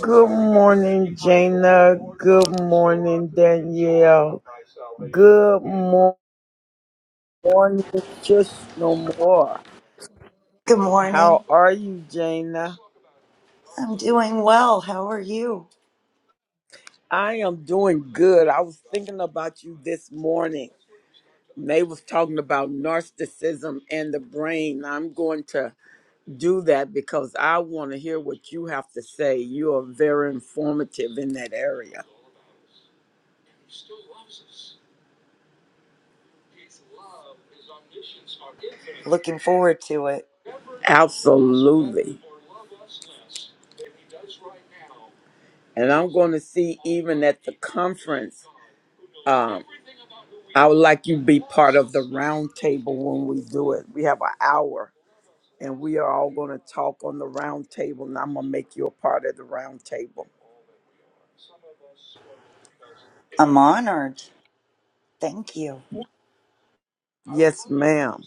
Good morning, Jana. Good morning, Danielle. Good mo- morning, just no more. Good morning. How are you, Jana? I'm doing well. How are you? I am doing good. I was thinking about you this morning. They was talking about narcissism and the brain. I'm going to do that because I want to hear what you have to say. You are very informative in that area. Looking forward to it. Absolutely. And I'm going to see even at the conference. Um, I would like you to be part of the round table when we do it. We have an hour and we are all going to talk on the round table and I'm going to make you a part of the round table. I'm honored. Thank you. Yes, ma'am.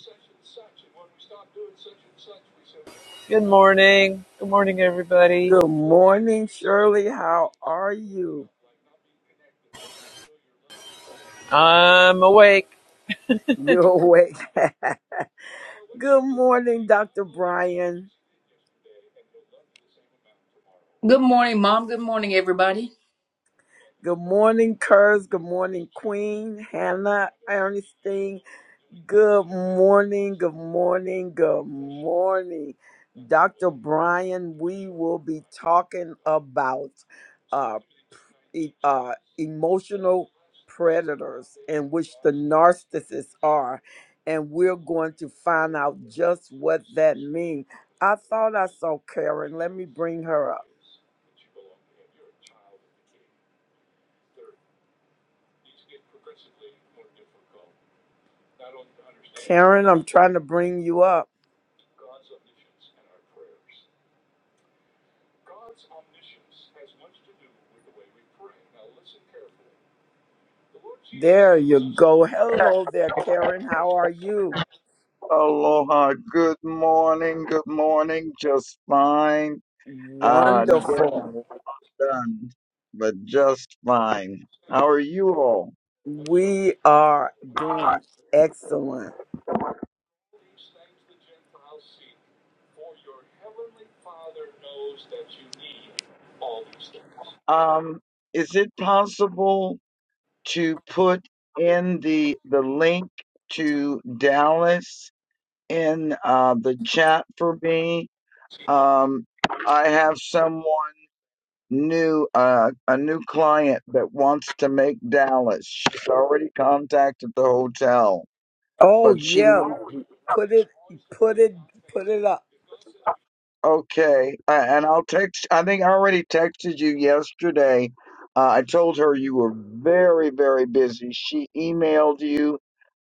Good morning. Good morning, everybody. Good morning, Shirley. How are you? I'm awake. You're awake. Good morning, Dr. Brian. Good morning, Mom. Good morning, everybody. Good morning, Kurz. Good morning, Queen Hannah Ernestine. Good morning, good morning, good morning. Dr. Brian, we will be talking about uh, e- uh, emotional predators in which the narcissists are. And we're going to find out just what that means. I thought I saw Karen. Let me bring her up. Karen, I'm trying to bring you up. There you go. Hello there, Karen. How are you? Aloha. Good morning. Good morning. Just fine. Uh, Wonderful. dinner done, but just fine. How are you all? We are doing excellent. Um, is it possible to put in the the link to Dallas in uh, the chat for me? Um, I have someone new, uh, a new client that wants to make Dallas. She's already contacted the hotel Oh but she yeah. knew. Put it put it put it up. Okay, uh, and I'll text. I think I already texted you yesterday. Uh, I told her you were very, very busy. She emailed you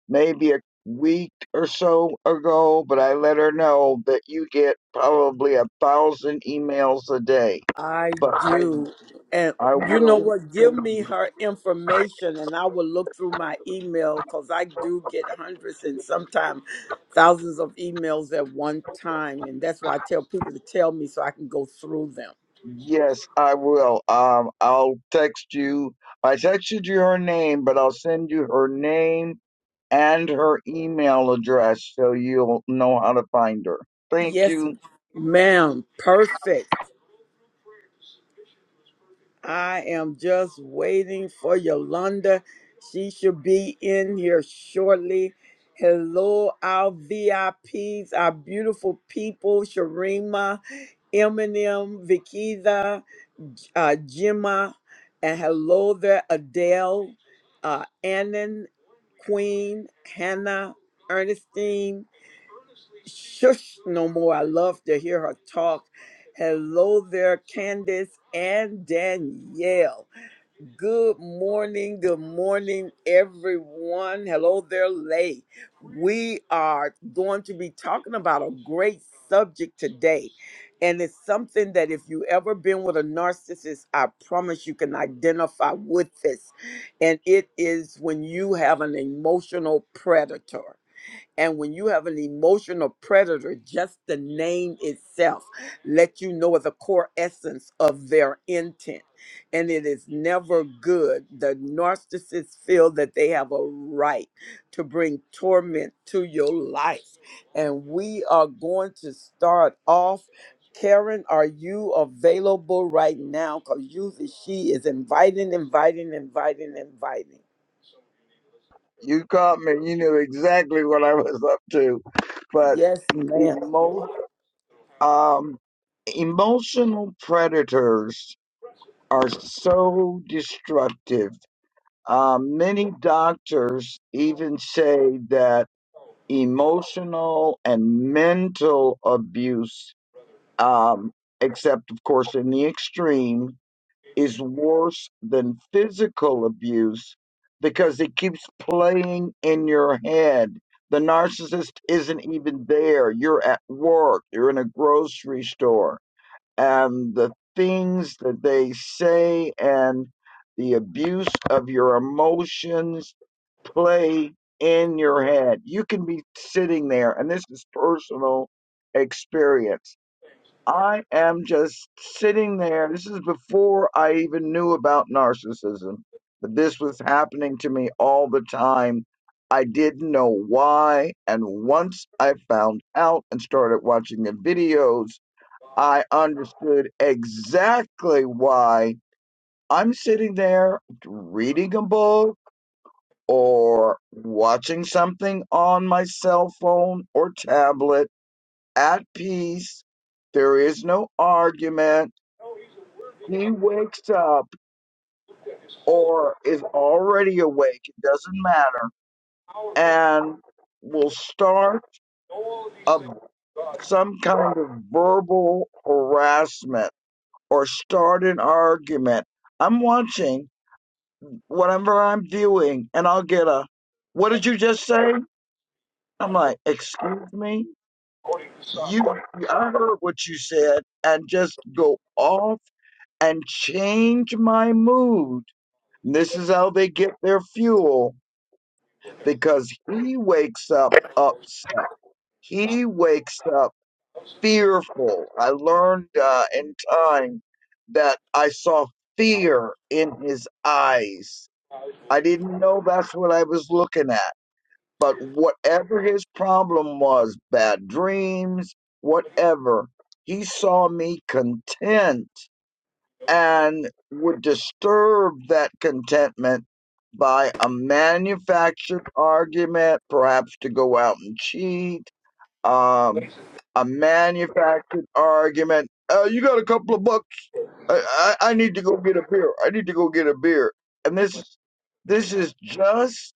maybe a week or so ago, but I let her know that you get probably a thousand emails a day. I But I, do. And I you know will. what? Give me her information and I will look through my email because I do get hundreds and sometimes thousands of emails at one time. And that's why I tell people to tell me so I can go through them. Yes, I will. Um, I'll text you. I texted you her name, but I'll send you her name and her email address so you'll know how to find her. Thank Yes, you. ma'am. Perfect. I am just waiting for Yolanda. She should be in here shortly. Hello, our VIPs, our beautiful people, Sharima, Eminem, Vikita, uh, Gemma, and hello there, Adele, uh, Annan, Queen, Hannah, Ernestine, Shush no more. I love to hear her talk. Hello there, Candace and Danielle. Good morning. Good morning, everyone. Hello there, Lay. We are going to be talking about a great subject today. And it's something that if you ever been with a narcissist, I promise you can identify with this. And it is when you have an emotional predator. And when you have an emotional predator, just the name itself let you know the core essence of their intent. And it is never good. The narcissists feel that they have a right to bring torment to your life. And we are going to start off. Karen, are you available right now? Because usually she is inviting, inviting, inviting, inviting. You caught me. You knew exactly what I was up to. But Yes, ma'am. emo- um, emotional predators are so destructive. Uh, many doctors even say that emotional and mental abuse, um, except of course in the extreme, is worse than physical abuse because it keeps playing in your head. The narcissist isn't even there. You're at work, you're in a grocery store, and the things that they say and the abuse of your emotions play in your head. You can be sitting there, and this is personal experience I am just sitting there. This is before I even knew about narcissism, but this was happening to me all the time. I didn't know why. And once I found out and started watching the videos, I understood exactly why I'm sitting there reading a book or watching something on my cell phone or tablet at peace. There is no argument he wakes up or is already awake, it doesn't matter, and will start a, some kind of verbal harassment or start an argument. I'm watching whatever I'm viewing, and I'll get a, What did you just say? I'm like, Excuse me? You, I heard what you said, and just go off and change my mood. This is how they get their fuel because he wakes up upset. He wakes up fearful. I learned uh, in time that I saw fear in his eyes. I didn't know that's what I was looking at. But whatever his problem was, bad dreams, whatever, he saw me content and would disturb that contentment by a manufactured argument, perhaps to go out and cheat, um, a manufactured argument. Uh, you got a couple of bucks. I, I, I need to go get a beer. I need to go get a beer. And this is this is just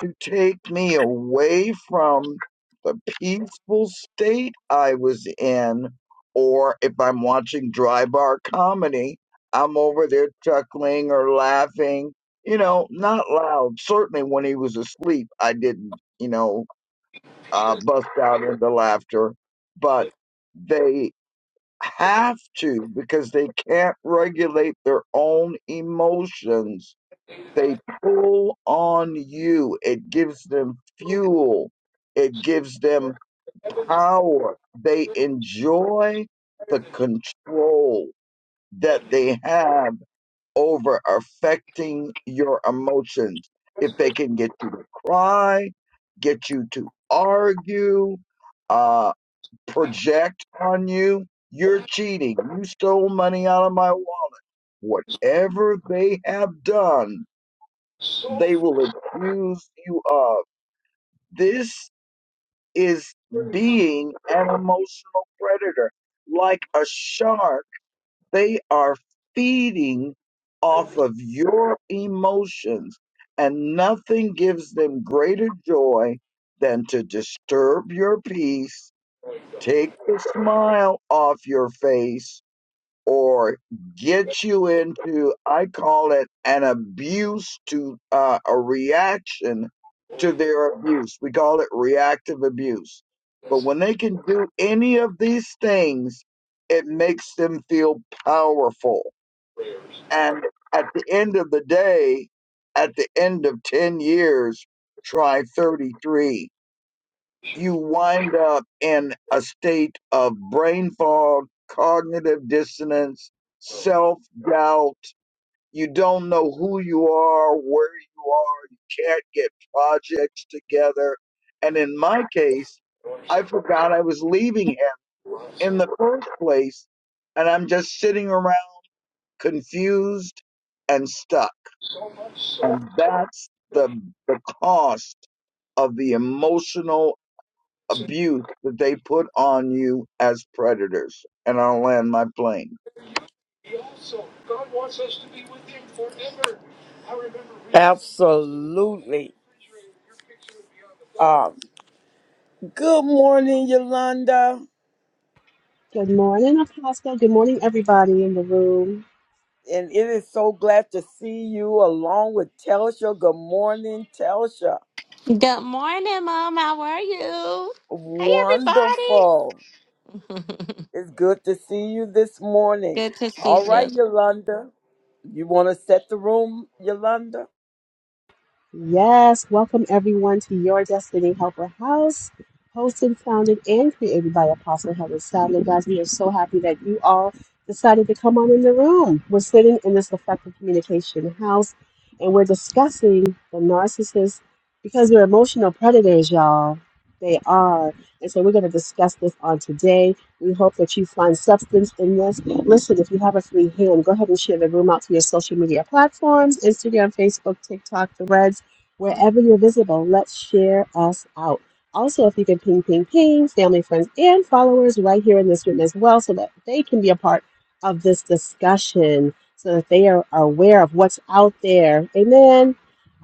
to take me away from the peaceful state I was in. Or if I'm watching dry bar comedy, I'm over there chuckling or laughing, you know, not loud. Certainly when he was asleep, I didn't, you know, uh, bust out into laughter. But they have to because they can't regulate their own emotions they pull on you. It gives them fuel. It gives them power. They enjoy the control that they have over affecting your emotions. If they can get you to cry, get you to argue, uh, project on you, you're cheating. You stole money out of my wallet. Whatever they have done they will accuse you of. This is being an emotional predator. Like a shark, they are feeding off of your emotions, and nothing gives them greater joy than to disturb your peace, take the smile off your face, or get you into i call it an abuse to uh, a reaction to their abuse we call it reactive abuse but when they can do any of these things it makes them feel powerful and at the end of the day at the end of 10 years try 33 you wind up in a state of brain fog, cognitive dissonance, self doubt. You don't know who you are, where you are. You can't get projects together. And in my case, I forgot I was leaving him in the first place. And I'm just sitting around confused and stuck. And that's the, the cost of the emotional abuse that they put on you as predators. And I'll land my plane. Absolutely. Uh, good morning, Yolanda. Good morning, Apostle. Good morning, everybody in the room. And it is so glad to see you along with Telsha. Good morning, Telsha. Good morning, Mom. How are you? Hey, Wonderful. everybody. It's good to see you this morning. Good to see All you. right, Yolanda. You want to set the room, Yolanda? Yes, welcome everyone to Your Destiny Helper House, hosted, founded, and created by Apostle Helen Sadler. Guys, we are so happy that you all decided to come on in the room. We're sitting in this effective communication house and we're discussing the narcissist because they're emotional predators, y'all. They are. And so we're going to discuss this on today. We hope that you find substance in this. Listen, if you have a free hand, go ahead and share the room out to your social media platforms Instagram, Facebook, TikTok, the Reds wherever you're visible. Let's share us out. Also, if you can ping, ping, ping, family, friends, and followers right here in this room as well, so that they can be a part of this discussion, so that they are, are aware of what's out there. Amen.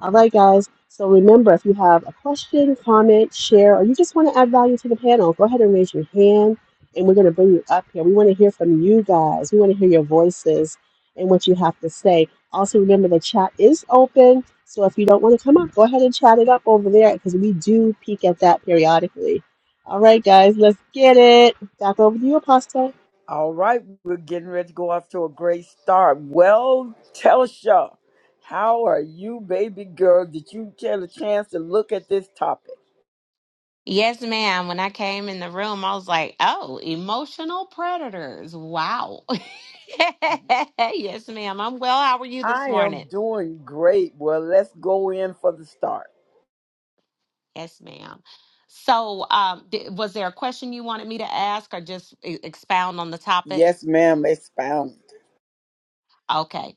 All right, guys. So remember, if you have a question, comment, share, or you just want to add value to the panel, go ahead and raise your hand, and we're going to bring you up here. We want to hear from you guys. We want to hear your voices and what you have to say. Also, remember the chat is open. So if you don't want to come up, go ahead and chat it up over there because we do peek at that periodically. All right, guys, let's get it. Back over to you, Apostle. All right, we're getting ready to go off to a great start. Well, Telsha, how are you, baby girl? Did you get a chance to look at this topic? Yes, ma'am. When I came in the room, I was like, oh, emotional predators. Wow. yes, ma'am. I'm well. How are you this I morning? am doing great. Well, let's go in for the start. Yes, ma'am. So, um, d- was there a question you wanted me to ask or just e- expound on the topic? Yes, ma'am, expound. Okay.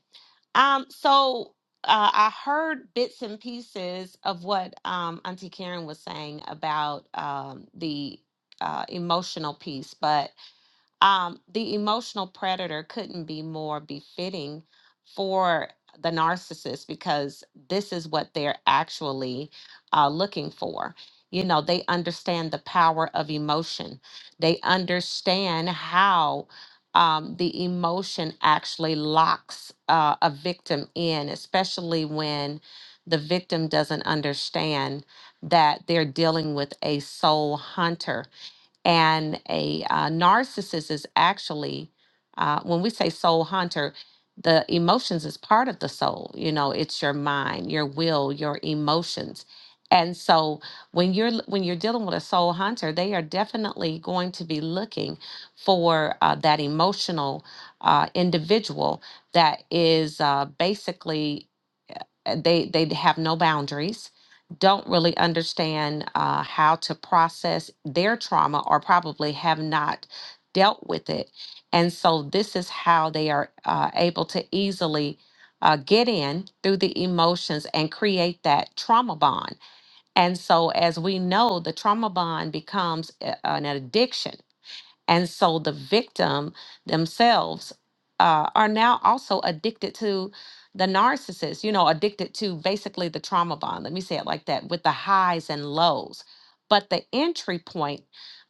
Um, so uh, I heard bits and pieces of what um, Auntie Karen was saying about um, the uh, emotional piece, but um, the emotional predator couldn't be more befitting for the narcissist because this is what they're actually uh, looking for. You know, they understand the power of emotion, they understand how. Um, the emotion actually locks uh, a victim in, especially when the victim doesn't understand that they're dealing with a soul hunter and a uh, narcissist is actually, uh, when we say soul hunter, the emotions is part of the soul. You know, it's your mind, your will, your emotions. And so when you're l- when you're dealing with a soul hunter, they are definitely going to be looking for uh, that emotional uh, individual that is uh, basically uh, they they have no boundaries don't really understand uh, how to process their trauma or probably have not dealt with it and so this is how they are uh, able to easily uh, get in through the emotions and create that trauma bond and so as we know the trauma bond becomes a- an addiction and so the victim themselves uh, are now also addicted to the narcissist, you know, addicted to basically the trauma bond. Let me say it like that with the highs and lows. But the entry point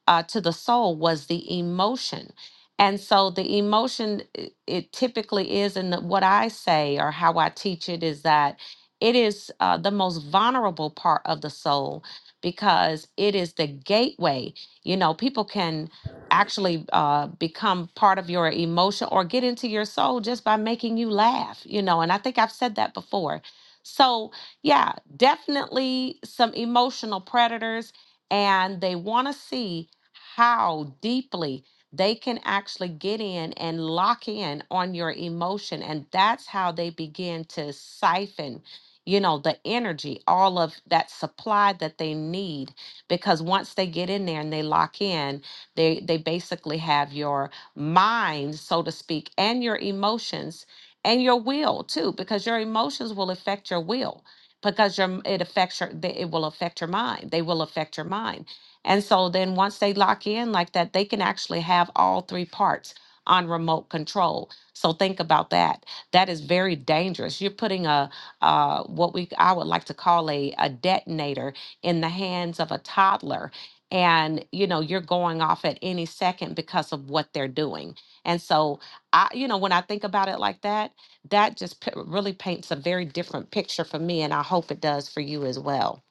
uh, to the soul was the emotion. And so the emotion, i- it typically is, and what I say or how I teach it is that it is uh, the most vulnerable part of the soul because it is the gateway. You know, people can actually uh, become part of your emotion or get into your soul just by making you laugh, you know. And I think I've said that before. So, yeah, definitely some emotional predators, and they want to see how deeply they can actually get in and lock in on your emotion. And that's how they begin to siphon, you know, the energy, all of that supply that they need. Because once they get in there and they lock in, they they basically have your mind, so to speak, and your emotions and your will too, because your emotions will affect your will because your it affects your they- it will affect your mind. They will affect your mind. And so then once they lock in like that, they can actually have all three parts on remote control. So think about that. That is very dangerous. You're putting a uh, what we I would like to call a, a detonator in the hands of a toddler and you know you're going off at any second because of what they're doing and so i you know when i think about it like that that just p- really paints a very different picture for me and i hope it does for you as well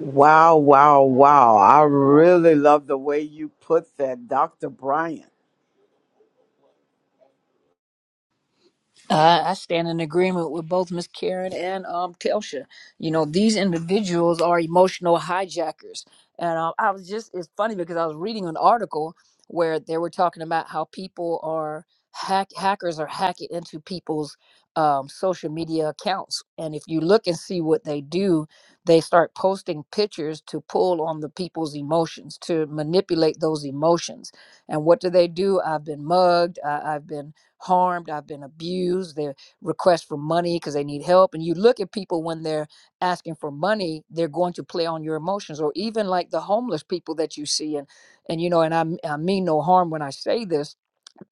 Wow, wow, wow. I really love the way you put that, Dr. Brian. Uh, I stand in agreement with both Miss Karen and um, Telsha. You know, these individuals are emotional hijackers. And um, I was just, it's funny because I was reading an article where they were talking about how people are, hack hackers are hacking into people's um, social media accounts. And if you look and see what they do, they start posting pictures to pull on the people's emotions, to manipulate those emotions. And what do they do? I've been mugged. I, I've been harmed, I've been abused, they request for money because they need help. And you look at people when they're asking for money, they're going to play on your emotions, or even like the homeless people that you see. And and you know, and I I mean no harm when I say this,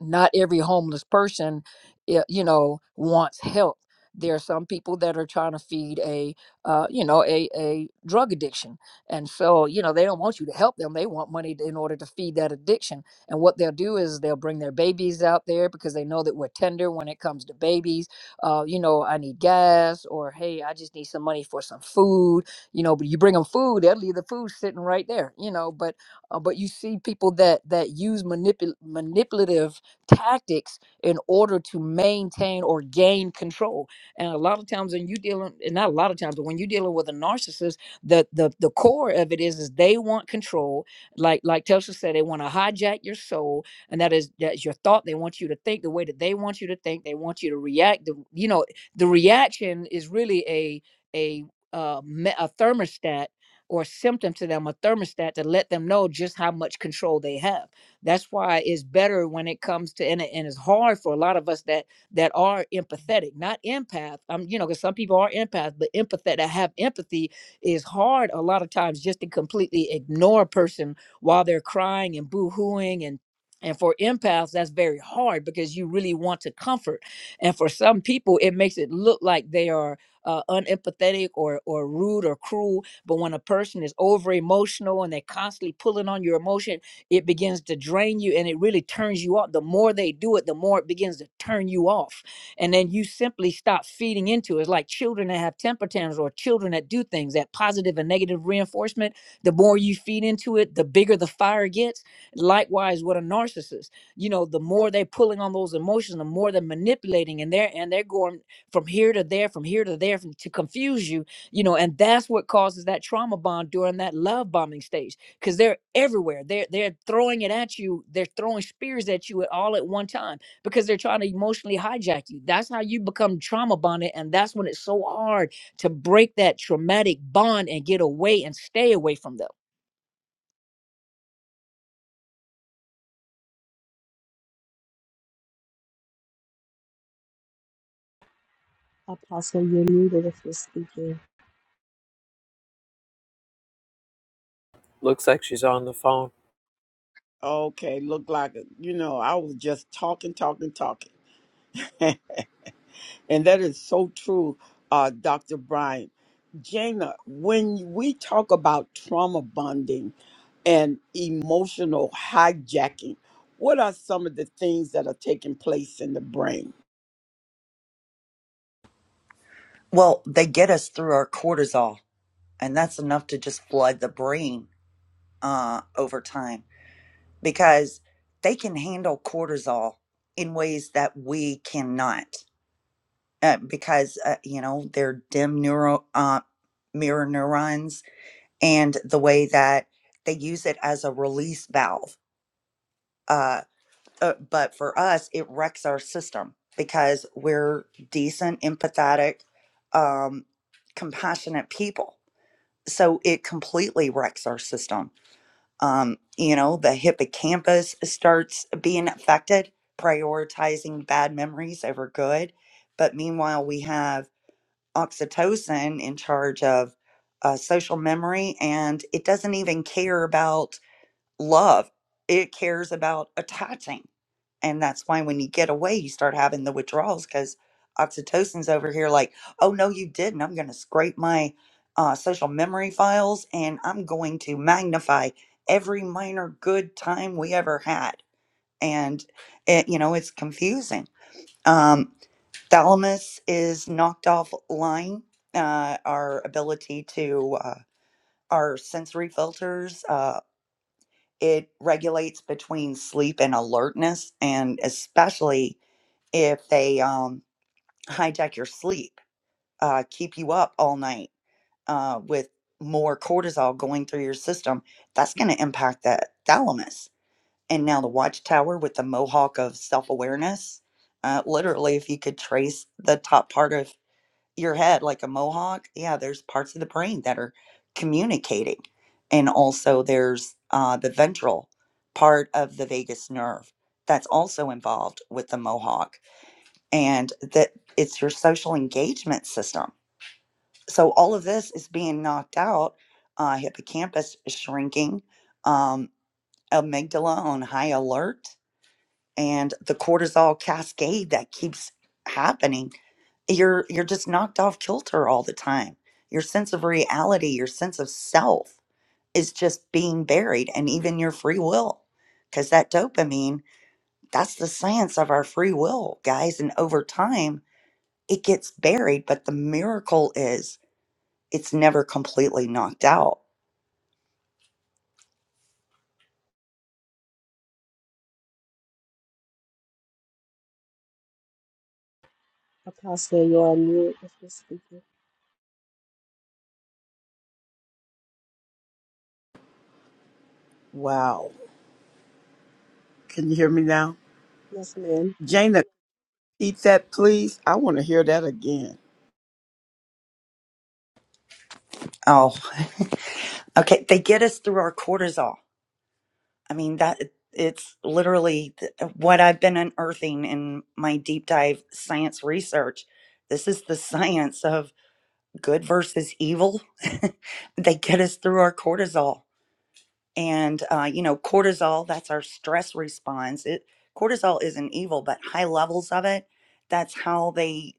not every homeless person i- you know wants help there are some people that are trying to feed a uh, you know a, a drug addiction and so you know they don't want you to help them they want money to- in order to feed that addiction and what they'll do is they'll bring their babies out there because they know that we're tender when it comes to babies uh, you know i need gas or hey i just need some money for some food you know but you bring them food they'll leave the food sitting right there you know but uh, but you see people that that use manipul- manipulative tactics in order to maintain or gain control. And a lot of times when you dealing and not a lot of times, but when you're dealing with a narcissist, the the the core of it is is they want control. Like like Telsha said, they want to hijack your soul, and that is that's your thought. They want you to think the way that they want you to think. They want you to react. The, you know, the reaction is really a a uh, me- a thermostat or symptom to them, a thermostat to let them know just how much control they have that's why it's better when it comes to and, it- and it's hard for a lot of us that that are empathetic, not empath. Um, you know, because some people are empath, but empathetic that have empathy is hard a lot of times just to completely ignore a person while they're crying and boo-hooing and and for empaths, that's very hard because you really want to comfort. And for some people, it makes it look like they are uh, unempathetic or or rude or cruel. But when a person is over emotional and they're constantly pulling on your emotion, it begins to drain you and it really turns you off. The more they do it, the more it begins to turn you off. And then you simply stop feeding into it. It's like children that have temper tantrums or children that do things, that positive and negative reinforcement, the more you feed into it, the bigger the fire gets. Likewise, with a narcissist, you know, the more they're pulling on those emotions, the more they're manipulating and they're and they're going from here to there, from here to there from, to confuse you, you know, and that's what causes that trauma bond during that love bombing stage because they're everywhere. They're they're throwing it at you. They're throwing spears at you at all at one time because they're trying to emotionally hijack you. That's how you become trauma bonded, and that's when it's so hard to break that traumatic bond and get away and stay away from them. Apostle, you're muted if you're speaking. Looks like she's on the phone. Okay, look like, you know, I was just talking, talking, talking. And that is so true, uh, Dr. Brian. Jana, when we talk about trauma bonding and emotional hijacking, what are some of the things that are taking place in the brain? Well, they get us through our cortisol, and that's enough to just flood the brain uh, over time because they can handle cortisol in ways that we cannot uh, because, uh, you know, they're dim neuro, uh, mirror neurons and the way that they use it as a release valve. Uh, uh, but for us it wrecks our system because we're decent empathetic um, compassionate people so it completely wrecks our system um, you know the hippocampus starts being affected prioritizing bad memories over good but meanwhile we have oxytocin in charge of uh, social memory and it doesn't even care about love it cares about attaching and that's why when you get away, you start having the withdrawals because oxytocin's over here like, oh, no, you didn't. I'm going to scrape my uh, social memory files and I'm going to magnify every minor good time we ever had. And, it, you know, it's confusing. Um, thalamus is knocked offline, uh, our ability to, uh, our sensory filters, uh, it regulates between sleep and alertness and especially if they um, hijack your sleep, uh, keep you up all night uh, with more cortisol going through your system, that's going to impact that thalamus. And now the watchtower with the mohawk of self awareness. Uh, literally, if you could trace the top part of your head like a mohawk, yeah, there's parts of the brain that are communicating. And also, there's uh, the ventral part of the vagus nerve that's also involved with the mohawk and that it's your social engagement system. So all of this is being knocked out. Uh, hippocampus is shrinking, um, amygdala on high alert, and the cortisol cascade that keeps happening. You're you're just knocked off kilter all the time. Your sense of reality, your sense of self is just being buried, and even your free will, because that dopamine, that's the science of our free will, guys. And over time, it gets buried, but the miracle is it's never completely knocked out. Apostle, you're on mute if you're speaking. Wow. Can you hear me now? Yes, ma'am. Jana, repeat that, please. I want to hear that again. Oh, okay. They get us through our cortisol. I mean, that it's literally th- uh, what I've been unearthing in my deep dive science research. This is the science of good versus evil. they get us through our cortisol. And, uh, you know, cortisol, that's our stress response. It, cortisol isn't evil, but high levels of it, that's how they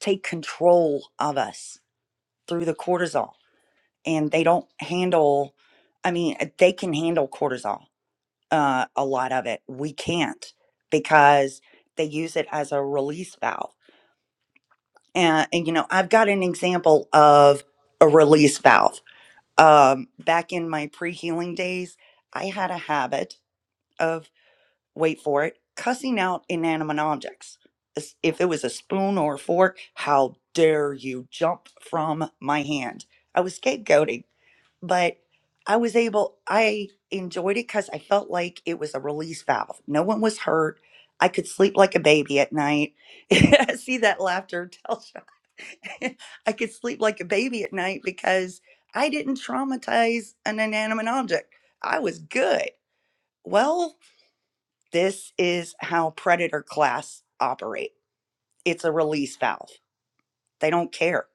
take control of us through the cortisol and they don't handle i mean uh, they can handle cortisol uh, a lot of it we can't because they use it as a release valve and, and you know i've got an example of a release valve um, back in my pre-healing days i had a habit of wait for it cussing out inanimate objects As- if it was a spoon or a fork how dare you jump from my hand i was scapegoating but I was able, I enjoyed it because I felt like it was a release valve. No one was hurt. I could sleep like a baby at night. I See that laughter, Telsha. I could sleep like a baby at night because I didn't traumatize an inanimate object. I was good. Well, this is how predator class operate. It's a release valve. They don't care.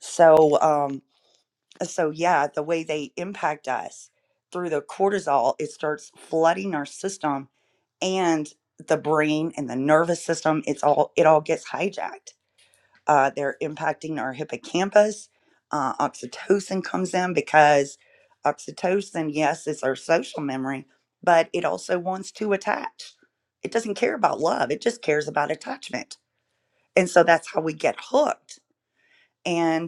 So, um, Uh, so yeah the way they impact us through the cortisol it starts flooding our system and the brain and the nervous system it's all it all gets hijacked uh, they're impacting our hippocampus uh, oxytocin comes in because oxytocin yes is our social memory but it also wants to attach it doesn't care about love it just cares about attachment and so that's how we get hooked and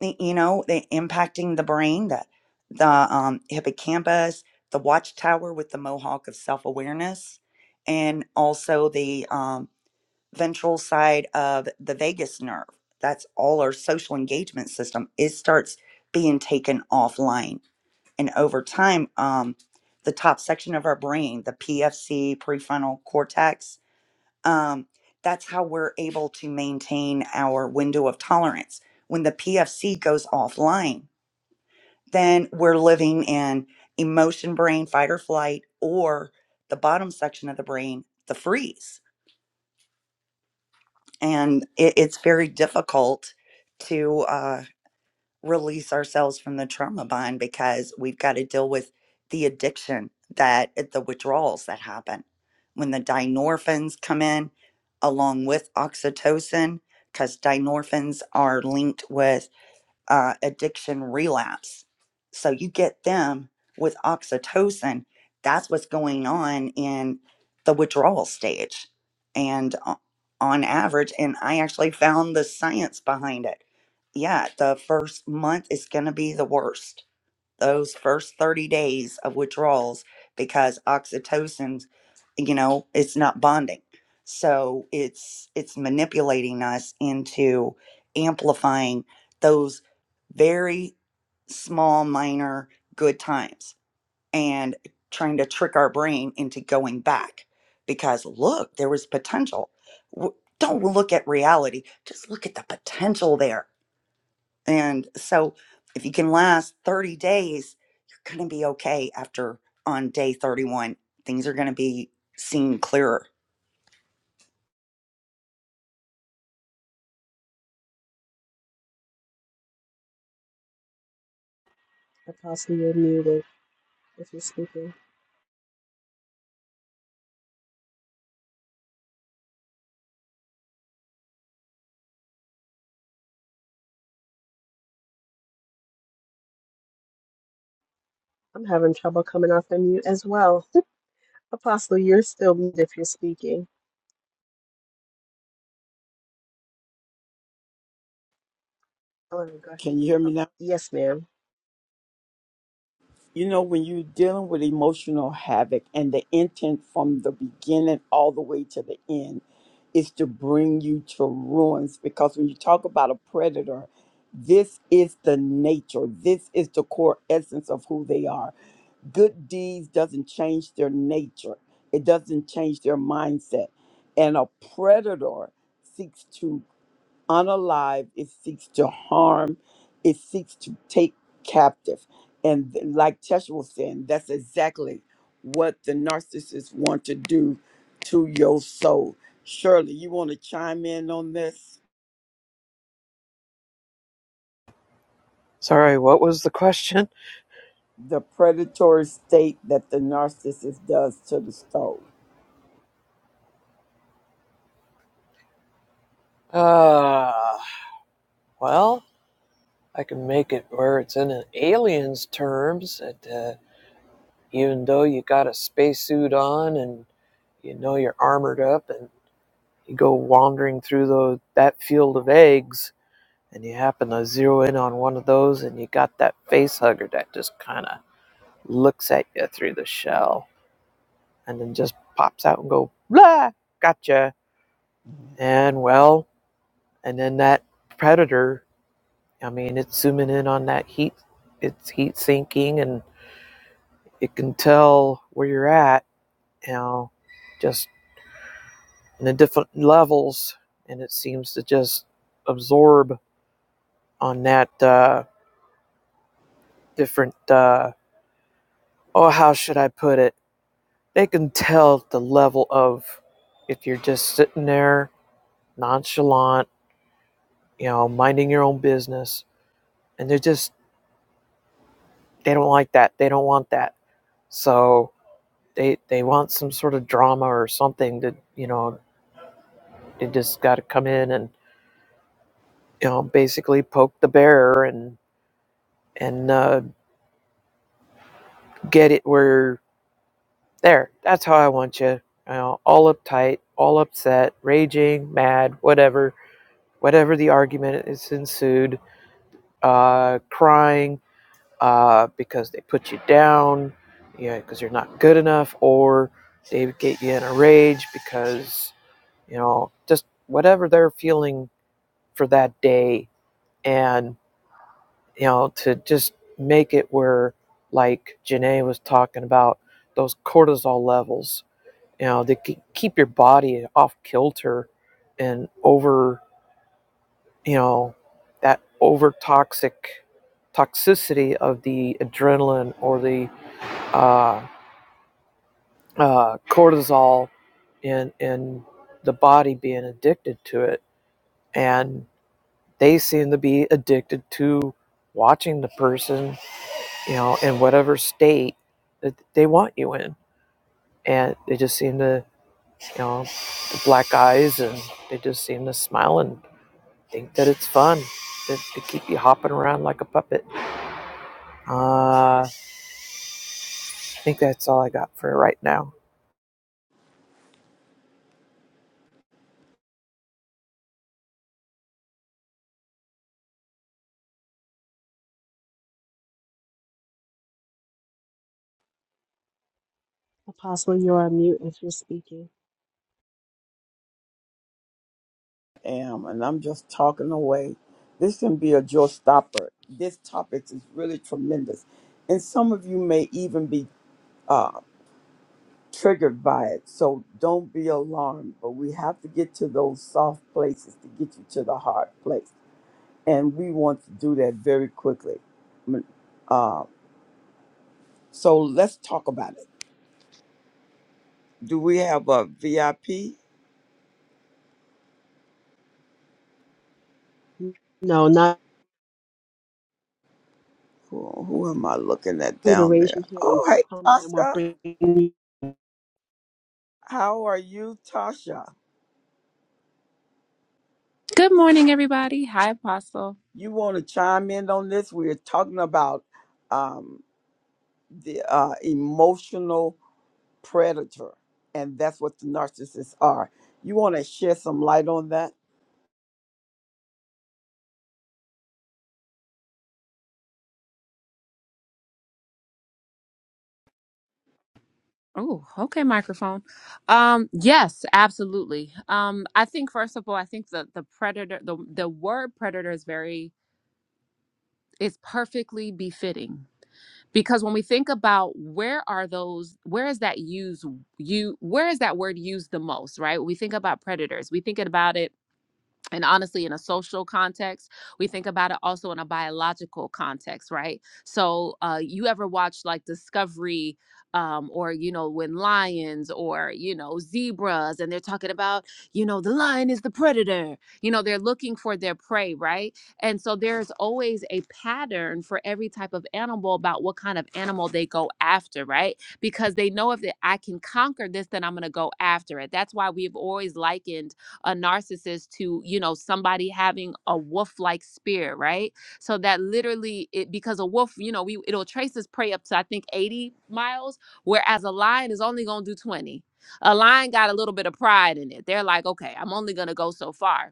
y- you know, they impacting the brain, the the um, hippocampus, the watchtower with the mohawk of self awareness, and also the um, ventral side of the vagus nerve. That's all our social engagement system. It starts being taken offline, and over time, um, the top section of our brain, the PFC prefrontal cortex, um, that's how we're able to maintain our window of tolerance. When the PFC goes offline, then we're living in emotion brain, fight or flight, or the bottom section of the brain, the freeze. And it, it's very difficult to. uh, release ourselves from the trauma bond because we've got to deal with the addiction that eh, the withdrawals that happen when the dynorphins come in along with oxytocin because dynorphins are linked with uh, addiction relapse so you get them with oxytocin that's what's going on in the withdrawal stage and o- on average and i actually found the science behind it yeah, the first month is going to be the worst. Those first 30 days of withdrawals because oxytocin, you know, it's not bonding. So it's it's manipulating us into amplifying those very small minor good times and trying to trick our brain into going back because look, there was potential. W- Don't look at reality, just look at the potential there and so if you can last 30 days, you're going to be okay after on day 31. Things are going to be seen clearer. Apostle, you're muted if you're speaking. I'm having trouble coming off the mute as well. Apostle, you're still muted if you're speaking. Oh, there we Can you hear me now? Yes, ma'am. you know, when you're dealing with emotional havoc and the intent from the beginning all the way to the end is to bring you to ruins, because when you talk about a predator, this is the nature, this is the core essence of who they are. Good deeds doesn't change their nature, it doesn't change their mindset. And a predator seeks to unalive, it seeks to harm, it seeks to take captive. And th- like Tesha was saying, that's exactly what the narcissists want to do to your soul. Shirley, you want to chime in on this? Sorry, what was the question? The predatory state that the narcissist does to the soul. Uh, well, I can make it where it's in an alien's terms that uh, even though you got a spacesuit on and you know you're armored up and you go wandering through the, that field of eggs and you happen to zero in on one of those and you got that face hugger that just kind of looks at you through the shell and then just pops out and go blah gotcha and well and then that predator i mean it's zooming in on that heat it's heat sinking and it can tell where you're at you know just in the different levels and it seems to just absorb on that uh, different uh, oh how should i put it they can tell the level of if you're just sitting there nonchalant you know minding your own business and they're just they don't like that they don't want that so they they want some sort of drama or something to you know they just got to come in and you know basically poke the bear and and uh, get it where there that's how i want you you know all uptight all upset raging mad whatever whatever the argument is ensued uh, crying uh, because they put you down, you know, because you're not good enough, or they get you in a rage because, you know, just whatever they're feeling for that day. And, you know, to just make it where, like Janae was talking about, those cortisol levels, you know, they keep your body off kilter and over, you know, that over toxic toxicity of the adrenaline or the uh. uh, cortisol in in the body being addicted to it, and they seem to be addicted to watching the person, you know, in whatever state that they want you in, and they just seem to, you know, the black eyes, and they just seem to smile and think that it's fun. That they keep you hopping around like a puppet. Uh, I think that's all I got for right now. Apostle, you're on mute if you're speaking. Am and I'm just talking away. This can be a jaw stopper. This topic is really tremendous, and some of you may even be uh, triggered by it. So don't be alarmed, but we have to get to those soft places to get you to the hard place. And we want to do that very quickly. M- Uh, so let's talk about it. Do we have a VIP? No, not Who, who am I looking at you to down raise there? your hand and Oh, hey, come and we'll Tasha. bring How are you, Tasha? Good morning, everybody. Hi, Apostle. You want to chime in on this? We're talking about um, the uh, emotional predator. And that's what the narcissists are. You want to shed some light on that? Oh, okay, microphone. Um, yes, absolutely. Um, I think first of all, I think the the predator, the the word predator is very is perfectly befitting because when we think about where are those, where is that use you, where is that word used the most, right? When we think about predators, we think about it and honestly in a social context we think about it also in a biological context right so uh you ever watch like discovery um or you know when lions or you know zebras and they're talking about you know the lion is the predator you know they're looking for their prey right and so there's always a pattern for every type of animal about what kind of animal they go after right because they know if they, i can conquer this then i'm going to go after it that's why we've always likened a narcissist to you know somebody having a wolf like spirit right so that literally it because a wolf you know we it'll trace its prey up to i think 80 miles whereas a lion is only going to do 20 a lion got a little bit of pride in it they're like okay i'm only going to go so far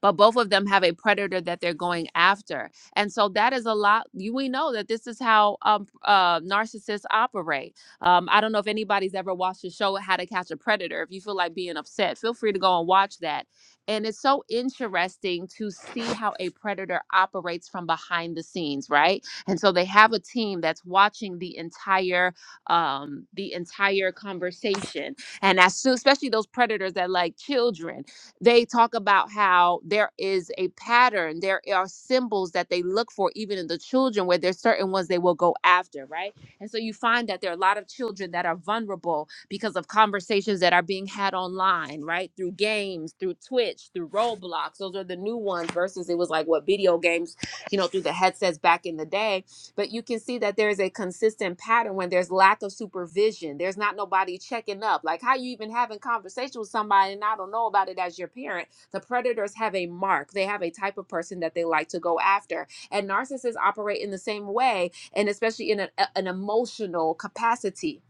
but both of them have a predator that they're going after. And so that is a lot. You, we know that this is how um, uh, narcissists operate. Um, I don't know if anybody's ever watched the show How to Catch a Predator. If you feel like being upset, feel free to go and watch that. And it's so interesting to see how a predator operates from behind the scenes, right? And so they have a team that's watching the entire um, the entire conversation. And as soon, especially those predators that like children, they talk about how there is a pattern there are symbols that they look for even in the children where there's certain ones they will go after right and so you find that there are a lot of children that are vulnerable because of conversations that are being had online right through games through twitch through roblox those are the new ones versus it was like what video games you know through the headsets back in the day but you can see that there is a consistent pattern when there's lack of supervision. There's not nobody checking up. Like how you even having conversation with somebody and I don't know about it as your parent. The predators have a mark. They have a type of person that they like to go after. And narcissists operate in the same way and especially in an, an emotional capacity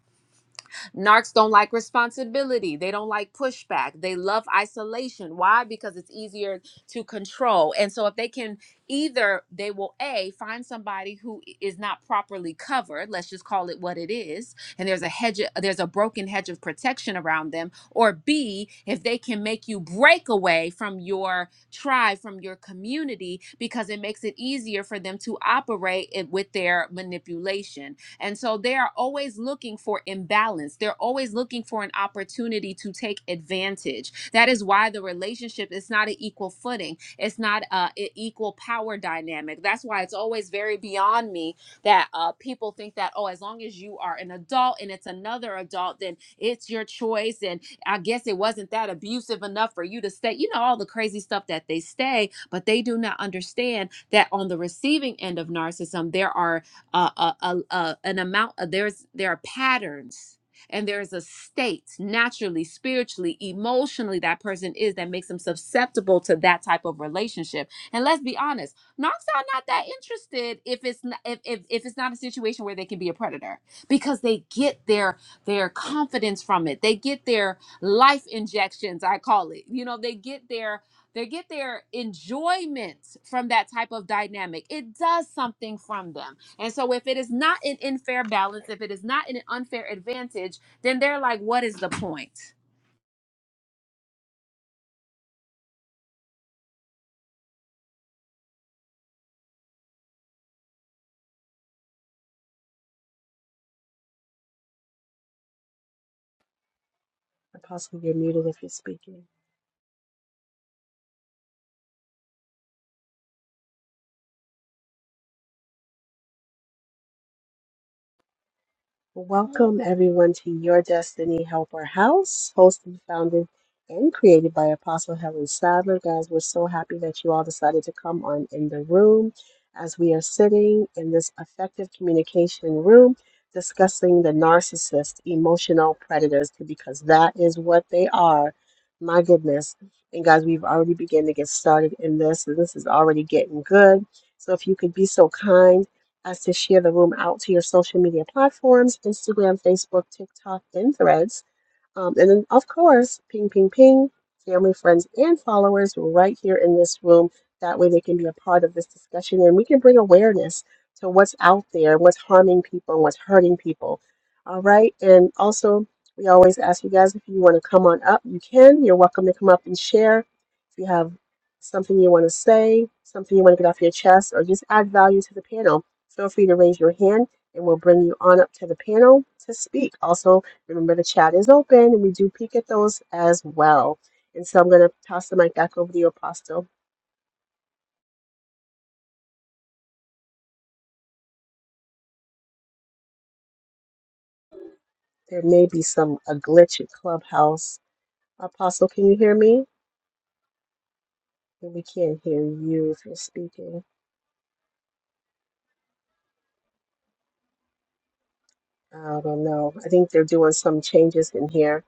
Narcs don't like responsibility. They don't like pushback. They love isolation. Why? Because it's easier to control. And so if they can either they will a find somebody who is not properly covered, let's just call it what it is, and there's a hedge there's a broken hedge of protection around them, or b if they can make you break away from your tribe, from your community because it makes it easier for them to operate it with their manipulation and so they are always looking for imbalance. They're always looking for an opportunity to take advantage. That is why the relationship is not an equal footing. It's not a, a equal power dynamic. That's why it's always very beyond me that uh, people think that oh, as long as you are an adult and it's another adult, then it's your choice. And I guess it wasn't that abusive enough for you to stay. You know all the crazy stuff that they stay, but they do not understand that on the receiving end of narcissism, there are uh, a, a, a, an amount of, there's there are patterns and there's a state naturally spiritually emotionally that person is that makes them susceptible to that type of relationship and let's be honest knocks are not that interested if it's not if, if, if it's not a situation where they can be a predator because they get their their confidence from it they get their life injections i call it you know they get their they get their enjoyment from that type of dynamic it does something from them and so if it is not an unfair balance, if it is not an unfair advantage, then they're like, what is the point? Apostle, you're muted if you're speaking. Welcome, everyone, to Your Destiny Helper House, hosted, founded, and created by Apostle Helen Sadler. Guys, we're so happy that you all decided to come on in the room as we are sitting in this effective communication room discussing the narcissist, emotional predators, because that is what they are. My goodness. And guys, we've already begun to get started in this, and this is already getting good. So if you could be so kind. As to share the room out to your social media platforms Instagram, Facebook, TikTok, and Threads. Um, and then, of course, ping, ping, ping, family, friends, and followers right here in this room. That way they can be a part of this discussion and we can bring awareness to what's out there, what's harming people, and what's hurting people. All right. And also, we always ask you guys if you want to come on up, you can. You're welcome to come up and share. If you have something you want to say, something you want to get off your chest, or just add value to the panel, feel free to raise your hand and we'll bring you on up to the panel to speak. Also, Remember, the chat is open and we do peek at those as well. And so I'm going to toss the mic back over to you, Apostle. There may be some a glitch at Clubhouse. Apostle, can you hear me? We can't hear you if you're speaking. I don't know. I think they're doing some changes in here.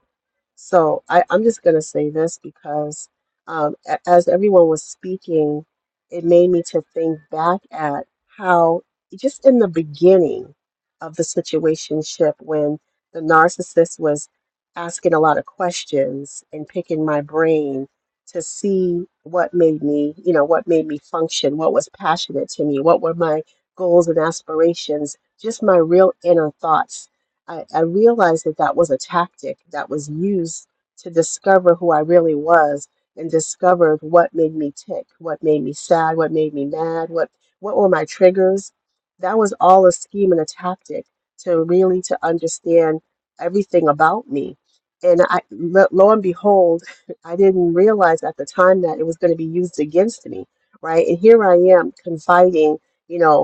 So I, I'm just going to say this because um, a- as everyone was speaking, it made me to think back at how just in the beginning of the situationship when the narcissist was asking a lot of questions and picking my brain to see what made me, you know, what made me function, what was passionate to me, what were my goals and aspirations, just my real inner thoughts I, I realized that that was a tactic that was used to discover who I really was and discovered what made me tick, what made me sad, what made me mad, what what were my triggers. That was all a scheme and a tactic to really to understand everything about me. And I, lo lo and behold, I didn't realize at the time that it was going to be used against me, right? And here I am confiding, you know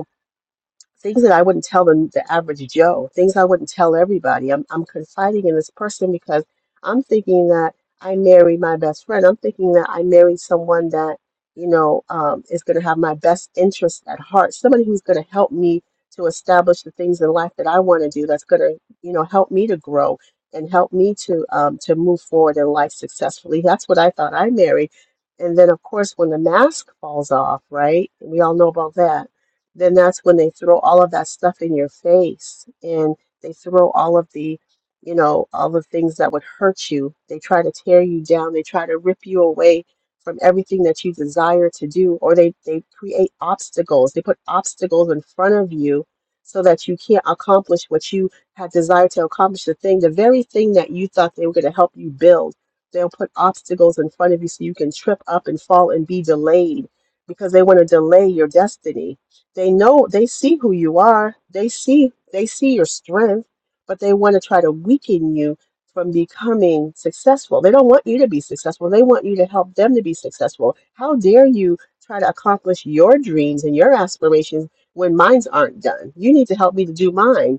things that I wouldn't tell the, the average Joe, things I wouldn't tell everybody. I'm, I'm confiding in this person because I'm thinking that I married my best friend. I'm thinking that I married someone that, you know, um, is going to have my best interests at heart, somebody who's going to help me to establish the things in life that I want to do, that's going to, you know, help me to grow and help me to um, to move forward in life successfully. That's what I thought I married. And then, of course, when the mask falls off, right? We all know about that then that's when they throw all of that stuff in your face and they throw all of the you know all the things that would hurt you they try to tear you down they try to rip you away from everything that you desire to do or they they create obstacles they put obstacles in front of you so that you can't accomplish what you had desired to accomplish the thing the very thing that you thought they were going to help you build they'll put obstacles in front of you so you can trip up and fall and be delayed because they want to delay your destiny they know they see who you are. They see they see your strength, but they want to try to weaken you from becoming successful. They don't want you to be successful. They want you to help them to be successful. How dare you try to accomplish your dreams and your aspirations when mines aren't done? You need to help me to do mine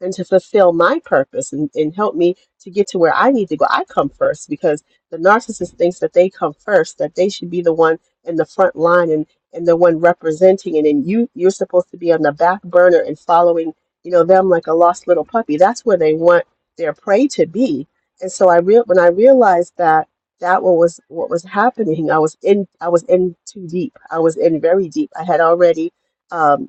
and to fulfill my purpose and, and help me to get to where I need to go. I come first because the narcissist thinks that they come first, that they should be the one in the front line and, and the one representing and then you you're supposed to be on the back burner and following, you know, them like a lost little puppy. That's where they want their prey to be. And so I real when I realized that that what was what was happening, I was in I was in too deep. I was in very deep. I had already um,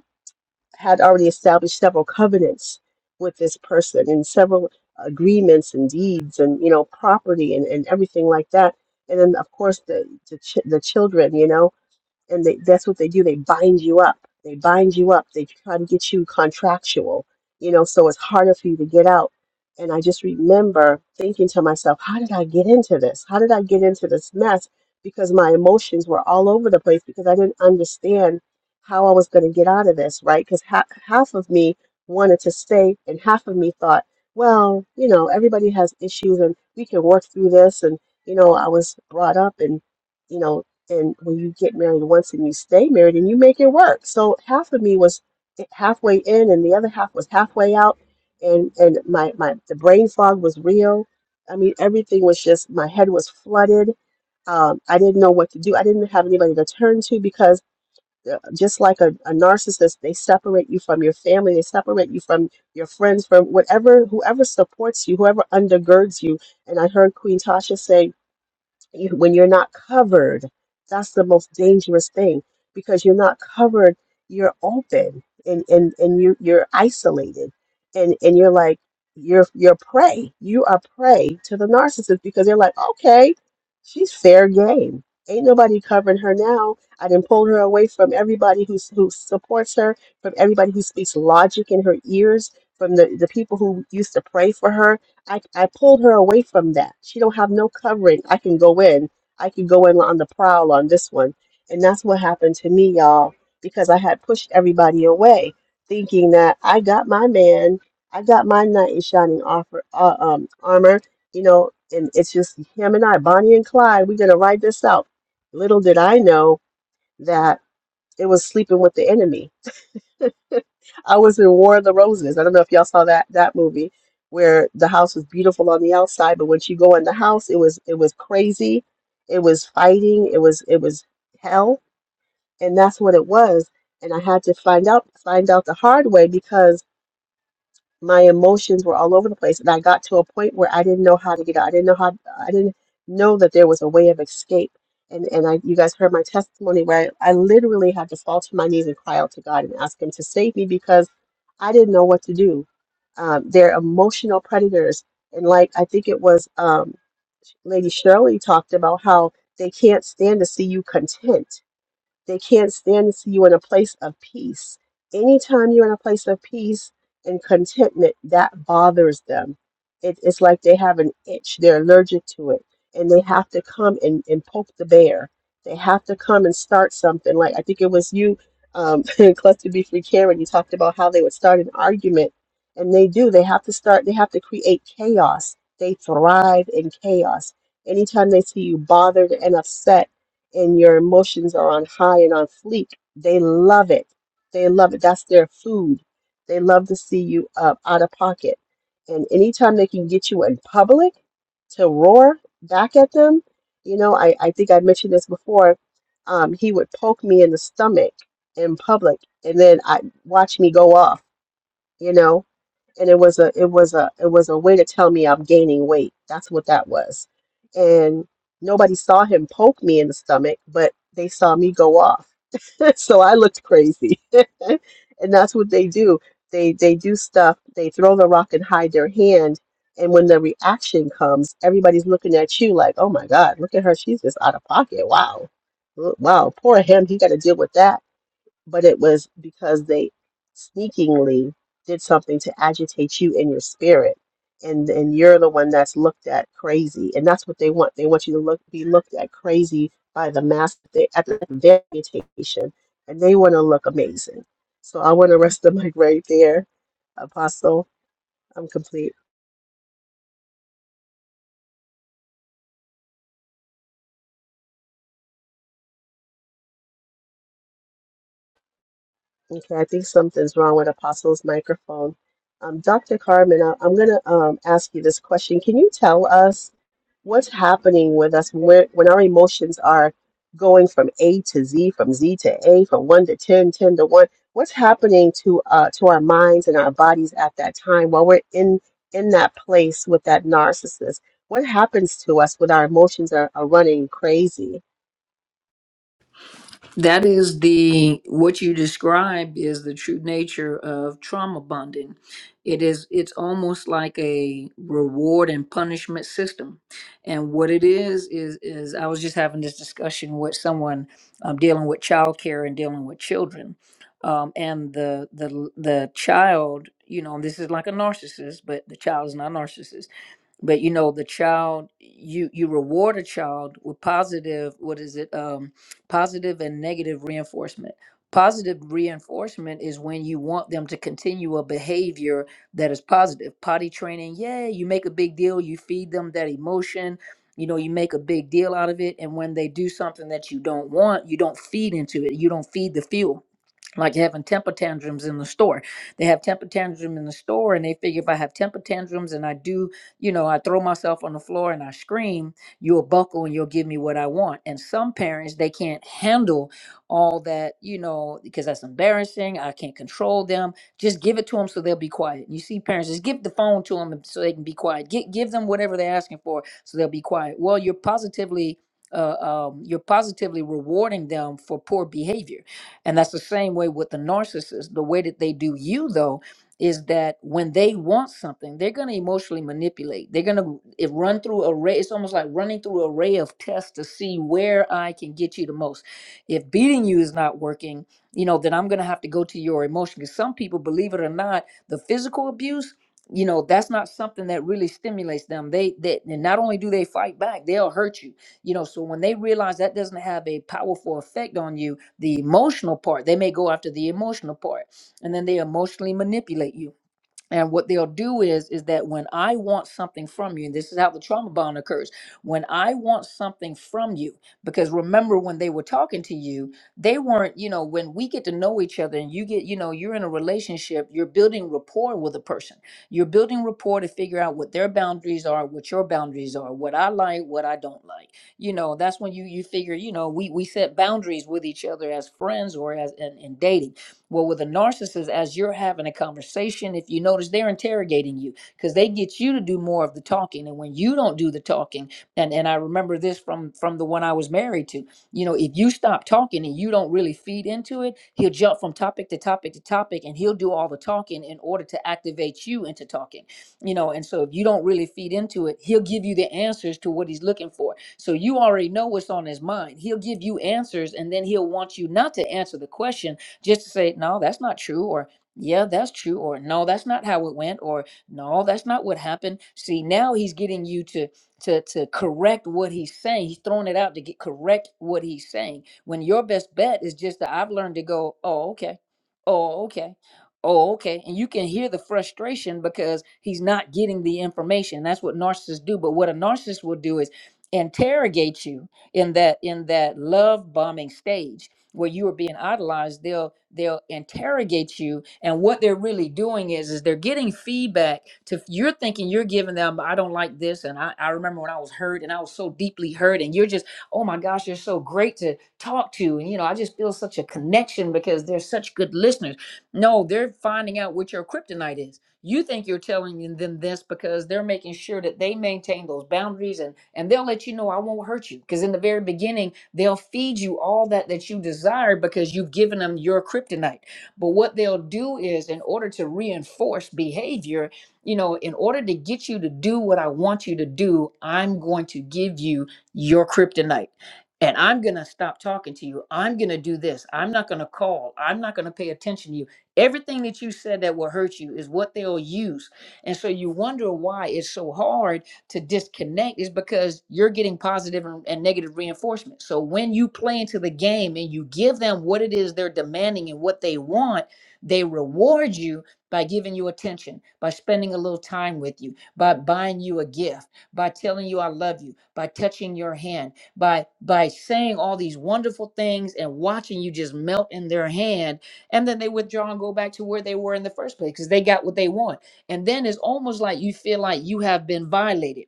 had already established several covenants with this person and several agreements and deeds and you know property and, and everything like that and then of course the the, ch- the children you know and they, that's what they do. They bind you up. They bind you up. They try to get you contractual, you know, so it's harder for you to get out. And I just remember thinking to myself, how did I get into this? How did I get into this mess? Because my emotions were all over the place because I didn't understand how I was going to get out of this, right? Because ha- half of me wanted to stay, and half of me thought, well, you know, everybody has issues and we can work through this. And, you know, I was brought up and you know and when you get married once and you stay married and you make it work. So half of me was halfway in and the other half was halfway out and and my my the brain fog was real. I mean everything was just my head was flooded. Um, I didn't know what to do. I didn't have anybody to turn to because uh, just like a, a narcissist, they separate you from your family, they separate you from your friends, from whatever whoever supports you, whoever undergirds you. And I heard Queen Tasha say you, when you're not covered, that's the most dangerous thing because you're not covered, you're open and and and you you're isolated and and you're like you're you're prey. You are prey to the narcissist because they're like, okay, she's fair game. Ain't nobody covering her now. I didn't pull her away from everybody who who supports her, from everybody who speaks logic in her ears, from the, the people who used to pray for her I, I pulled her away from that. She don't have no covering. I can go in. I can go in on the prowl on this one. And that's what happened to me, y'all, because I had pushed everybody away, thinking that I got my man, I got my knight in shining offer, uh, um, armor, you know, and it's just him and I, Bonnie and Clyde, we're going to ride this out. Little did I know that it was sleeping with the enemy I was in War of the Roses. I don't know if y'all saw that that movie where the house was beautiful on the outside, but once you go in the house, it was it was crazy. It was fighting. It was it was hell, and that's what it was. And I had to find out find out the hard way because my emotions were all over the place and i got to a point where i didn't know how to get out i didn't know how i didn't know that there was a way of escape and and i you guys heard my testimony where i, I literally had to fall to my knees and cry out to god and ask him to save me because i didn't know what to do um, they're emotional predators and like i think it was um, lady shirley talked about how they can't stand to see you content they can't stand to see you in a place of peace. Anytime you're in a place of peace and contentment, that bothers them. It, it's like they have an itch, they're allergic to it, and they have to come and, and poke the bear. They have to come and start something. Like I think it was you, um, in Cluster B Free Karen, you talked about how they would start an argument, and they do. They have to start, they have to create chaos. They thrive in chaos. Anytime they see you bothered and upset, and your emotions are on high and on fleek, they love it. They love it. That's their food. They love to see you up out of pocket. And anytime they can get you in public to roar back at them, you know, I, I think I mentioned this before. Um, he would poke me in the stomach in public and then I watch me go off, you know and it was a it was a it was a way to tell me I'm gaining weight. That's what that was. And nobody saw him poke me in the stomach, but they saw me go off. so I looked crazy. and that's what they do. They they do stuff, they throw the rock and hide their hand. And when the reaction comes, everybody's looking at you like, oh my God, look at her. She's just out of pocket. Wow. Wow. Poor him. He got to deal with that but it was because they sneakingly did something to agitate you in your spirit and and you're the one that's looked at crazy and that's what they want they want you to look be looked at crazy by the mass they at the- their agitation and they want to look amazing so i want to rest the mic right there apostle i'm complete Okay, I think something's wrong with Apostle's microphone. Um, Dr. Carmen, I, I'm going to um, ask you this question. Can you tell us what's happening with us when, we're- when our emotions are going from A to Z, from Z to A, from 1 to 10, 10 to 1? What's happening to uh, to our minds and our bodies at that time while we're in in that place with that narcissist? What happens to us when our emotions are, are running crazy? That is the what you described is the true nature of trauma bonding. It is it's almost like a reward and punishment system. And what it is is is I was just having this discussion with someone um, dealing with childcare and dealing with children. Um, and the the the child, you know, this is like a narcissist, but the child is not a narcissist but you know the child you you reward a child with positive what is it um positive and negative reinforcement positive reinforcement is when you want them to continue a behavior that is positive potty training yeah you make a big deal you feed them that emotion you know you make a big deal out of it and when they do something that you don't want you don't feed into it you don't feed the fuel like having temper tantrums in the store. They have temper tantrum in the store and they figure if I have temper tantrums and I do, you know, I throw myself on the floor and I scream, you'll buckle and you'll give me what I want. And some parents they can't handle all that, you know, because that's embarrassing. I can't control them. Just give it to them so they'll be quiet. You see parents just give the phone to them so they can be quiet. Get give them whatever they're asking for so they'll be quiet. Well, you're positively uh, um, you're positively rewarding them for poor behavior and that's the same way with the narcissist. The way that they do you, though, is that when they want something, they're going to emotionally manipulate. They're going to it run through a ray. It's almost like running through a ray of tests to see where I can get you the most. If beating you is not working, you know, then I'm going to have to go to your emotion. Because some people, believe it or not, the physical abuse, you know, that's not something that really stimulates them. They, that and not only do they fight back, they'll hurt you. You know, so when they realize that doesn't have a powerful effect on you, the emotional part. They may go after the emotional part and then they emotionally manipulate you and what they'll do is is that when i want something from you and this is how the trauma bond occurs when i want something from you because remember when they were talking to you they weren't you know when we get to know each other and you get you know you're in a relationship you're building rapport with a person you're building rapport to figure out what their boundaries are what your boundaries are what i like what i don't like you know that's when you you figure you know we we set boundaries with each other as friends or as in, in dating well, with a narcissist, as you're having a conversation, if you notice, they're interrogating you because they get you to do more of the talking. And when you don't do the talking, and, and I remember this from from the one I was married to, you know, if you stop talking and you don't really feed into it, he'll jump from topic to topic to topic and he'll do all the talking in order to activate you into talking, you know. And so if you don't really feed into it, he'll give you the answers to what he's looking for. So you already know what's on his mind. He'll give you answers and then he'll want you not to answer the question just to say, no, that's not true, or yeah, that's true, or no, that's not how it went, or no, that's not what happened. See, now he's getting you to to to correct what he's saying. He's throwing it out to get correct what he's saying. When your best bet is just that I've learned to go, oh, okay, oh, okay. Oh, okay. And you can hear the frustration because he's not getting the information. That's what narcissists do. But what a narcissist will do is interrogate you in that in that love bombing stage where you are being idolized they'll they'll interrogate you and what they're really doing is is they're getting feedback to you're thinking you're giving them i don't like this and i, I remember when i was hurt and i was so deeply hurt and you're just oh my gosh you're so great to talk to and you know i just feel such a connection because they're such good listeners no they're finding out what your kryptonite is you think you're telling them this because they're making sure that they maintain those boundaries and and they'll let you know I won't hurt you because in the very beginning they'll feed you all that that you desire because you've given them your kryptonite. But what they'll do is in order to reinforce behavior, you know, in order to get you to do what I want you to do, I'm going to give you your kryptonite and I'm going to stop talking to you. I'm going to do this. I'm not going to call. I'm not going to pay attention to you Everything that you said that will hurt you is what they'll use. And so you wonder why it's so hard to disconnect is because you're getting positive and, and negative reinforcement. So when you play into the game and you give them what it is they're demanding and what they want, they reward you by giving you attention, by spending a little time with you, by buying you a gift, by telling you I love you, by touching your hand, by by saying all these wonderful things and watching you just melt in their hand and then they withdraw and go back to where they were in the first place because they got what they want. And then it's almost like you feel like you have been violated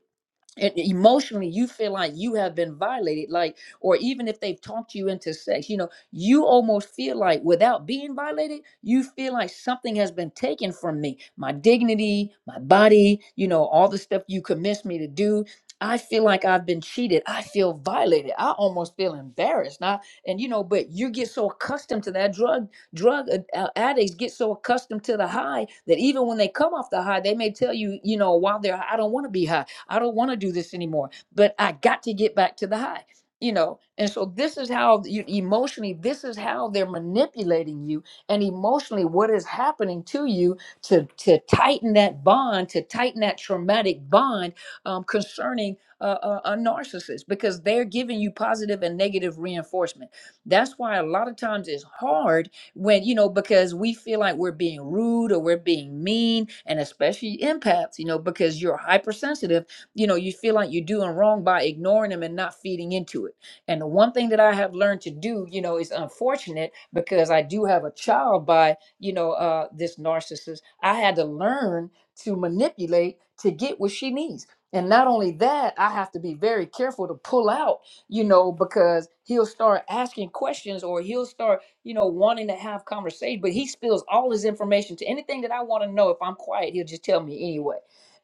and emotionally you feel like you have been violated like or even if they've talked you into sex you know you almost feel like without being violated you feel like something has been taken from me my dignity my body you know all the stuff you convinced me to do i feel like i've been cheated i feel violated i almost feel embarrassed now and you know but you get so accustomed to that drug drug ad- uh, addicts get so accustomed to the high that even when they come off the high they may tell you you know while they're high, i don't want to be high I don't want to do this anymore, but I got to get back to the high. You know, and so this is how you, emotionally, this is how they're manipulating you, and emotionally, what is happening to you to to tighten that bond, to tighten that traumatic bond um, concerning uh, a, a narcissist, because they're giving you positive and negative reinforcement. That's why a lot of times it's hard when you know because we feel like we're being rude or we're being mean and especially empaths you know because you're hypersensitive you know you feel like you're doing wrong by ignoring them and not feeding into it and the one thing that i have learned to do you know is unfortunate because i do have a child by you know uh this narcissist i had to learn to manipulate to get what she needs and not only that i have to be very careful to pull out you know because he'll start asking questions or he'll start you know wanting to have conversation but he spills all his information to anything that i want to know if i'm quiet he'll just tell me anyway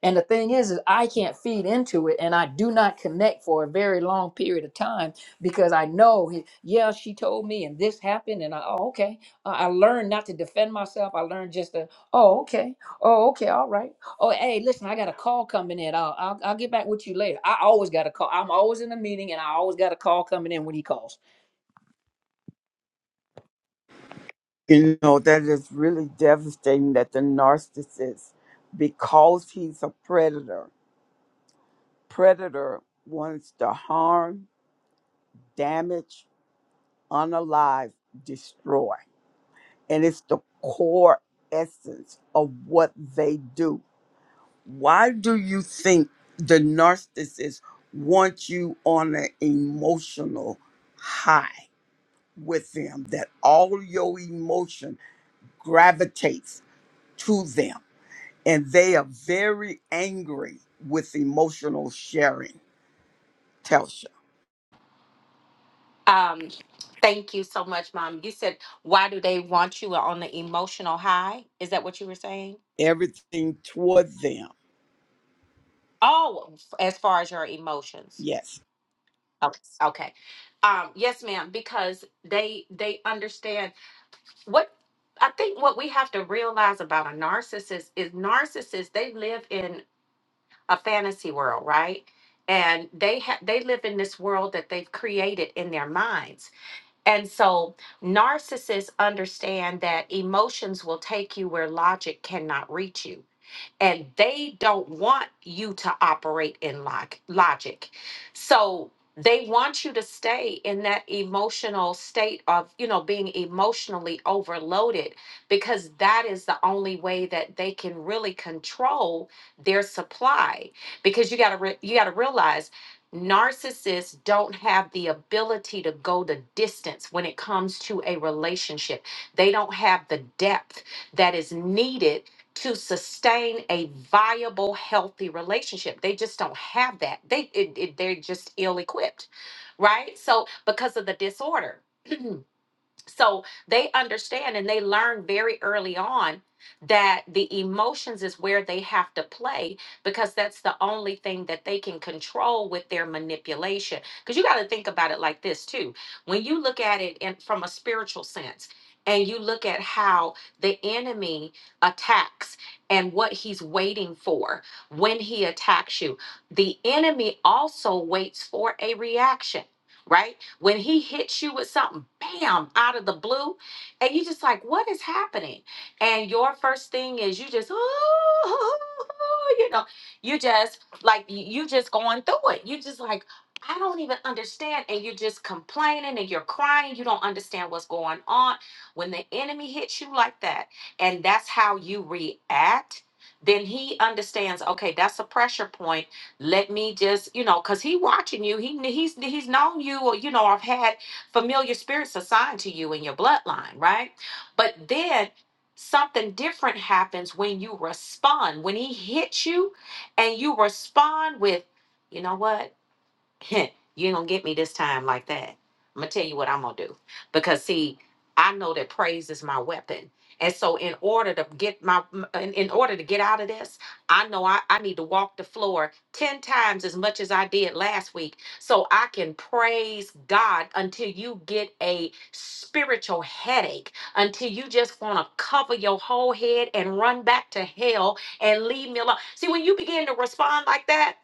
and the thing is, is I can't feed into it, and I do not connect for a very long period of time because I know, he- yeah, she told me, and this happened, and I, oh, okay, uh, I learned not to defend myself. I learned just to, oh, okay, oh, okay, all right. Oh, hey, listen, I got a call coming in. I'll, I'll, I'll get back with you later. I always got a call. I'm always in a meeting, and I always got a call coming in when he calls. You know, that is really devastating that the narcissist, because he's a predator, predator wants to harm, damage, unalive, destroy. And it's the core essence of what they do. Why do you think the narcissist wants you on an emotional high? with them that all your emotion gravitates to them and they are very angry with emotional sharing telsha Um, thank you so much, Mom. You said, why do they want you on the emotional high? Is that what you were saying? everything toward them Oh, f- as far as your emotions. yes Okay. Okay. Um, yes, ma'am, because they they understand what I think what we have to realize about a narcissist is narcissists they live in a fantasy world, right? And they ha- they live in this world that they've created in their minds. And so narcissists understand that emotions will take you where logic cannot reach you and they don't want you to operate in log- logic. So they want you to stay in that emotional state of, you know, being emotionally overloaded because that is the only way that they can really control their supply because you got to re- you got to realize narcissists don't have the ability to go the distance when it comes to a relationship. They don't have the depth that is needed to sustain a viable healthy relationship they just don't have that they it, it- they're just ill equipped right so because of the disorder So they understand and they learn very early on that the emotions is where they have to play because that's the only thing that they can control with their manipulation. Because you got to think about it like this too. When you look at it in, from a spiritual sense, and you look at how the enemy attacks and what he's waiting for when he attacks you. The enemy also waits for a reaction, right? When he hits you with something, bam, out of the blue, and you just like, what is happening? And your first thing is you just, oh, you know, you just like you you just going through it. You just like, I don't even understand. And you're just complaining and you're crying. You don't understand what's going on. When the enemy hits you like that, and that's how you react, then he understands, okay, that's a pressure point let me just, you know, because he watching you. He he's he's known you, or you know, I've had familiar spirits assigned to you in your bloodline, right? But then something different happens when you respond. When he hits you, and you respond with, you know what? you ain't gonna get me this time like that. I'm gonna tell you what I'm gonna do. Because see, I know that praise is my weapon. And so in order to get my m- in, in order to get out of this, I know I, I need to walk the floor 10 times as much as I did last week so I can praise God until you get a spiritual headache, until you just want to cover your whole head and run back to hell and leave me alone. See, when you begin to respond like that,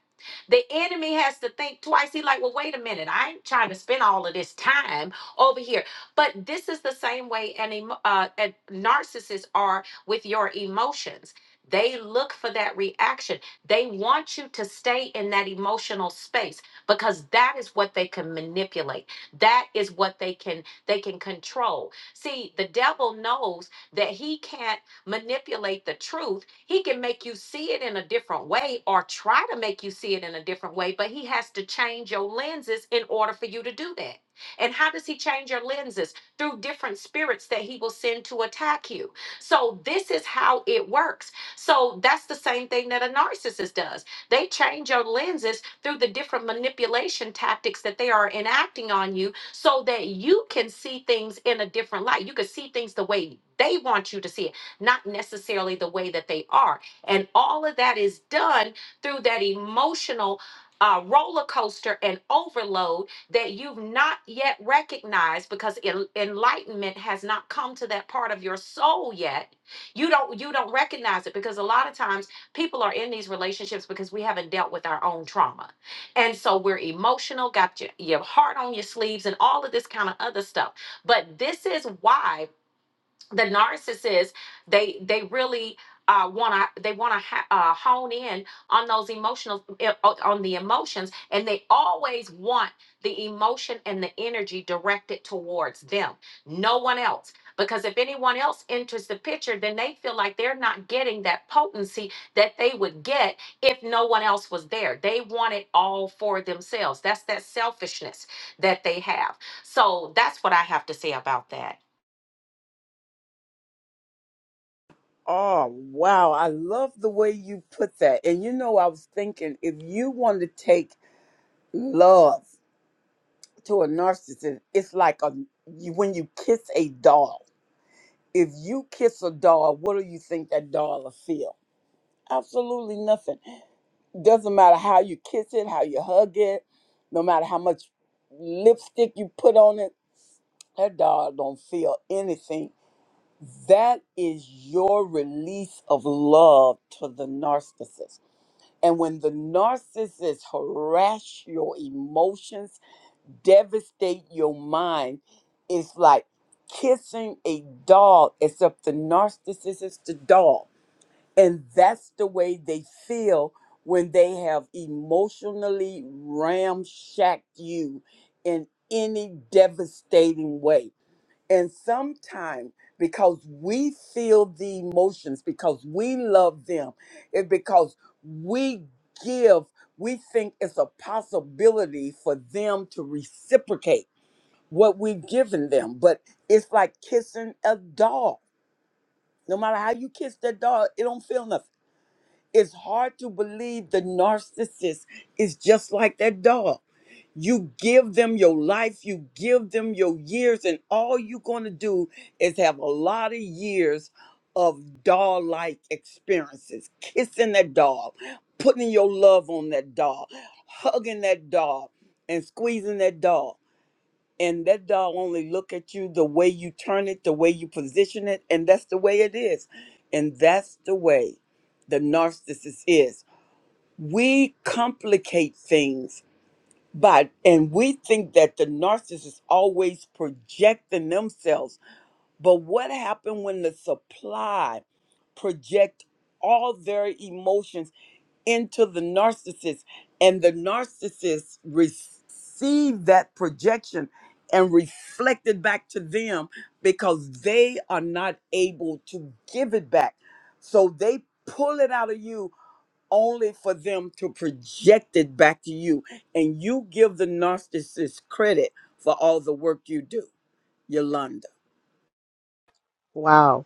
the enemy has to think twice. He like, well, wait a minute. I ain't trying to spend all of this time over here. But this is the same way an emo- uh, a narcissists are with your emotions. They look for that reaction. They want you to stay in that emotional space because that is what they can manipulate. That is what they can they can control. See, the devil knows that he can't manipulate the truth. He can make you see it in a different way or try to make you see it in a different way, but he has to change your lenses in order for you to do that. And how does he change your lenses? Through different spirits that he will send to attack you. So, this is how it works. So, that's the same thing that a narcissist does. They change your lenses through the different manipulation tactics that they are enacting on you so that you can see things in a different light. You can see things the way they want you to see it not necessarily the way that they are. And all of that is done through that emotional uh, roller coaster and overload that you've not yet recognized because en- enlightenment has not come to that part of your soul yet. You don't you don't recognize it because a lot of times people are in these relationships because we haven't dealt with our own trauma. And so we're emotional, got your, your heart on your sleeves, and all of this kind of other stuff. But this is why the narcissist they they really uh want to they want to ha- uh, hone in on those emotional eh, o- on the emotions and they always want the emotion and the energy directed towards them no one else because if anyone else enters the picture then they feel like they're not getting that potency that they would get if no one else was there they want it all for themselves that's that selfishness that they have so that's what i have to say about that oh wow i love the way you put that and you know i was thinking if you want to take love to a narcissist it's like a you, when you kiss a doll if you kiss a doll what do you think that doll will feel absolutely nothing Doesn't matter how you kiss it, how you hug it, no matter how much lipstick you put on it, that dog don't feel anything. That is your release of love to the narcissist. And when the narcissist harass your emotions, devastate your mind, it's like kissing a dog, except the narcissist is the dog and that's the way they feel when they have emotionally ramshacked you in any devastating way. And sometimes, because we feel the emotions, because we love them, it because we give, we think it's a possibility for them to reciprocate what we've given them. But it's like kissing a dog. No matter how you kiss that dog, it don't feel nothing it's hard to believe the narcissist is just like that dog. You give them your life, you give them your years, and all you're going to do is have a lot of years of dog like experiences kissing that dog, putting your love on that dog, hugging that dog, and squeezing that dog and that dog only look at you the way you turn it the way you position it and that's the way it is and that's the way the narcissist is we complicate things by, and we think that the narcissist always projecting themselves but what happened when the supply project all their emotions into the narcissist and the narcissist receive that projection and reflect it back to them because they are not able to give it back so they pull it out of you only for them to project it back to you and you give the narcissist credit for all the work you do yolanda Wow.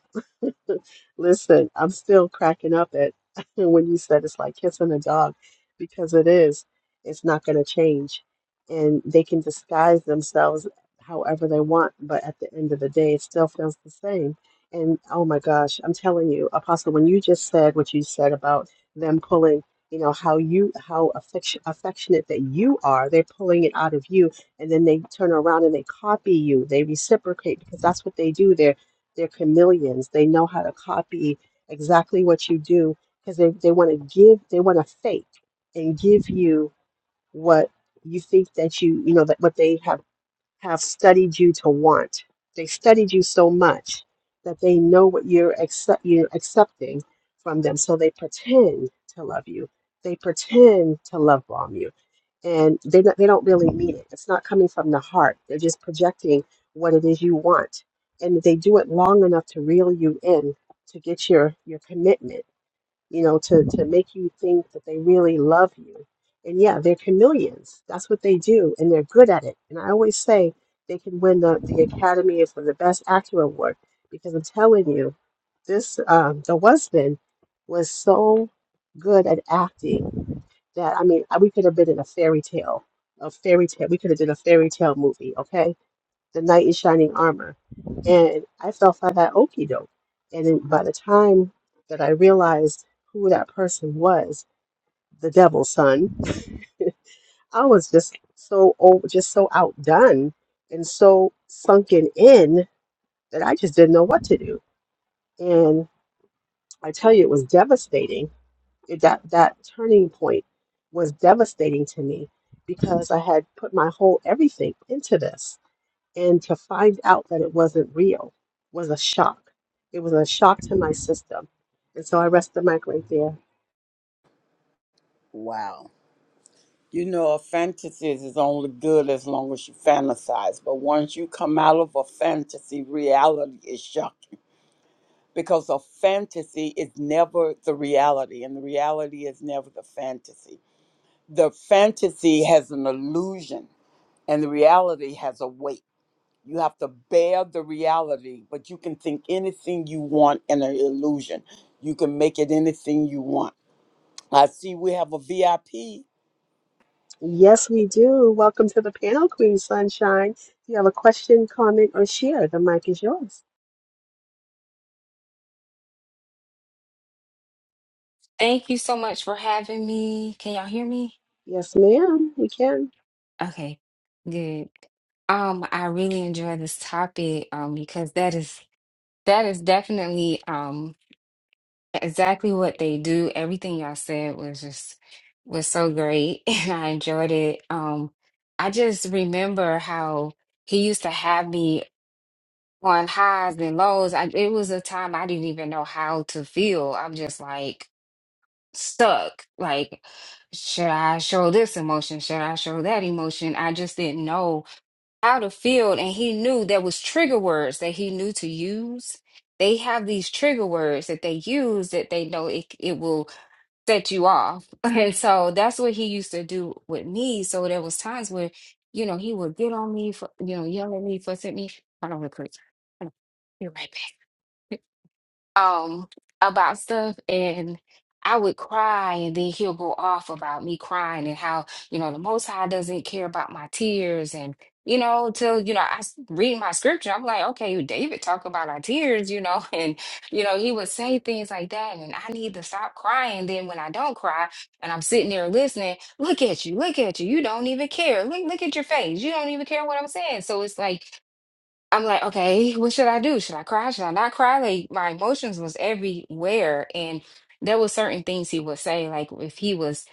Listen, I'm still cracking up at when you said it's like kissing a dog because it is. It's not going to change. And they can disguise themselves however they want, but at the end of the day, it still feels the same. And oh my gosh, I'm telling you, Apostle, when you just said what you said about them pulling, you know, how you, how affection, affectionate that you are, they're pulling it out of you, and then they turn around and they copy you, they reciprocate because that's what they do. They're they're chameleons. They know how to copy exactly what you do because they, they want to give, they want to fake and give you what you think that you, you know, that what they have have studied you to want. They studied you so much that they know what you're accept you're accepting from them. So they pretend to love you. They pretend to love bomb you, and they don't- they don't really mean it. It's not coming from the heart. They're just projecting what it is you want, and they do it long enough to reel you in to get your your commitment you know, to, to make you think that they really love you. And yeah, they're chameleons. That's what they do, and they're good at it. And I always say they can win the, the Academy for the Best Actor Award because I'm telling you, this um, the husband was so good at acting that I mean, we could have been in a fairy tale, a fairy tale. We could have done a fairy tale movie, okay? The knight in shining armor. And I fell for that okie doke. And then by the time that I realized who that person was, the devil's son, I was just so old, just so outdone and so sunken in that I just didn't know what to do. And I tell you, it was devastating. It- That that turning point was devastating to me because I had put my whole everything into this And to find out that it wasn't real was a shock. It was a shock to my system. And so I rest the mic right there. wow You know, a fantasy is only good as long as you fantasize. But once you come out of a fantasy, reality is shocking because a fantasy is never the reality, and the reality is never the fantasy. The fantasy has an illusion, and the reality has a weight. You have to bear the reality, but you can think anything you want in an illusion. You can make it anything you want. I see we have a VIP Yes, we do. Welcome to the panel, Queen Sunshine. If you have a question, comment, or share, the mic is yours. Thank you so much for having me. Can y'all hear me? Yes, ma'am, we can. Okay, good. Um, I really enjoy this topic um because that is that is definitely um exactly what they do. Everything y'all said was just was so great and I enjoyed it. Um, I just remember how he used to have me on highs and lows. I, it was a time I didn't even know how to feel. I'm just like stuck. Like, should I show this emotion? Should I show that emotion? I just didn't know how to feel. And he knew there was trigger words that he knew to use. They have these trigger words that they use that they know it, it will set you off. And so that's what he used to do with me. So there was times where, you know, he would get on me for, you know, yell at me, fuss at me. Hold on real quick. Hold on. Be right back um about stuff and I would cry and then he'll go off about me crying and how, you know, the Most High doesn't care about my tears and you know, till you know, I s- read my scripture, I'm like, okay, David talk about our tears, you know, and you know, he would say things like that, and I need to stop crying. Then when I don't cry, and I'm sitting there listening, look at you, look at you, you don't even care. Look, look at your face, you don't even care what I'm saying. So it's like I'm like, okay, what should I do? Should I cry? Should I not cry? Like my emotions was everywhere. And there were certain things he would say, like if he was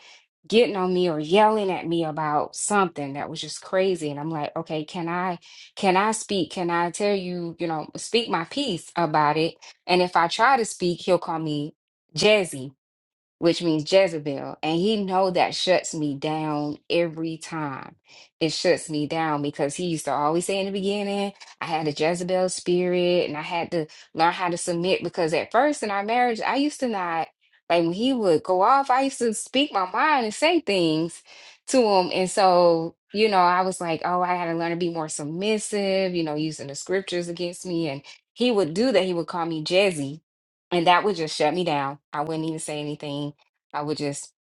getting on me or yelling at me about something that was just crazy. And I'm like, okay, can I can I speak? Can I tell you, you know, speak my piece about it? And if I try to speak, he'll call me Jazzy which means Jezebel, and he know that shuts me down every time. It shuts me down because he used to always say in the beginning, I had a Jezebel spirit and I had to learn how to submit because at first in our marriage, I used to not like when he would go off, I used to speak my mind and say things to him. And so, you know, I was like, oh, I had to learn to be more submissive, you know, using the scriptures against me. And he would do that. He would call me Jezzy and that would just shut me down. I wouldn't even say anything. I would just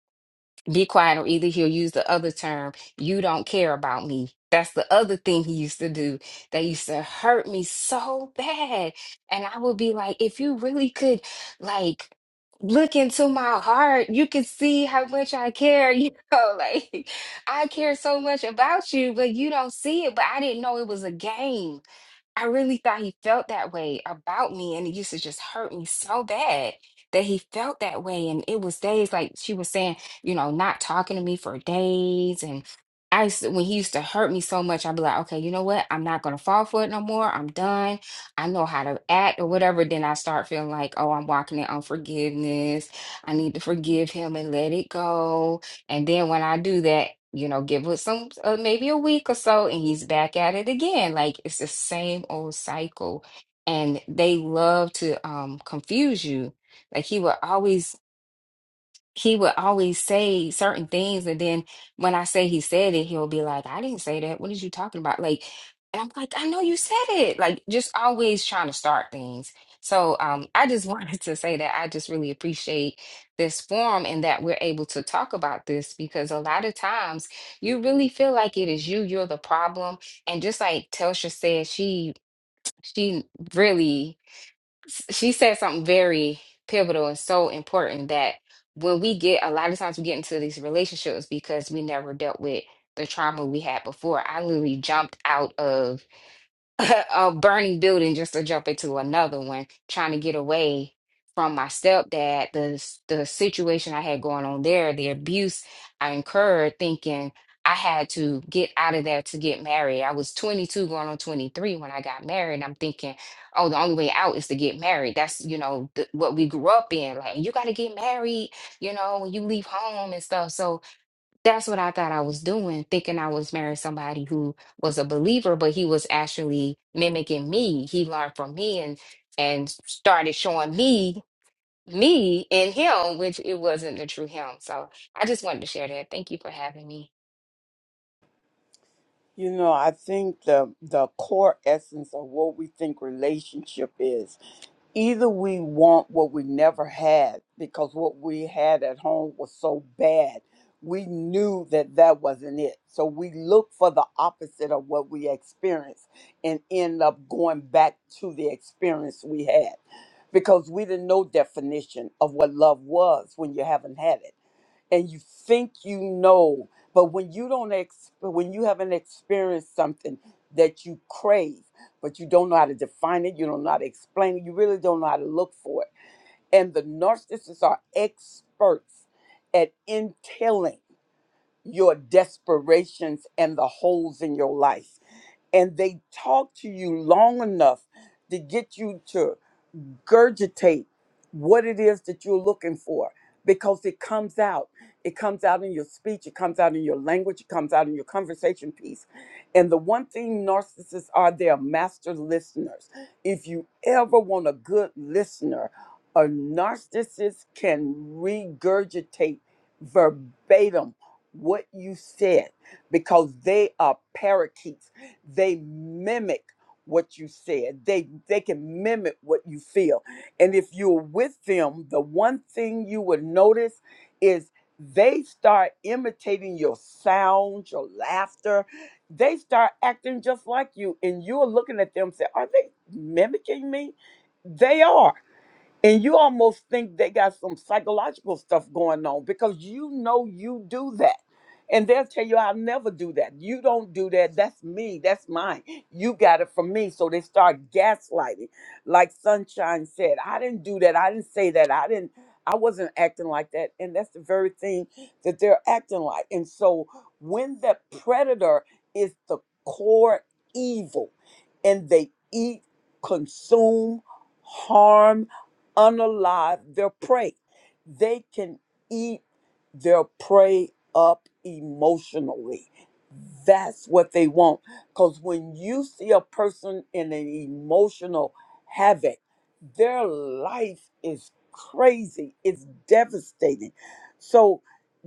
be quiet, or either he'll use the other term, you don't care about me. That's the other thing he used to do that used to hurt me so bad. And I would be like, if you really could, like, look into my heart, you could see how much I care. You know, like, I care so much about you, but you don't see it. But I didn't know it was a game. I really thought he felt that way about me, and it used to just hurt me so bad that he felt that way. And it was days like she was saying, you know, not talking to me for days. And I used to, when he used to hurt me so much, I'd be like, okay, you know what? I'm not gonna fall for it no more. I'm done. I know how to act or whatever. Then I start feeling like, oh, I'm walking in unforgiveness. I need to forgive him and let it go and then when I do that, you know, give it some uh, maybe a week or so, and he's back at it again. Like it's the same old cycle. And they love to um confuse you. Like he will always he would always say certain things and then when I say he said it, he'll be like, I didn't say that. What is you talking about? Like and I'm like, I know you said it. Like just always trying to start things. So um I just wanted to say that I just really appreciate this forum and that we're able to talk about this because a lot of times you really feel like it is you, you're the problem. And just like Telsha said, she she really s- she said something very pivotal and so important that when we get a lot of times we get into these relationships because we never dealt with the trauma we had before. I literally jumped out of a burning building just to jump into another one, trying to get away from my stepdad, the s- the situation I had going on there, the abuse I incurred, thinking I had to get out of there to get married. I was 22 going on 23 when I got married. and I'm thinking, oh, the only way out is to get married. That's, you know, th- what we grew up in. Like, you got to get married, you know, when you leave home and stuff. So that's what I thought I was doing, thinking I was marrying somebody who was a believer, but he was actually mimicking me. He learned from me and and started showing me me in him, which it wasn't the true him. So I just wanted to share that. Thank you for having me. You know, I think the the core essence of what we think relationship is. Either we want what we never had because what we had at home was so bad. We knew that that wasn't it. So we look for the opposite of what we experienced and end up going back to the experience we had because we didn't know definition of what love was when you haven't had it and you think you know but when you don't ex when you haven't experienced something that you crave but you don't know how to define it you don't know how to explain it you really don't know how to look for it and the narcissists are experts at entailing your desperations and the holes in your life and they talk to you long enough to get you to regurgitate what it is that you're looking for because it comes out. It comes out in your speech, it comes out in your language, it comes out in your conversation piece. And the one thing narcissists are, they're master listeners. If you ever want a good listener, a narcissist can regurgitate verbatim what you said because they are parakeets. They mimic what you said. They they can mimic what you feel. And if you're with them, the one thing you would notice is they start imitating your sound, your laughter. They start acting just like you and you're looking at them and say, "Are they mimicking me?" They are and you almost think they got some psychological stuff going on because you know you do that. And they'll tell you, I'll never do that. You don't do that. That's me. That's mine. You got it from me. So they start gaslighting. Like Sunshine said, I didn't do that. I didn't say that. I didn't, I wasn't acting like that. And that's the very thing that they're acting like. And so when that predator is the core evil and they eat, consume, harm, unalive their prey. They can eat their prey up emotionally. That's what they want. Because when you see a person in an emotional havoc, their life is crazy, it's devastating. So,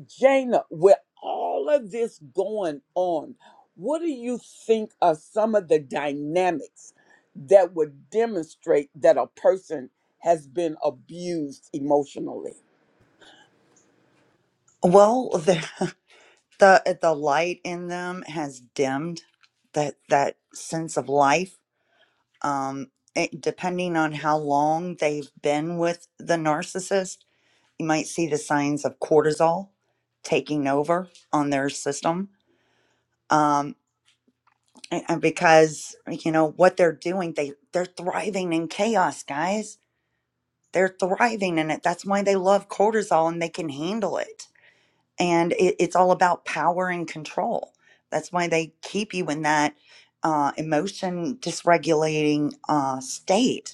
Jana, with all of this going on, what do you think are some of the dynamics that would demonstrate that a person? has been abused emotionally. Well, the the the light in them has dimmed that that sense of life. Um, it, depending on how long they've been with the narcissist, you might see the signs of cortisol taking over on their system um, and and because you know what they're doing they they're thriving in chaos guys they're thriving in it that's why they love cortisol and they can handle it and it, it's all about power and control that's why they keep you in that uh, emotion dysregulating uh, state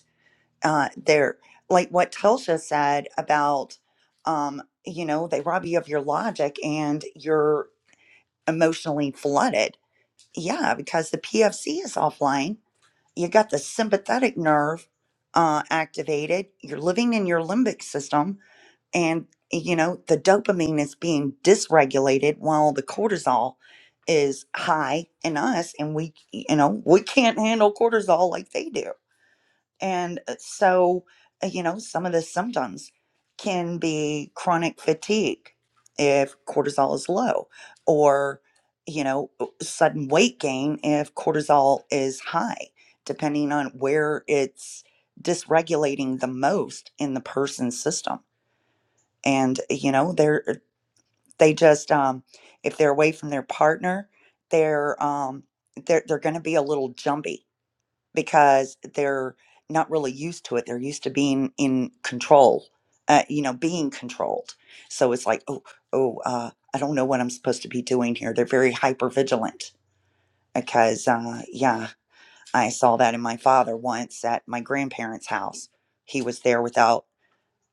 uh, they're like what Telsha said about, um, you know, they rob you of your logic and you're emotionally flooded. Yeah, because the PFC is offline. You got the sympathetic nerve uh, activated. You're living in your limbic system, and you know the dopamine is being dysregulated while the cortisol is high in us, and we, you know, we can't handle cortisol like they do and uh, so, uh, you know, some of the symptoms can be chronic fatigue if cortisol is low, or, you know, sudden weight gain if cortisol is high, depending on where it's dysregulating the most in the person's system. And, you know, they're, uh, they just, um, if they're away from their partner, they're, um, they're, they're going to be a little jumpy because they're not really used to it. They're used to being in control, uh, you know, being controlled. So it's like, oh, oh, uh, I don't know what I'm supposed to be doing here. They're very hyper vigilant because, uh, yeah, I saw that in my father once at my grandparents' house. He was there without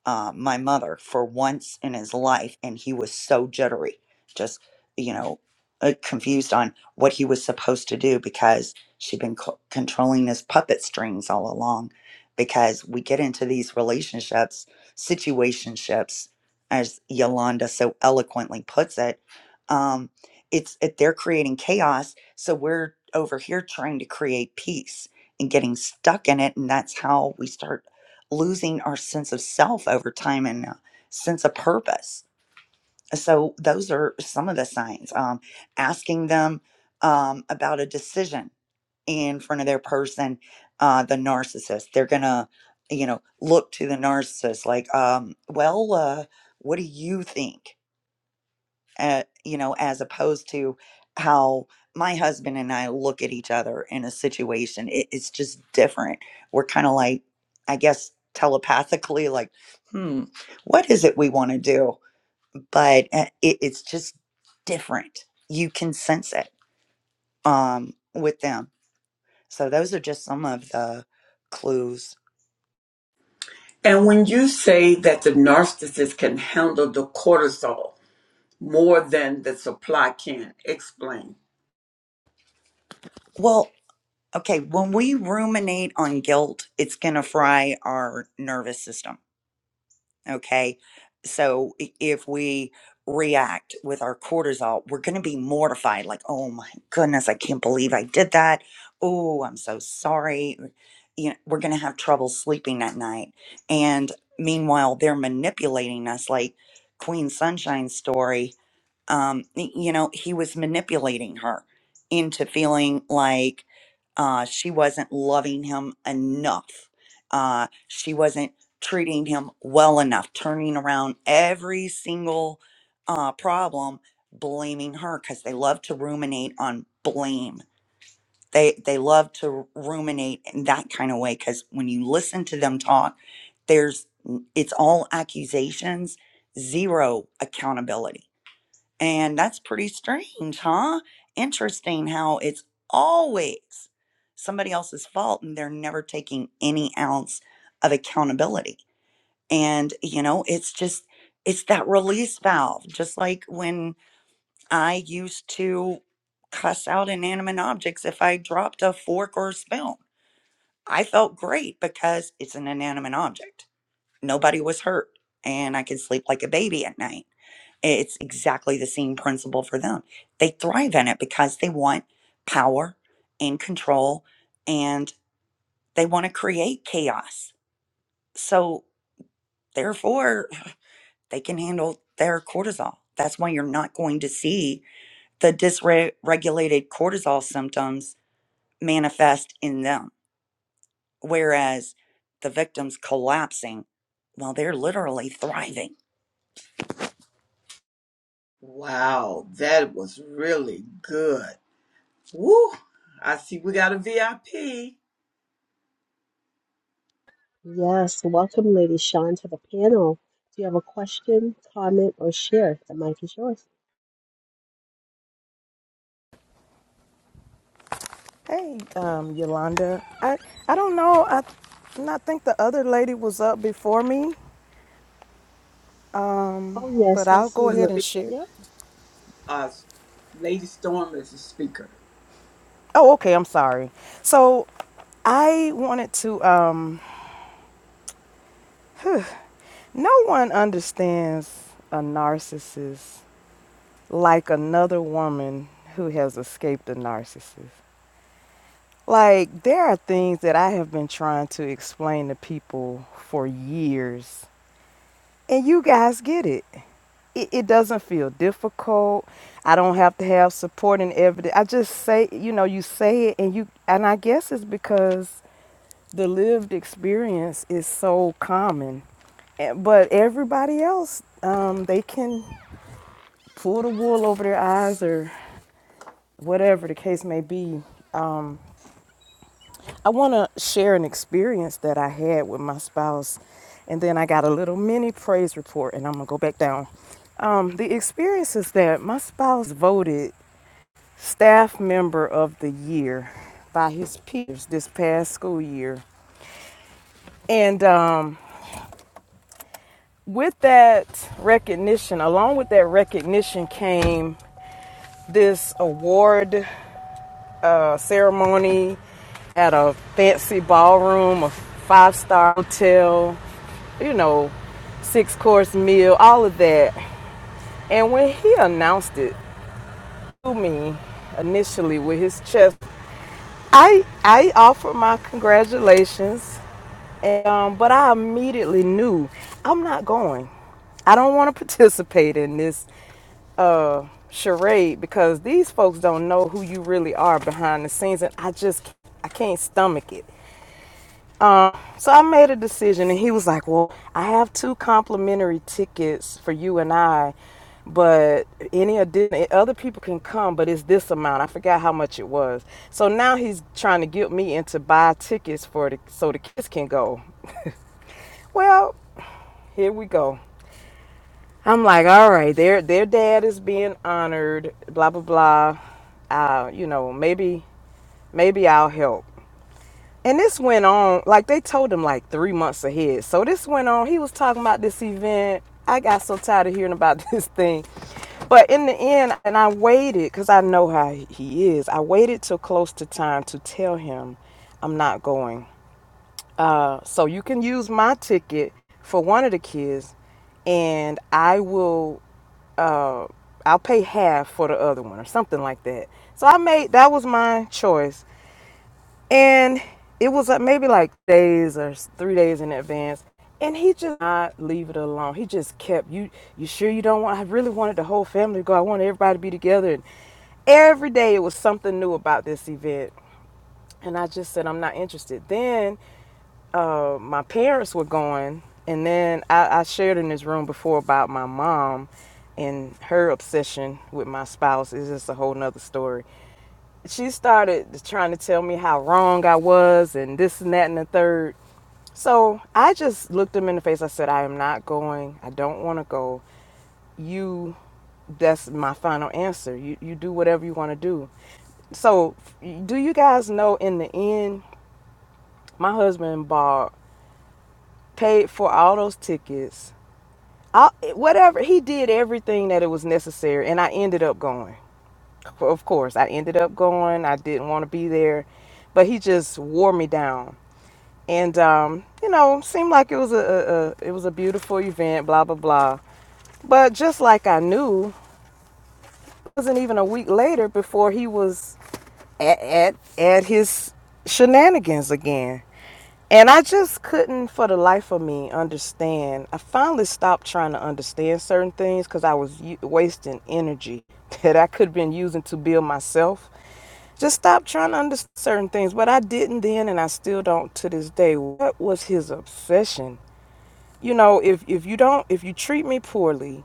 uh, my mother for once in his life, and he was so jittery, just you know, uh, confused on what he was supposed to do because she'd been co- controlling his puppet strings all along. Because we get into these relationships, situationships, as Yolanda so eloquently puts it, um, it's it, they're creating chaos, so we're over here trying to create peace and getting stuck in it, and that's how we start losing our sense of self over time and uh, sense of purpose. So those are some of the signs. Um, asking them um, about a decision in front of their person, uh, the narcissist, they're gonna, you know, look to the narcissist like, um, well, uh, what do you think? uh, you know, as opposed to how my husband and I look at each other in a situation. It, it's just different. We're kind of like, I guess, telepathically, like, hmm, what is it we want to do? But uh, it, it's just different. You can sense it um, with them. So those are just some of the clues. And when you say that the narcissist can handle the cortisol more than the supply can, explain. Well, okay, when we ruminate on guilt, it's going to fry our nervous system Okay. So i- if we react with our cortisol, we're going to be mortified like, oh my goodness, I can't believe I did that. Oh, I'm so sorry. You know, we're going to have trouble sleeping that night. And meanwhile, they're manipulating us like Queen Sunshine's story. Um, y- you know, he was manipulating her into feeling like uh, she wasn't loving him enough. Uh, she wasn't treating him well enough, turning around every single uh, problem, blaming her because they love to ruminate on blame. They they love to ruminate in that kind of way because when you listen to them talk, there's it's all accusations, zero accountability, and that's pretty strange, huh? Interesting how it's always somebody else's fault and they're never taking any ounce of accountability and you know it's just it's that release valve just like when i used to cuss out inanimate objects if i dropped a fork or a spoon i felt great because it's an inanimate object nobody was hurt and i could sleep like a baby at night it's exactly the same principle for them they thrive in it because they want power and control and they want to create chaos so therefore they can handle their cortisol. That's why you're not going to see the dysregulated cortisol symptoms manifest in them. Whereas the victims collapsing, well, they're literally thriving. Wow, that was really good. Woo! I see we got a VIP. Yes, welcome, Lady Sean, to the panel. Do you have a question, comment, or share? The mic is yours. Hey, um, Yolanda. I I don't know. I and I think the other lady was up before me, Oh, but yes, I I'll She's go see. a ahead Yep. and speaker. share. Yeah. Uh, Lady Storm is a speaker. Oh, okay. I'm sorry. So, I wanted to. Um, no one understands a narcissist like another woman who has escaped a narcissist. Like there are things that I have been trying to explain to people for years And you guys get it. It, it doesn't feel difficult. I don't have to have support and everything. I just say, you know, you say it and you and I guess it's because the lived experience is so common. Eh, But everybody else, um, they can pull the wool over their eyes or whatever the case may be. Um, I want to share an experience that I had with my spouse, and then I got a little mini praise report, and I'm gonna go back down. Um, the experience is that my spouse voted staff member of the year by his peers this past school year, and um, with that recognition, along with that recognition, came this award uh, ceremony at a fancy ballroom, a five star hotel, you know, six course meal, all of that. And when he announced it to me initially with his chest I I offered my congratulations, and, um, but I immediately knew I'm not going. I don't want to participate in this uh, charade because these folks don't know who you really are behind the scenes, and I just I can't stomach it. Um, so I made a decision, and he was like, "Well, I have two complimentary tickets for you and I, but any additional other people can come, but it's this amount. I forgot how much it was. So now he's trying to get me into buy tickets for the so the kids can go. Well, here we go. I'm like, all right, their their dad is being honored, blah blah blah. Uh, you know, maybe maybe I'll help. And this went on, like they told him like three months ahead. So this went on. He was talking about this event. I got so tired of hearing about this thing. But in the end, and I waited because I know how he is. I waited till close to time to tell him I'm not going. Uh, so you can use my ticket for one of the kids, and I will uh, I'll pay half for the other one or something like that. So I made that was my choice and it was uh, maybe like days or three days in advance and he just not leave it alone he just kept you you sure you don't want i really wanted the whole family to go i wanted everybody to be together and every day it was something new about this event and i just said i'm not interested then uh, my parents were going and then I, I shared in this room before about my mom and her obsession with my spouse is just a whole nother story she started trying to tell me how wrong I was and this and that and the third. So I just looked him in the face. I said, I am not going. I don't want to go. You, that's my final answer. You, you do whatever you want to do. So, do you guys know in the end, my husband bought, paid for all those tickets, all, whatever. He did everything that it was necessary. And I ended up going. Of course, I ended up going. I didn't want to be there. But he just wore me down and um, you know, seemed like it was a, a, a it was a beautiful event, blah blah blah. But just like I knew, it wasn't even a week later before he was at at, at his shenanigans again. And I just couldn't, for the life of me, understand. I finally stopped trying to understand certain things because I was u- wasting energy that I could have been using to build myself just stopped trying to understand certain things. But I didn't then, and I still don't to this day. What was his obsession you know if if you don't if you treat me poorly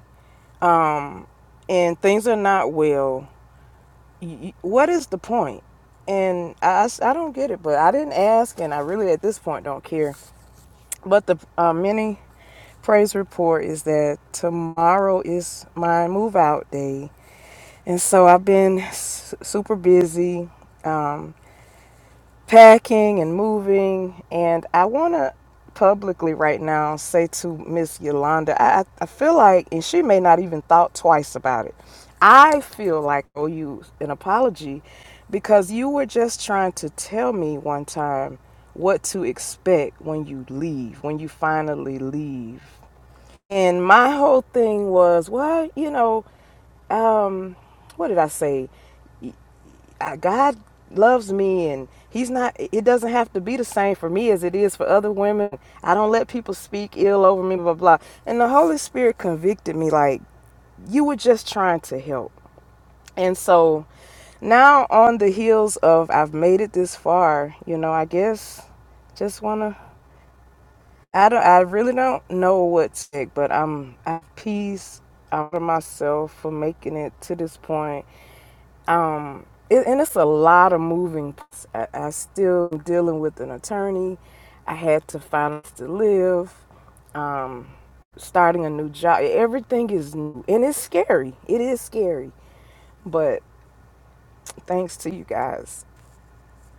um and things are not well y y- what is the point point? and I, I s- I don't get it but i didn't ask and i really at this point don't care but the uh, mini praise report is that tomorrow is my move out day and so i've been s- super busy um, packing and moving. And I want to publicly right now say to Miss Yolanda, I, I feel like, and she may not even thought twice about it. I feel like I owe you an apology because you were just trying to tell me one time what to expect when you leave, when you finally leave. And my whole thing was, well, you know, um, what did I say? God loves me and he's not it doesn't have to be the same for me as it is for other women. I don't let people speak ill over me blah blah. blah. And the Holy Spirit convicted me like you were just trying to help. And so now on the heels of I've made it this far, you know, I guess just want to I don't I really don't know what's sick, but I'm at peace out of myself for making it to this point um it, and it's a lot of moving parts. I, I still am dealing with an attorney i had to finance to live um starting a new job everything is new and it's scary it is scary but thanks to you guys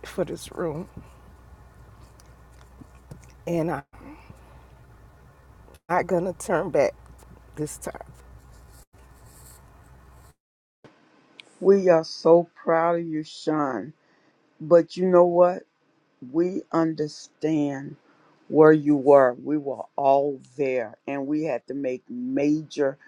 for this room and i'm not gonna turn back this time We are so proud of you, Sean. But you know what? we understand where you were. We were all there and we had to make major,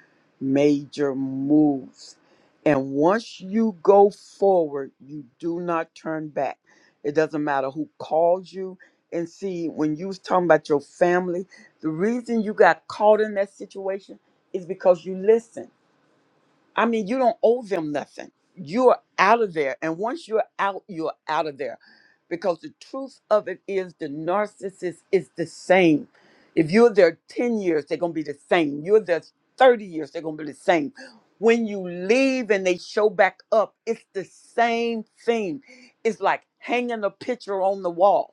major moves. And once you go forward, you do not turn back. It doesn't matter who calls you. And see, when you was talking about your family, the reason you got caught in that situation is because you listened I mean, you don't owe them nothing. You're out of there. And once you're out, you're out of there. Because the truth of it is the narcissist is the same. If you're there 10 years, they're going to be the same. You're there 30 years, they're going to be the same. When you leave and they show back up, it's the same thing. It's like hanging a picture on the wall.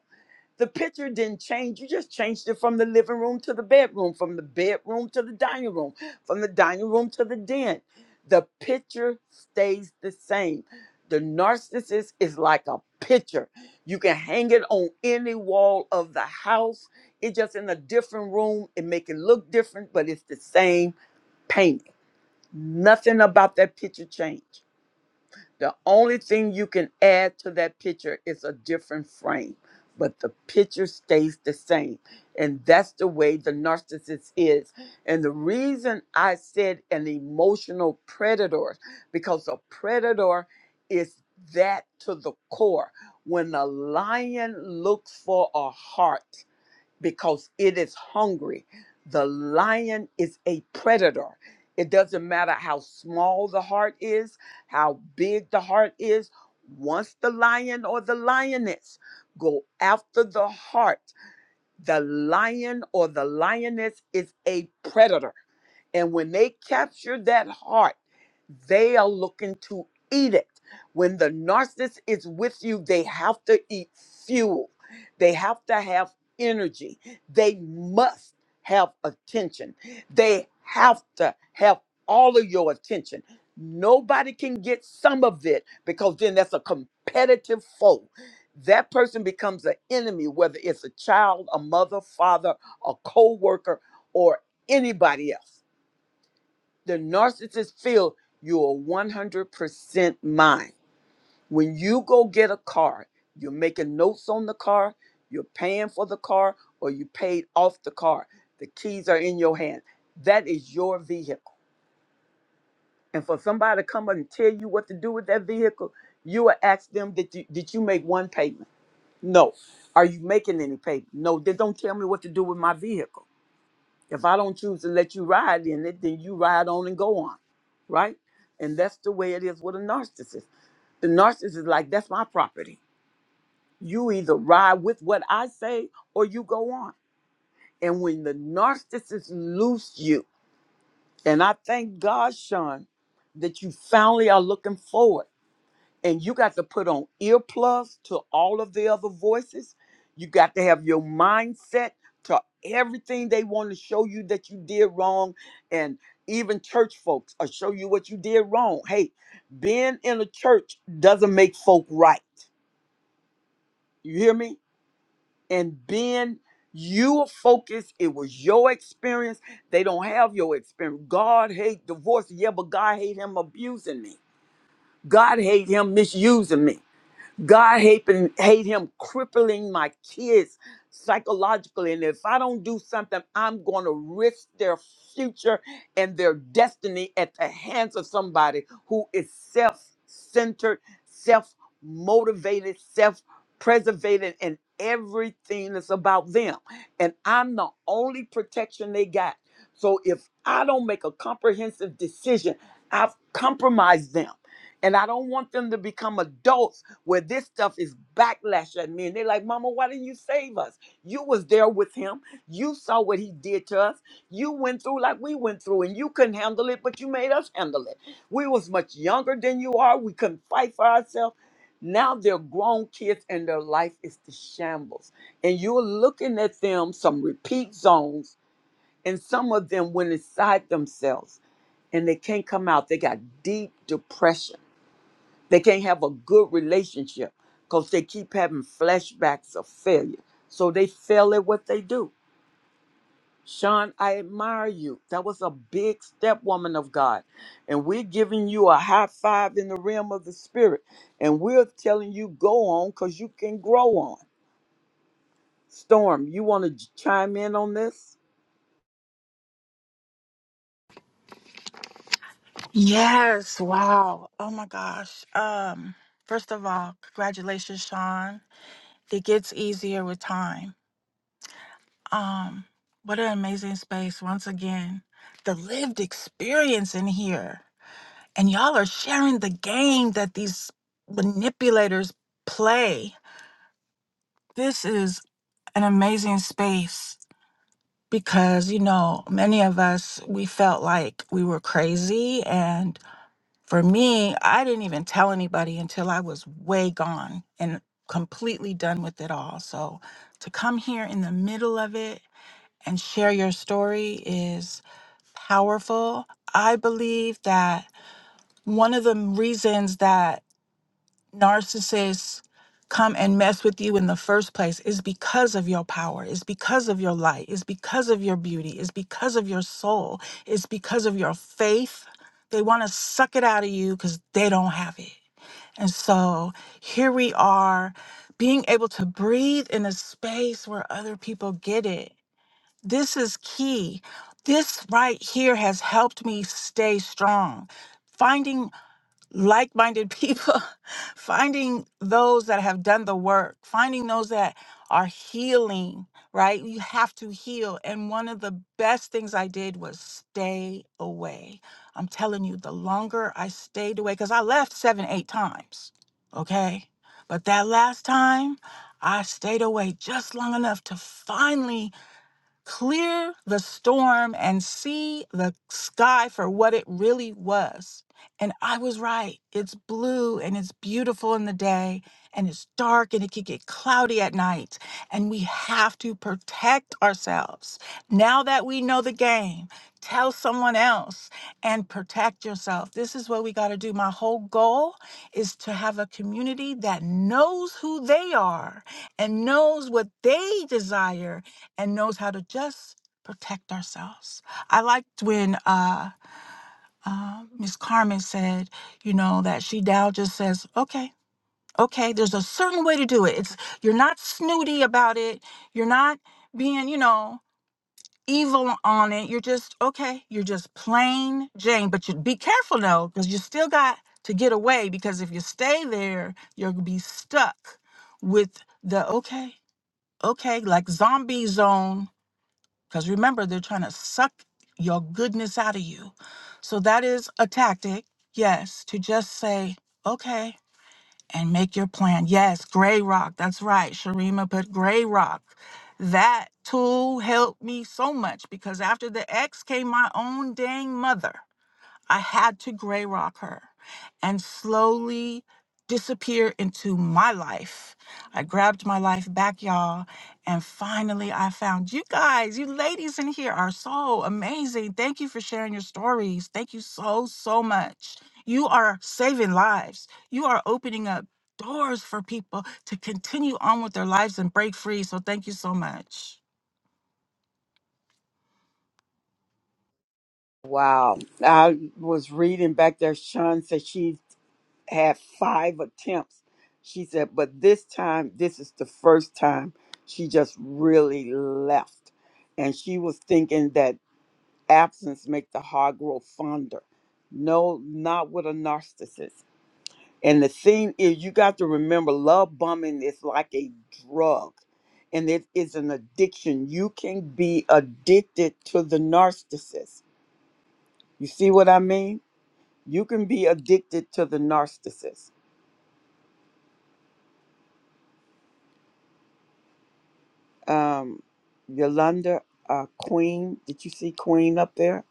The picture didn't change. You just changed it from the living room to the bedroom, from the bedroom to the dining room, from the dining room to the den. The picture stays the same. The narcissist is like a picture. You can hang it on any wall of the house. It's just in a different room. It make it look different, but it's the same painting. Nothing about that picture changed. The only thing you can add to that picture is a different frame, but the picture stays the same. And that's the way the narcissist is. And the reason I said an emotional predator, because a predator is that to the core. When a lion looks for a heart, because it is hungry. The lion is a predator. It doesn't matter how small the heart is, how big the heart is. Once the lion or the lioness go after the heart, the lion or the lioness is a predator. And when they capture that heart, they are looking to eat it. When the narcissist is with you, they have to eat fuel, they have to have energy, they must have attention, they have to have all of your attention. Nobody can get some of it because then that's a competitive foe. That person becomes an enemy, whether it's a child, a mother, father, a co worker, or anybody else the narcissist feel you are 100% mine. When you go get a car, you're making notes on the car, you're paying for the car, or you paid off the car. The keys are in your hand. That is your vehicle. And for somebody to come up and tell you what to do with that vehicle, you will ask them, did you, did you make one payment? No. Are you making any payment? No. Then don't tell me what to do with my vehicle. If I don't choose to let you ride in it, then you ride on and go on, right? And that's the way it is with a narcissist. The narcissist is like, that's my property. You either ride with what I say or you go on. And when the narcissist loose you, and I thank God, Sean, that you finally are looking forward and you got to put on earplugs to all of the other voices. You got to have your mindset to everything they want to show you that you did wrong, and even church folks will show you what you did wrong. Hey, being in a church doesn't make folk right. You hear me? And being you focus, it was your experience. They don't have your experience. God hate divorce. Yeah, but God hate him abusing me. God hate him misusing me. God hate him, hate him crippling my kids psychologically. And if I don't do something, I'm going to risk their future and their destiny at the hands of somebody who is self centered, self motivated, self preservated, and everything that's about them. And I'm the only protection they got. So if I don't make a comprehensive decision, I've compromised them. And I don't want them to become adults where this stuff is backlash at me and they're like mama why didn't you save us you was there with him you saw what he did to us you went through like we went through and you couldn't handle it but you made us handle it we was much younger than you are we couldn't fight for ourselves now they're grown kids and their life is the shambles and you're looking at them some repeat zones and some of them went inside themselves and they can't come out they got deep depression they can't have a good relationship because they keep having flashbacks of failure. So they fail at what they do. Sean, I admire you. That was a big step, woman of God. And we're giving you a high five in the realm of the spirit. And we're telling you go on because you can grow on. Storm, you want to chime in on this? Yes, wow. Oh my gosh. Um first of all, congratulations, Sean. It gets easier with time. Um what an amazing space once again. The lived experience in here. And y'all are sharing the game that these manipulators play. This is an amazing space because you know, many of us we felt like we were crazy and. For me, I didn't even tell anybody until I was way gone and completely done with it all. So to come here in the middle of it and share your story is powerful. I believe that one of the reasons that narcissists come and mess with you in the first place is because of your power, is because of your light, is because of your beauty, is because of your soul, is because of your faith. They want to suck it out of you because they don't have it. And so here we are being able to breathe in a space where other people get it. This is key. This right here has helped me stay strong Finding like minded people, finding those that have done the work, finding those that are healing, right? You have to heal. And one of the best things I did was stay away. I'm telling you, the longer I stayed away, because I left seven, eight times, okay? But that last time, I stayed away just long enough to finally clear the storm and see the sky for what it really was. And I was right. It's blue and it's beautiful in the day and it's dark and it can get cloudy at night. And we have to protect ourselves. Now that we know the game, tell someone else and protect yourself. This is what we got to do. My whole goal is to have a community that knows who they are and knows what they desire and knows how to just protect ourselves. I liked when uh, uh, Miss Carmen said, you know, that she now just says, okay, okay, there's a certain way to do it. It's you're not snooty about it. You're not being, you know, evil on it. You're just okay. You're just plain Jane. But you be careful though, because you still got to get away. Because if you stay there, you'll be stuck with the okay, okay, like zombie zone because remember, they're trying to suck your goodness out of you. So that is a tactic, yes, to just say, okay, and make your plan. Yes, gray rock. That's right. Sharima put gray rock. That tool helped me so much because after the ex came my own dang mother. I had to gray rock her and slowly disappear into my life. I grabbed my life back, y'all, and finally I found you guys. You ladies in here are so amazing. Thank you for sharing your stories. Thank you so, so much. You are saving lives, you are opening up doors for people to continue on with their lives and break free. So, thank you so much. Wow. I was reading back there. Sean said she. had five attempts. She said, but this time, this is the first time she just really left. And she was thinking that absence make the heart grow fonder. No, not with a narcissist. And the thing is, you got to remember, love bombing is like a drug, and it is an addiction. You can be addicted to the narcissist. You see what I mean? You can be addicted to the narcissist um, Yolanda, uh, Queen. Did you see Queen up there?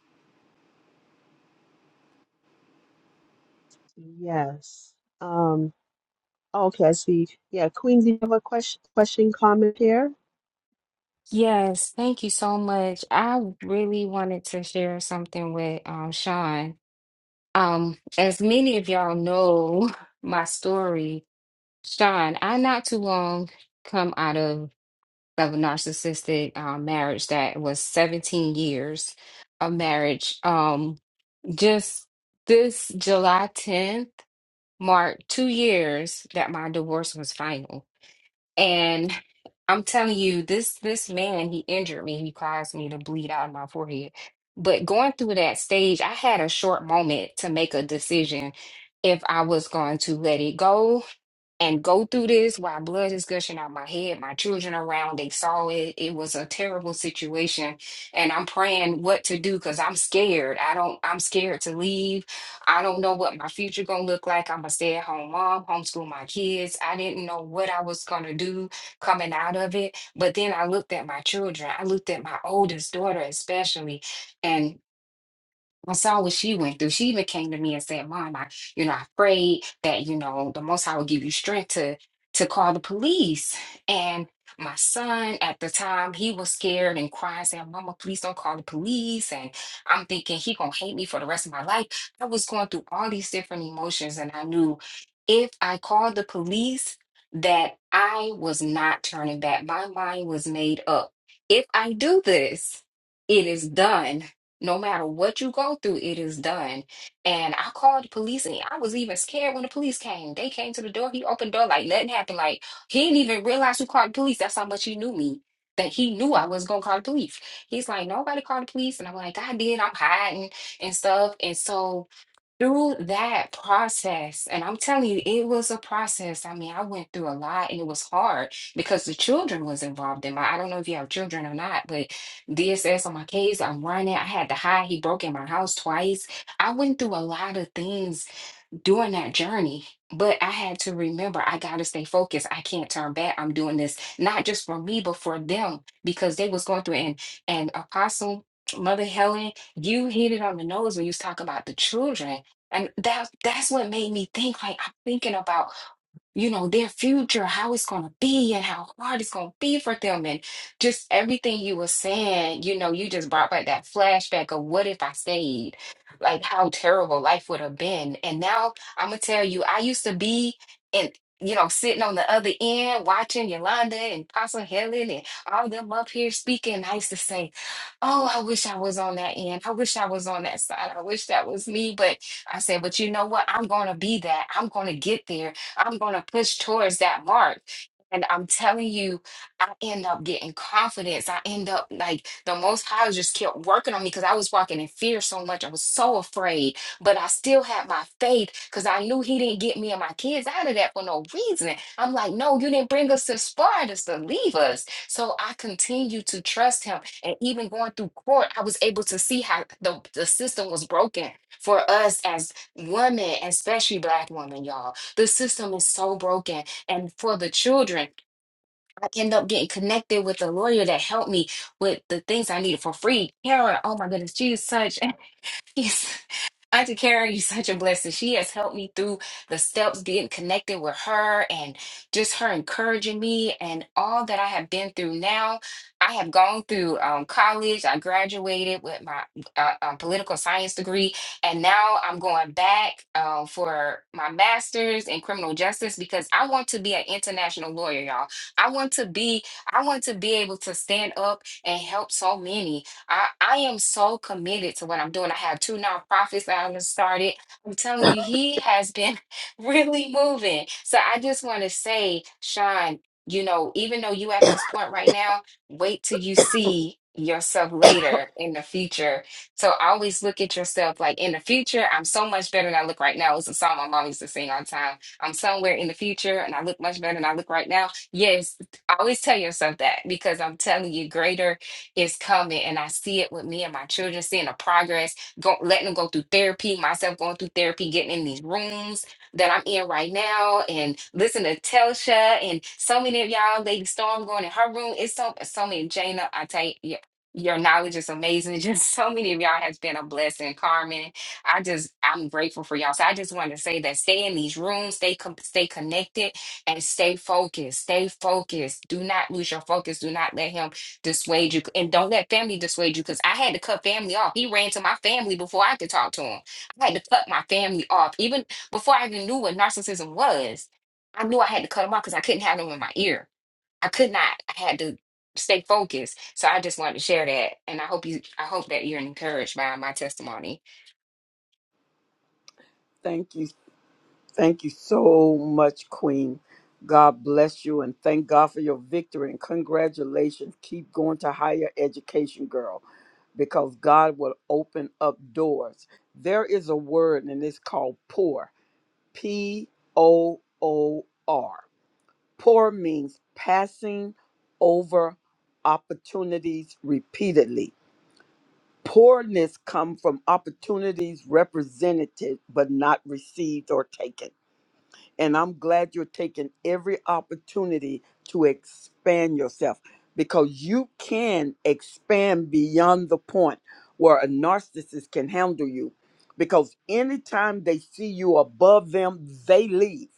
Yes. Um, okay, I see. Yeah, Queen, do you have a question, question, comment here? Yes, thank you so much. I really wanted to share something with um Sean. Um, as many of y'all know my story, Sean, I not too long come out of of a narcissistic uh, marriage that was 17 years of marriage. Um, just this July 10th marked two years that my divorce was final. And I'm telling you, this this man, he injured me. He caused me to bleed out of my forehead. But going through that stage, I had a short moment to make a decision if I was going to let it go and go through this while blood is gushing out my head. My children around, they saw it. It was a terrible situation. And I'm praying what to do because I'm scared. I don't, I'm scared to leave. I don't know what my future gonna look like. I'm a stay-at-home mom, homeschool my kids. I didn't know what I was gonna do coming out of it. But then I looked at my children. I looked at my oldest daughter especially. and. I saw what she went through. She even came to me and said, Mom, I, you know, I prayed that, you know, the most High would give you strength to to call the police. And my son at the time, he was scared and crying, saying, Mama, please don't call the police. And I'm thinking he gonna hate me for the rest of my life. I was going through all these different emotions and I knew if I called the police, that I was not turning back. My mind was made up. If I do this, it is done no matter what you go through, it is done. And I called the police and I was even scared when the police came. They came to the door. He opened the door like nothing happened. Like he didn't even realize who called the police. That's how much he knew me. That he knew I was gonna call the police. He's like, nobody called the police. And I'm like, I did. I'm hiding and stuff. And so through that process, and I'm telling you, it was a process. I mean, I went through a lot and it was hard because the children was involved in my, I don't know if you have children or not, but DSS on my case, I'm running. I had to hide. He broke in my house twice. I went through a lot of things during that journey. But I had to remember I gotta stay focused. I can't turn back. I'm doing this not just for me, but for them because they was going through and and Apostle Mother Helen, you hit it on the nose when you was talking about the children. And that that's what made me think like I'm thinking about you know, their future, how it's going to be and how hard it's going to be for them. And just everything you were saying, you know, you just brought back that flashback of what if I stayed? Like how terrible life would have been. And now I'm going to tell you, I used to be in, you know, sitting on the other end watching Yolanda and Apostle Helen and all them up here speaking. And I used to say, Oh, I wish I was on that end. I wish I was on that side. I wish that was me. But I said, But you know what? I'm going to be that. I'm going to get there I'm going to push towards that mark. And I'm telling you, I end up getting confidence. I end up like the Most High just kept working on me because I was walking in fear so much. I was so afraid, but I still had my faith because I knew He didn't get me and my kids out of that for no reason. I'm like, no, you didn't bring us to Sparta to leave us. So I continued to trust Him, and even going through court, I was able to see how the the system was broken for us as women, especially Black women, y'all the system is so broken. And for the children, I end up getting connected with a lawyer that helped me with the things I needed for free. Karen, oh my goodness, she is such Yes. Auntie Karen, you're such a blessing. She has helped me through the steps, getting connected with her and just her encouraging me and all that I have been through now. I have gone through um, college. I graduated with my uh, uh, political science degree, and now I'm going back uh, for my master's in criminal justice because I want to be an international lawyer, y'all. I want to be, I want to be able to stand up and help so many. I, I am so committed to what I'm doing. I have two nonprofits that I've started. I'm telling you, he has been really moving. So I just want to say, Sean, you know, even though you at this point right now, wait till you see yourself later in the future. So always look at yourself like in the future, I'm so much better than I look right now. It's a song my mom used to sing all the time. I'm somewhere in the future and I look much better than I look right now. Yes, always tell yourself that because I'm telling you, greater is coming. And I see it with me and my children, seeing the progress, go, letting them go through therapy, myself going through therapy, getting in these rooms that I'm in right now, and listen to Telsha and so many of y'all, Lady Storm going in her room. It's so so many Jana. I tell you, your your knowledge is amazing. Just so many of y'all has been a blessing, Carmen. I just I'm grateful for y'all. So I just wanted to say that stay in these rooms, stay com- stay connected, and stay focused. Stay focused. Do not lose your focus. Do not let him dissuade you and don't let family dissuade you because I had to cut family off. He ran to my family before I could talk to him. I had to cut my family off. Even before I even knew what narcissism was, I knew I had to cut him off because I couldn't have them in my ear. I could not. I had to stay focused. So I just wanted to share that. And I hope you I hope that you're encouraged by my testimony. Thank you. Thank you so much, Queen. God bless you and thank God for your victory and congratulations. Keep going to higher education, girl, because God will open up doors. There is a word and it's called poor. P O O R. Poor means passing over opportunities repeatedly Poorness come from opportunities represented but not received or taken. And I'm glad you're taking every opportunity to expand yourself because you can expand beyond the point where a narcissist can handle you. Because anytime they see you above them, they leave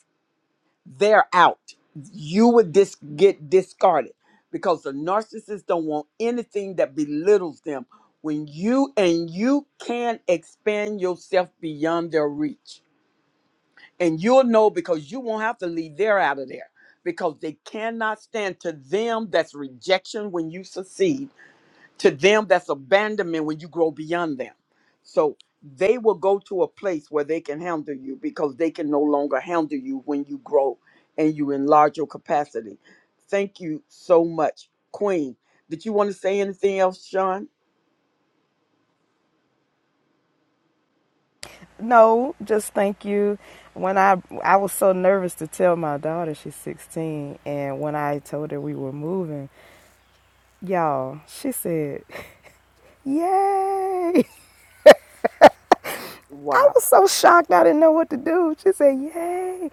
they're out. You would dis- get discarded because the narcissist don't want anything that belittles them. When you and you can expand yourself beyond their reach, and you'll know because you won't have to leave there out of there because they cannot stand to them that's rejection when you succeed to them that's abandonment when you grow beyond them so they will go to a place where they can handle you because they can no longer handle you when you grow and you enlarge your capacity thank you so much queen did you want to say anything else sean no just thank you when i i was so nervous to tell my daughter she's 16 and when i told her we were moving Y'all, she said, Yay! I wow was so shocked I didn't know what to do. She said, Yay!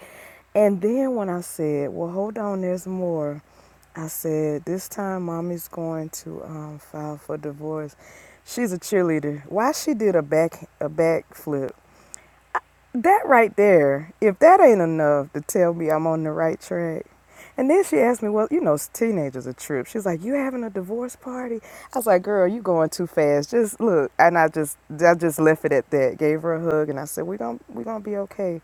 And then when I said, Well, hold on, there's more, I said, This time mommy's going to um, file for divorce. She's a cheerleader. Why she did a back a backflip that right there, if that ain't enough to tell me I'm on the right track. And then she asked me, well, you know, teenagers are trip. She's like, you having a divorce party? I was like, girl, you going too fast. Just look. And I just, I just left it at that. Gave her a hug and I said, we gonna, we gonna be okay.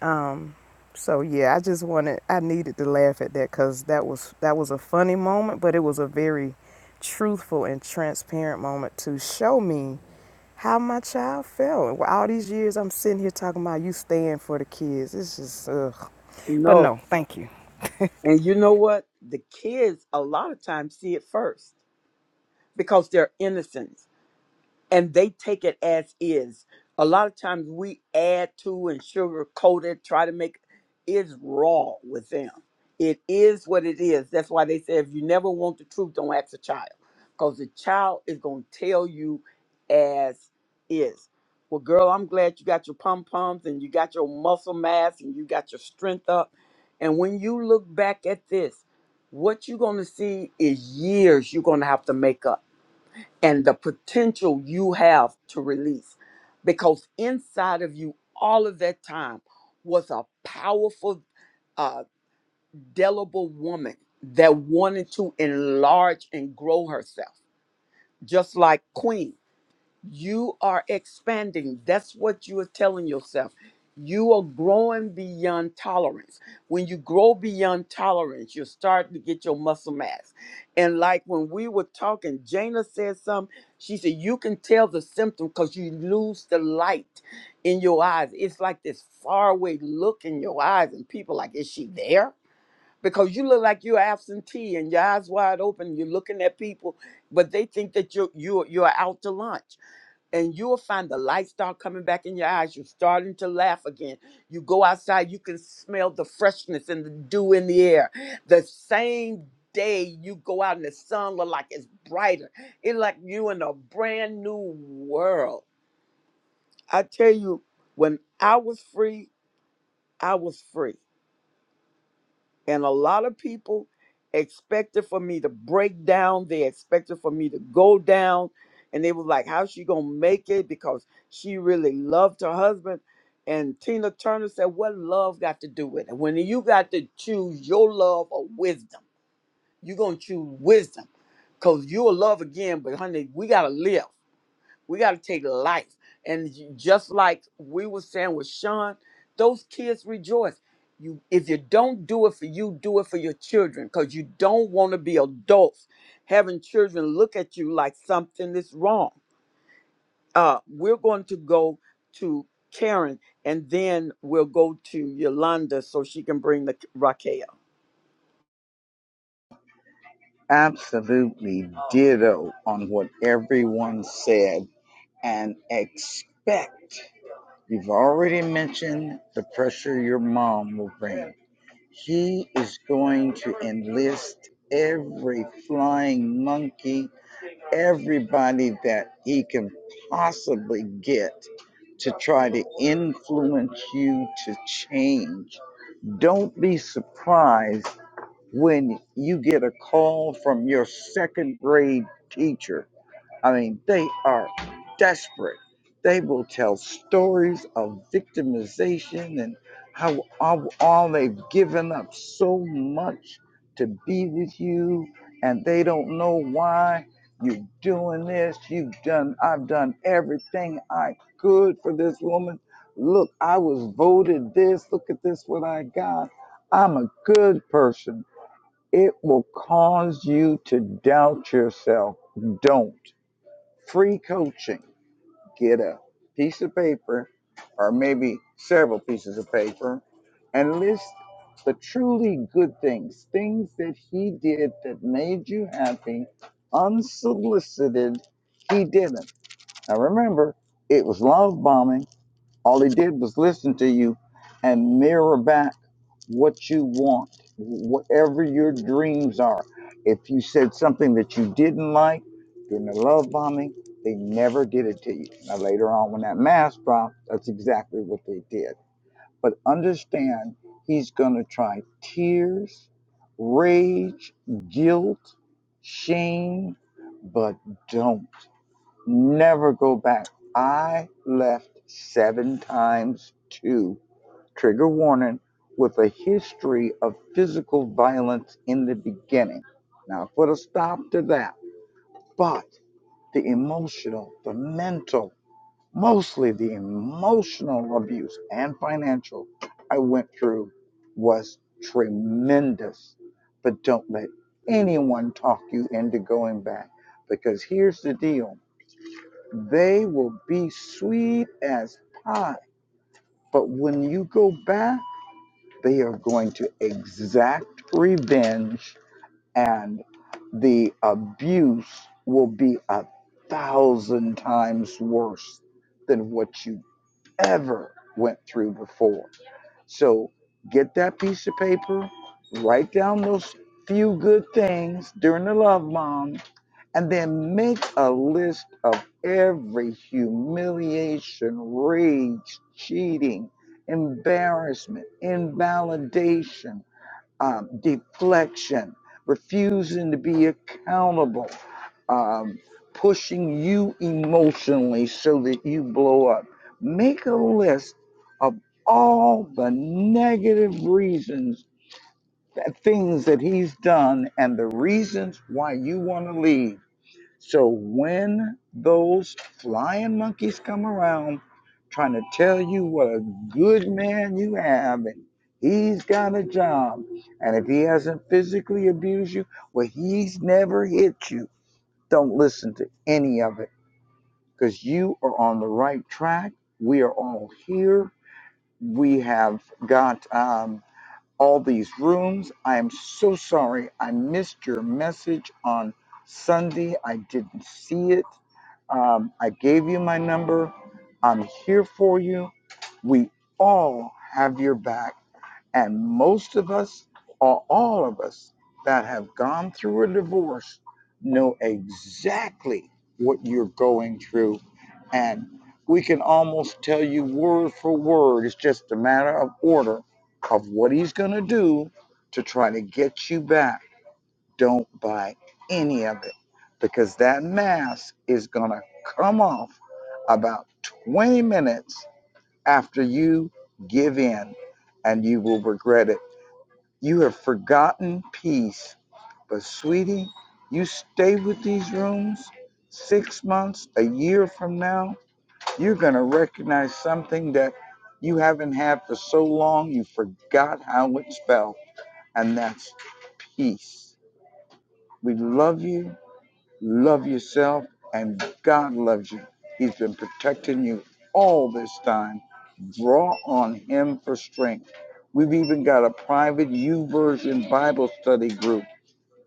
Um, so yeah, I just wanted I needed to laugh at that cuz that was that was a funny moment, but it was a very truthful and transparent moment to show me how my child felt. Well, all these years I'm sitting here talking about you staying for the kids. It's just ugh. But no no, thank you. and you know what the kids a lot of times see it first because they're innocent and they take it as is. A lot of times we add to and sugarcoat it, try to make it raw with them. It is what it is. That's why they say if you never want the truth, don't ask a child. Because the child is going to tell you as is. Well, girl, I'm glad you got your pom poms and you got your muscle mass and you got your strength up. And when you look back at this, what you're going to see is years you're going to have to make up and the potential you have to release because inside of you all of that time was a powerful uh delible woman that wanted to enlarge and grow herself just like queen you are expanding. That's what you are telling yourself. You are growing beyond tolerance. When you grow beyond tolerance, you're starting to get your muscle mass. And like when we were talking, Jana said something. She said, You can tell the symptom because you lose the light in your eyes. It's like this faraway look in your eyes, and people like, Is she there? Because you look like you're absentee and your eyes wide open, you're looking at people, but they think that you're you're you're out to lunch and you will find the light start coming back in your eyes. You're starting to laugh again. You go outside, you can smell the freshness and the dew in the air. The same day you go out and the sun look like it's brighter. It's like you in a brand new world. I tell you, when I was free, I was free. And a lot of people expected for me to break down. They expected for me to go down. And they was like, how's she going to make it? Because she really loved her husband. And Tina Turner said, what love got to do with it? When you got to choose your love or wisdom, you're going to choose wisdom. Because you'll love again, but honey, we got to live. We got to take life. And j- just like we were saying with Sean, those kids rejoice. You, if you don't do it for you, do it for your children, because you don't want to be adults having children look at you like something is wrong. Uh, we're going to go to Karen, and then we'll go to Yolanda so she can bring the Raquel. Absolutely ditto on what everyone said and expect. You've already mentioned the pressure your mom will bring. She is going to enlist every flying monkey, everybody that he can possibly get to try to influence you to change Don't be surprised when you get a call from your second grade teacher I mean, they are desperate. They will tell stories of victimization and how all, all they've given up so much to be with you, and they don't know why you're doing this. You've done, I've done everything I could for this woman. Look, I was voted this. Look at this, what I got. I'm a good person. It will cause you to doubt yourself. Don't. Free coaching. Get a piece of paper or maybe several pieces of paper and list the truly good things, things that he did that made you happy, unsolicited. He didn't. Now remember, it was love bombing. All he did was listen to you and mirror back what you want, whatever your dreams are. If you said something that you didn't like during the love bombing, they never did it to you. Now, later on, when that mask dropped, that's exactly what they did. But understand, he's going to try tears, rage, guilt, shame, but don't. Never go back. I left seven times too. Trigger warning with a history of physical violence in the beginning. Now, I put a stop to that. But the emotional, the mental, mostly the emotional abuse and financial I went through was tremendous. But don't let anyone talk you into going back because here's the deal they will be sweet as pie. But when you go back, they are going to exact revenge and the abuse will be a thousand times worse than what you ever went through before. So get that piece of paper, write down those few good things during the love month and then make a list of every humiliation, rage, cheating, embarrassment, invalidation, um, deflection, refusing to be accountable, um, pushing you emotionally so that you blow up. Make a list of all the negative reasons, th- things that he's done, and the reasons why you want to leave so when those flying monkeys come around trying to tell you what a good man you have and he's got a job and if he hasn't physically abused you, well he's never hit you. Don't listen to any of it because you are on the right track. We are all here. We have got um, all these rooms. I am so sorry. I missed your message on Sunday. I didn't see it. Um, I gave you my number. I'm here for you. We all have your back. And most of us, or all of us, that have gone through a divorce know exactly what you're going through. And we can almost tell you word for word. It's just a matter of order of what he's going to do to try to get you back. Don't buy any of it because that mask is going to come off about 20 minutes after you give in and you will regret it you have forgotten peace. But sweetie, you stay with these rooms six months, a year from now, you're gonna recognize something that you haven't had for so long you forgot how it's felt, and that's peace. We love you, love yourself, and God loves you. He's been protecting you all this time. Draw on him for strength. We've even got a private U version Bible study group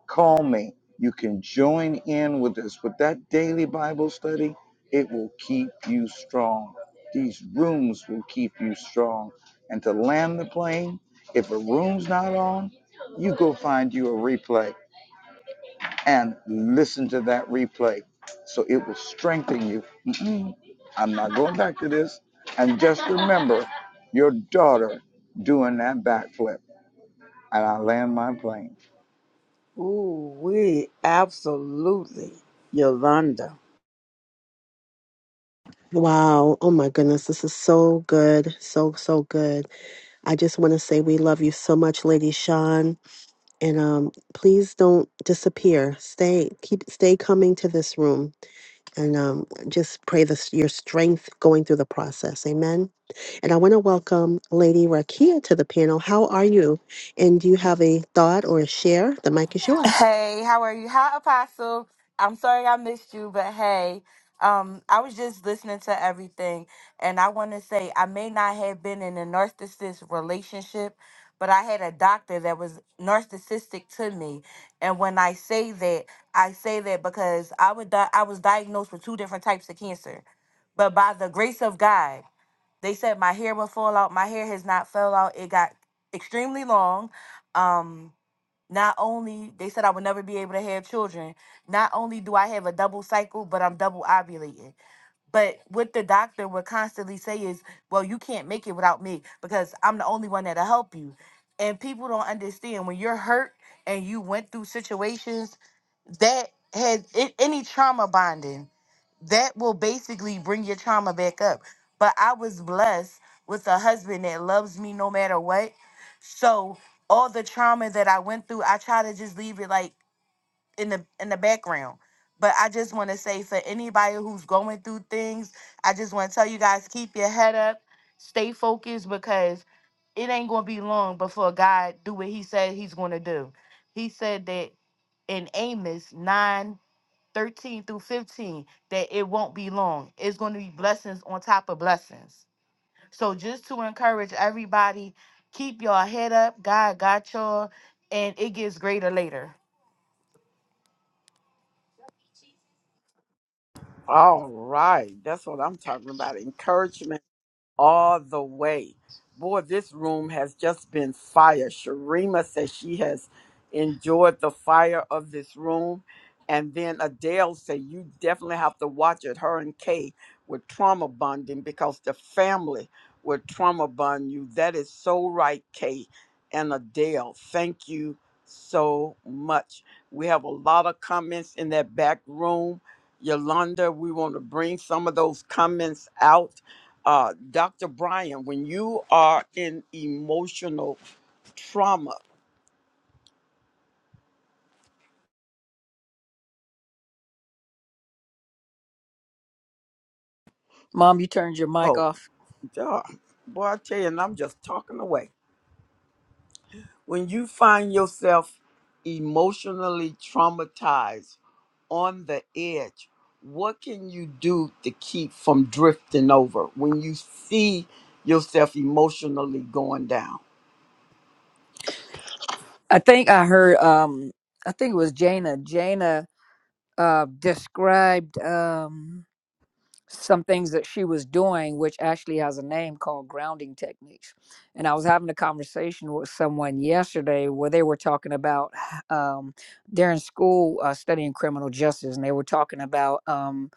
Call me. You can join in with us. With that daily Bible study, it will keep you strong. These rooms will keep you strong. And to land the plane, if a room's not on, you go find you a replay and listen to that replay. So it will strengthen you. Mm-mm, I'm not going back to this. And just remember your daughter doing that backflip. And I land my plane. Ooh, we absolutely Yolanda. Wow. Oh my goodness. This is so good. So, so good. I just want to say we love you so much, Lady Sean. And um, please don't disappear. Stay, keep, stay coming to this room and um, just pray this, your strength going through the process. Amen. And I want to welcome Lady Rakia to the panel. How are you? And do you have a thought or a share? The mic is yours. Hey, how are you? Hi, Apostle. I'm sorry I missed you, but hey, um, I was just listening to everything, and I want to say I may not have been in a narcissist relationship, but I had a doctor that was narcissistic to me, and when I say that, I say that because I would di- I was diagnosed with two different types of cancer, but by the grace of God, they said my hair would fall out. My hair has not fell out. It got extremely long. Um, not only they said I would never be able to have children. Not only do I have a double cycle, but I'm double ovulating. But what the doctor would constantly say is, "Well, you can't make it without me because I'm the only one that'll help you." And people don't understand when you're hurt and you went through situations that had a- any trauma bonding that will basically bring your trauma back up. But I was blessed with a husband that loves me no matter what. So all the trauma that I went through, I try to just leave it like in the in the background. But I just want to say for anybody who's going through things, I just want to tell you guys keep your head up, stay focused because it ain't going to be long before God do what he said he's going to do. He said that in Amos nine. 13 through 15 that it won't be long. It's going to be blessings on top of blessings. So just to encourage everybody, keep your head up. God got y'all, and it gets greater later. All right, that's what I'm talking about. Encouragement all the way. Boy, this room has just been fire. Sharima says she has enjoyed the fire of this room. And then Adele said, You definitely have to watch it. Her and Kay were trauma bonding because the family will trauma bond you. That is so right, Kay and Adele. Thank you so much. We have a lot of comments in that back room. Yolanda, we want to bring some of those comments out uh, Dr. Brian, when you are in emotional trauma, Mom, you turned your mic oh, off. duh, boy, I tell you, and I'm just talking away. When you find yourself emotionally traumatized on the edge, what can you do to keep from drifting over when you see yourself emotionally going down? I think I heard. Um, I think it was Jana. Jana uh described. Um some things that she was doing, which actually has a name called grounding techniques. And I was having a conversation with someone yesterday where they were talking about um, they're in school uh, studying criminal justice, and they were talking about um,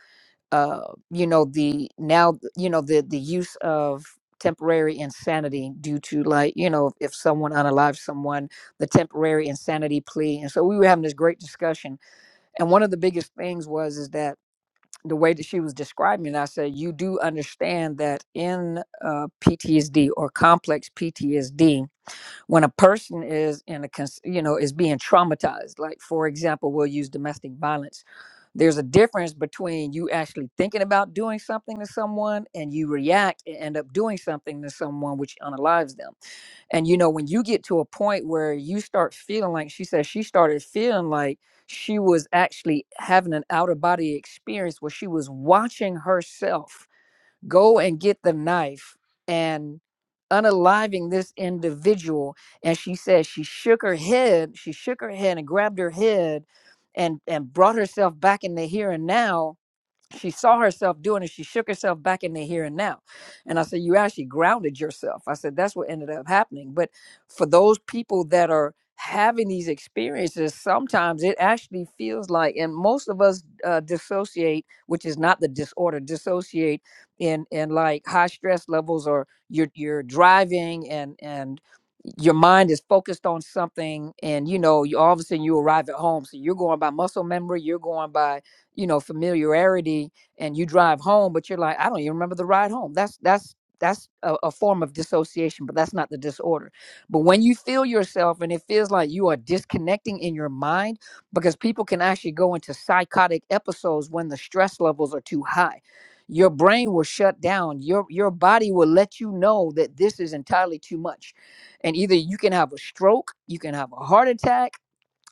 uh, you know the now you know the the use of temporary insanity due to like you know if someone unalives someone the temporary insanity plea and so we were having this great discussion and one of the biggest things was is that the way that she was describing it, I said, you do understand that in uh, PTSD or complex PTSD, when a person is in a, cons- you know, is being traumatized, like for example, we'll use domestic violence. There's a difference between you actually thinking about doing something to someone and you react and end up doing something to someone which unalives them and you know, when you get to a point where you start feeling like she said she started feeling like she was actually having an out of body experience where she was watching herself go and get the knife and unaliving this individual. And she said she shook her head, she shook her head and grabbed her head and and brought herself back in the here and now she saw herself doing it. She shook herself back in the here and now. And I said, You actually grounded yourself. I said, That's what ended up happening. But for those people that are having these experiences, sometimes it actually feels like, and most of us uh, dissociate, which is not the disorder, dissociate in, in like high stress levels or you're, you're driving and, and, your mind is focused on something and you know you all of a sudden you arrive at home so you're going by muscle memory you're going by you know familiarity and you drive home but you're like i don't even remember the ride home that's that's that's a, a form of dissociation but that's not the disorder but when you feel yourself and it feels like you are disconnecting in your mind because people can actually go into psychotic episodes when the stress levels are too high your brain will shut down your your body will let you know that this is entirely too much and either you can have a stroke you can have a heart attack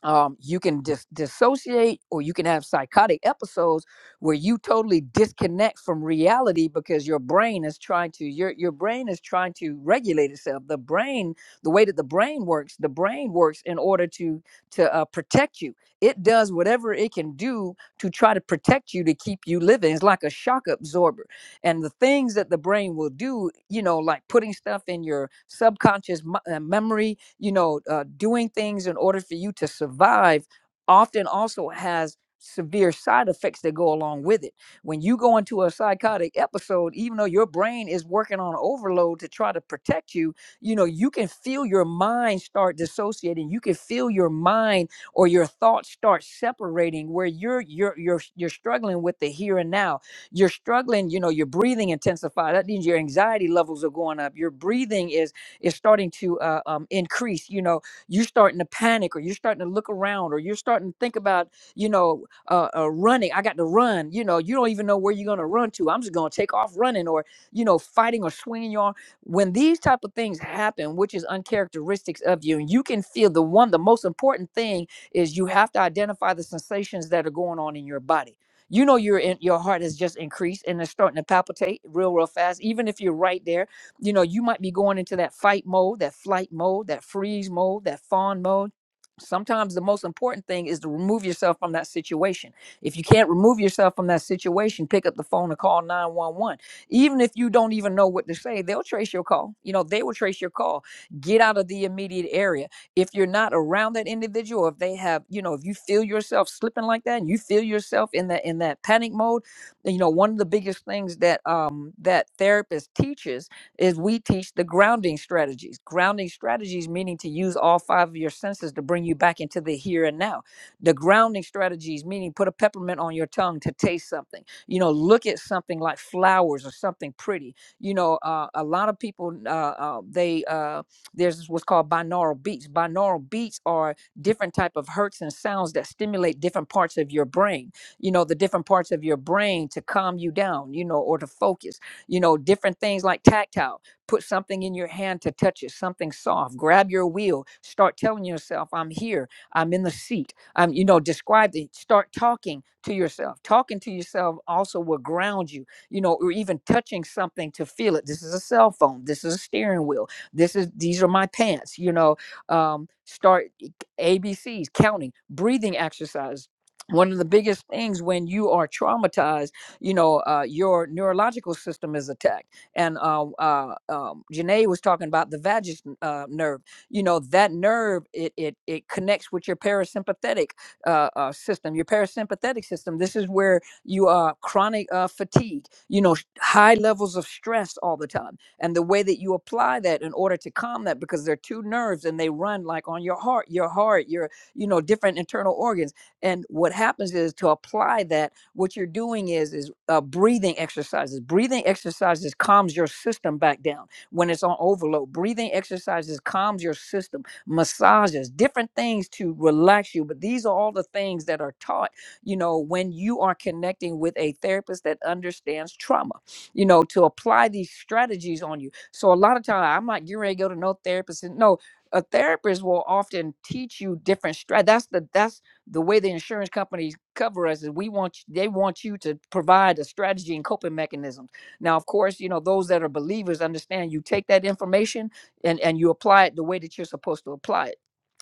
um, you can dis- dissociate or you can have psychotic episodes where you totally disconnect from reality because your brain is trying to your your brain is trying to regulate itself the brain the way that the brain works the brain works in order to to uh, protect you it does whatever it can do to try to protect you to keep you living it's like a shock absorber and the things that the brain will do you know like putting stuff in your subconscious mi- uh, memory you know uh, doing things in order for you to survive often also has severe side effects that go along with it when you go into a psychotic episode even though your brain is working on overload to try to protect you you know you can feel your mind start dissociating you can feel your mind or your thoughts start separating where you're you're you're you're struggling with the here and now you're struggling you know your breathing intensified that means your anxiety levels are going up your breathing is is starting to uh, um, increase you know you're starting to panic or you're starting to look around or you're starting to think about you know uh, uh, running i got to run you know you don't even know where you're going to run to i'm just going to take off running or you know fighting or swinging your arm when these type of things happen which is uncharacteristics of you and you can feel the one the most important thing is you have to identify the sensations that are going on in your body you know your in, your heart has just increased and it's starting to palpitate real real fast even if you're right there you know you might be going into that fight mode that flight mode that freeze mode that fawn mode sometimes the most important thing is to remove yourself from that situation if you can't remove yourself from that situation pick up the phone and call 911 even if you don't even know what to say they'll trace your call you know they will trace your call get out of the immediate area if you're not around that individual or if they have you know if you feel yourself slipping like that and you feel yourself in that in that panic mode then, you know one of the biggest things that um that therapist teaches is we teach the grounding strategies grounding strategies meaning to use all five of your senses to bring you back into the here and now the grounding strategies meaning put a peppermint on your tongue to taste something you know look at something like flowers or something pretty you know uh, a lot of people uh, uh, they uh, there's what's called binaural beats binaural beats are different type of hertz and sounds that stimulate different parts of your brain you know the different parts of your brain to calm you down you know or to focus you know different things like tactile put something in your hand to touch it something soft grab your wheel start telling yourself i'm here i'm in the seat i'm you know describe the start talking to yourself talking to yourself also will ground you you know or even touching something to feel it this is a cell phone this is a steering wheel this is these are my pants you know um, start e, A B C's counting breathing exercise one of the biggest things when you are traumatized you know uh, your neurological system is attacked and uh, uh, um, Janae was talking about the vagus uh, nerve. You know that nerve it it it connects with your parasympathetic uh, uh, system, your parasympathetic system. This is where you are chronic uh, fatigue. You know, sh- high levels of stress all the time and the way that you apply that in order to calm that because there are two nerves and they run like on your heart your heart your you know different internal organs and what happens is to apply that what you're doing is is uh, breathing exercises breathing exercises calms your system back down when it's on overload breathing exercises calms your system massages different things to relax you but these are all the things that are taught you know when you are connecting with a therapist that understands trauma you know, to apply these strategies on you. So a lot of time I'm not getting ready to go to no therapist. and No, a therapist will often teach you different strat. That's the that's the way the insurance companies cover us is we want you- they want you to provide a strategy and coping mechanisms. Now, of course, you know, those that are believers understand you take that information and and you apply it the way that you're supposed to apply it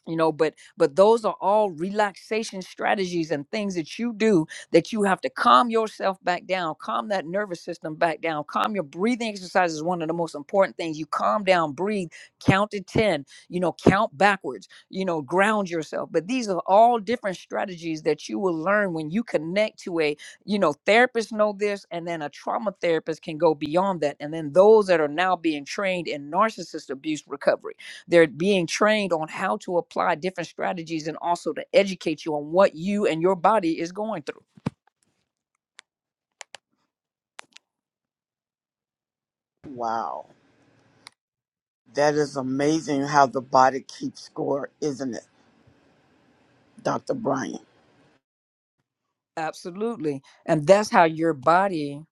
you know but but those are all relaxation strategies and things that you do that you have to calm yourself back down calm that nervous system back down calm your breathing exercise is one of the most important things you calm down breathe count to 10 you know count backwards you know ground yourself but these are all different strategies that you will learn when you connect to a you know therapists know this and then a trauma therapist can go beyond that and then those that are now being trained in narcissist abuse recovery they're being trained on how to apply different strategies and also to educate you on what you and your body is going through. Wow, that is amazing how the body keeps score, isn't it, Dr. Brian? Absolutely. And that's how your body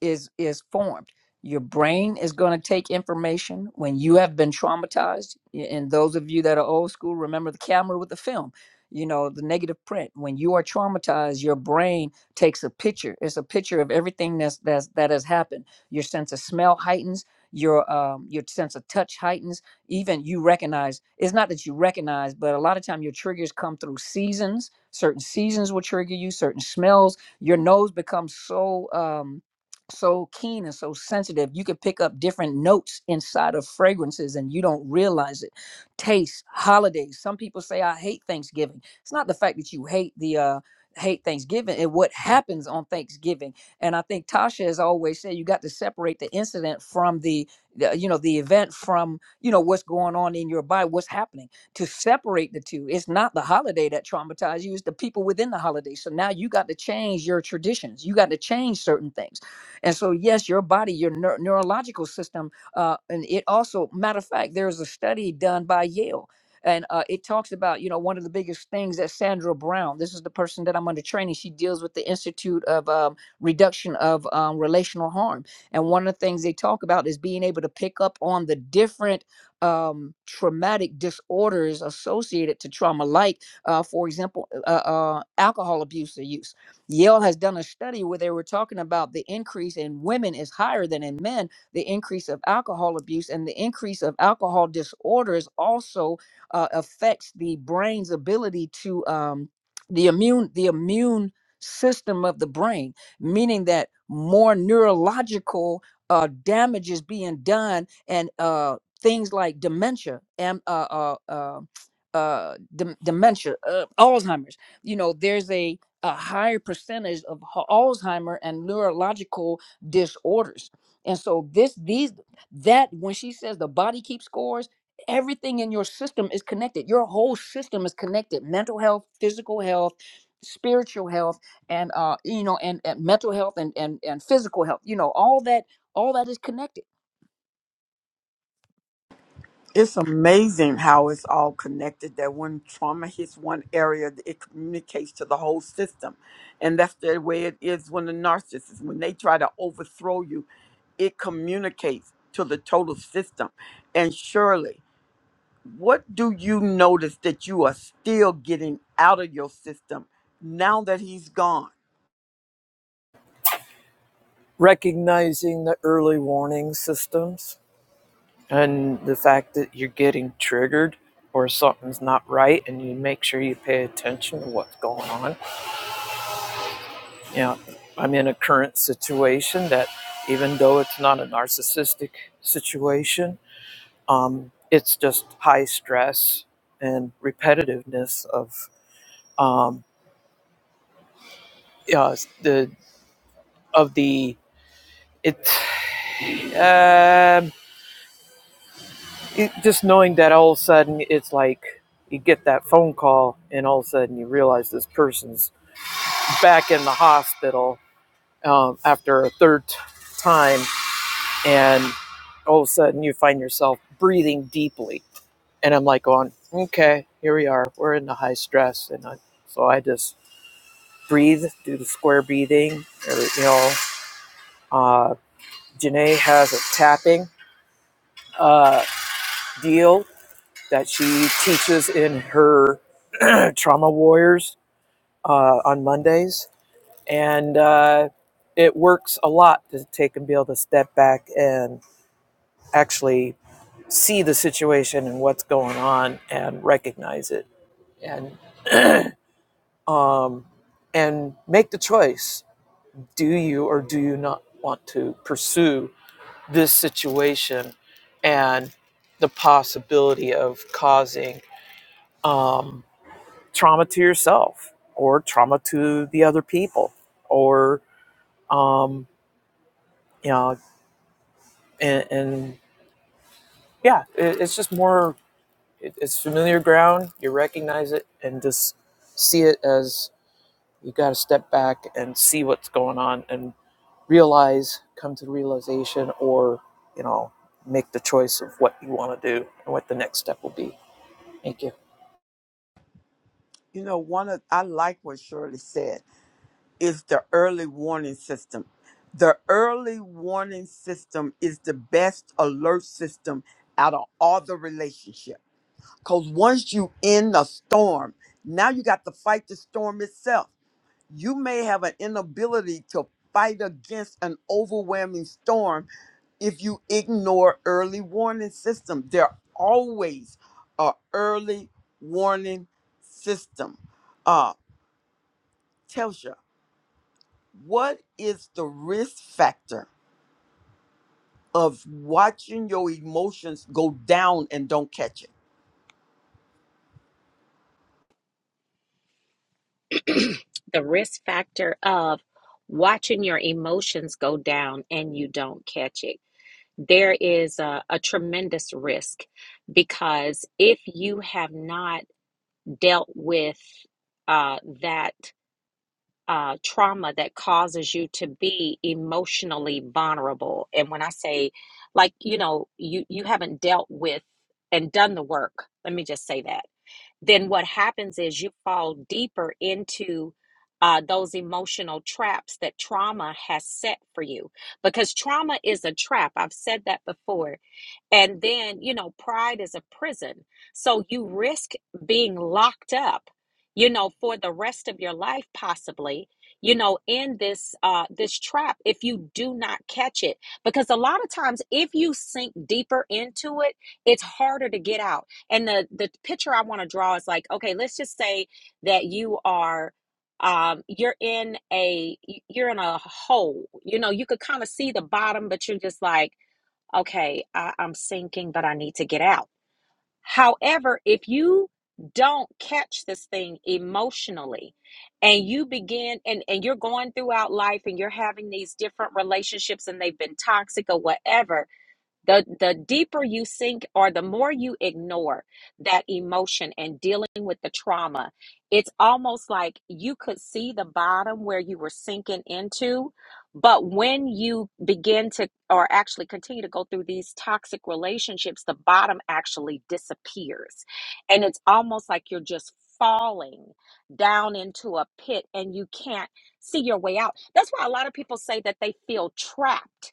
is is formed your brain is going to take information when you have been traumatized and those of you that are old school remember the camera with the film you know the negative print when you are traumatized your brain takes a picture it's a picture of everything that's that's that has happened your sense of smell heightens your um your sense of touch heightens even you recognize it's not that you recognize but a lot of time your triggers come through seasons certain seasons will trigger you certain smells your nose becomes so um so keen and so sensitive. You could pick up different notes inside of fragrances and you don't realize it. Taste, holidays. Some people say I hate Thanksgiving. It's not the fact that you hate the uh hate Thanksgiving and what happens on Thanksgiving. And I think Tasha has always said you got to separate the incident from the, the you know the event from you know what's going on in your body, what's happening. To separate the two. It's not the holiday that traumatized you, it's the people within the holiday. So now you got to change your traditions. You got to change certain things and so, yes, your body, your neur- neurological system, uh, and it also, matter of fact, there's a study done by Yale. And uh, it talks about, you know, one of the biggest things that Sandra Brown, this is the person that I'm under training, she deals with the Institute of um, Reduction of um, Relational Harm. And one of the things they talk about is being able to pick up on the different um, traumatic disorders associated to trauma, like, uh, for example, uh, uh, alcohol abuse or use Yale has done a study where they were talking about the increase in women is higher than in men, the increase of alcohol abuse, and the increase of alcohol disorders also uh, affects the brain's ability to um, the immune the immune system of the brain, meaning that more neurological uh, damage is being done, and uh, things like dementia and uh, uh, uh, uh, dem- dementia, uh, Alzheimer's. You know, there's a a higher percentage of h- Alzheimer and neurological disorders. And so this these that when she says the body keeps scores, everything in your system is connected. Your whole system is connected. Mental health, physical health, spiritual health and uh you know and, and mental health and, and and physical health. You know, all that all that is connected. It's amazing how it's all connected. That when trauma hits one area, it communicates to the whole system, and that's the way it is when the narcissist, when they try to overthrow you, it communicates to the total system. And Shirley, what do you notice that you are still getting out of your system now that he's gone? Recognizing the early warning systems and the fact that you're getting triggered or something's not right and you make sure you pay attention to what's going on you know i'm in a current situation that even though it's not a narcissistic situation um, it's just high stress and repetitiveness of um, yeah, the of the it, um it just knowing that all of a sudden it's like you get that phone call and all of a sudden you realize this person's back in the hospital um, after a third time, and all of a sudden you find yourself breathing deeply. And I'm like going, okay, here we are. We're in the high stress, and I, so I just breathe, do the square breathing. Or, you know, uh, Janae has a tapping uh, deal that she teaches in her trauma warriors uh, on Mondays and uh, it works a lot to take and be able to step back and actually see the situation and what's going on and recognize it and um, and make the choice do you or do you not want to pursue this situation and the possibility of causing um, trauma to yourself or trauma to the other people or um, you know, and, and yeah, it, it's just more. It, it's familiar ground. You recognize it and just see it as you got to step back and see what's going on and realize, come to the realization, or you know, make the choice of what you want to do and what the next step will be. Thank you. You know, one of I like what Shirley said. is the early warning system. The early warning system is the best alert system out of all the relationship. Because once you in a storm, now you got to fight the storm itself. You may have an inability to fight against an overwhelming storm if you ignore early warning system. There always a early warning system. Uh, Telsha, what is the risk factor of watching your emotions go down and don't catch it? the risk factor of watching your emotions go down and you don't catch it. There is a, a tremendous risk because if you have not dealt with uh, that uh, trauma that causes you to be emotionally vulnerable, and when I say, like, you know, you you haven't dealt with and done the work, let me just say that then what happens is you fall deeper into uh, those emotional traps that trauma has set for you because trauma is a trap. I've said that before and then, you know, pride is a prison. So you risk being locked up, you know, for the rest of your life possibly, you know, in this uh this trap if you do not catch it. Because a lot of times if you sink deeper into it, it's harder to get out. And the the picture I want to draw is like, okay, let's just say that you are um you're in a you're in a hole. You know, you could kind of see the bottom, but you're just like okay, I, I'm sinking, but I need to get out. However, if you don't catch this thing emotionally and you begin and, and you're going throughout life and you're having these different relationships and they've been toxic or whatever the, the deeper you sink or the more you ignore that emotion and dealing with the trauma, it's almost like you could see the bottom where you were sinking into. But when you begin to, or actually continue to go through these toxic relationships, the bottom actually disappears. And it's almost like you're just falling down into a pit and you can't see your way out. That's why a lot of people say that they feel trapped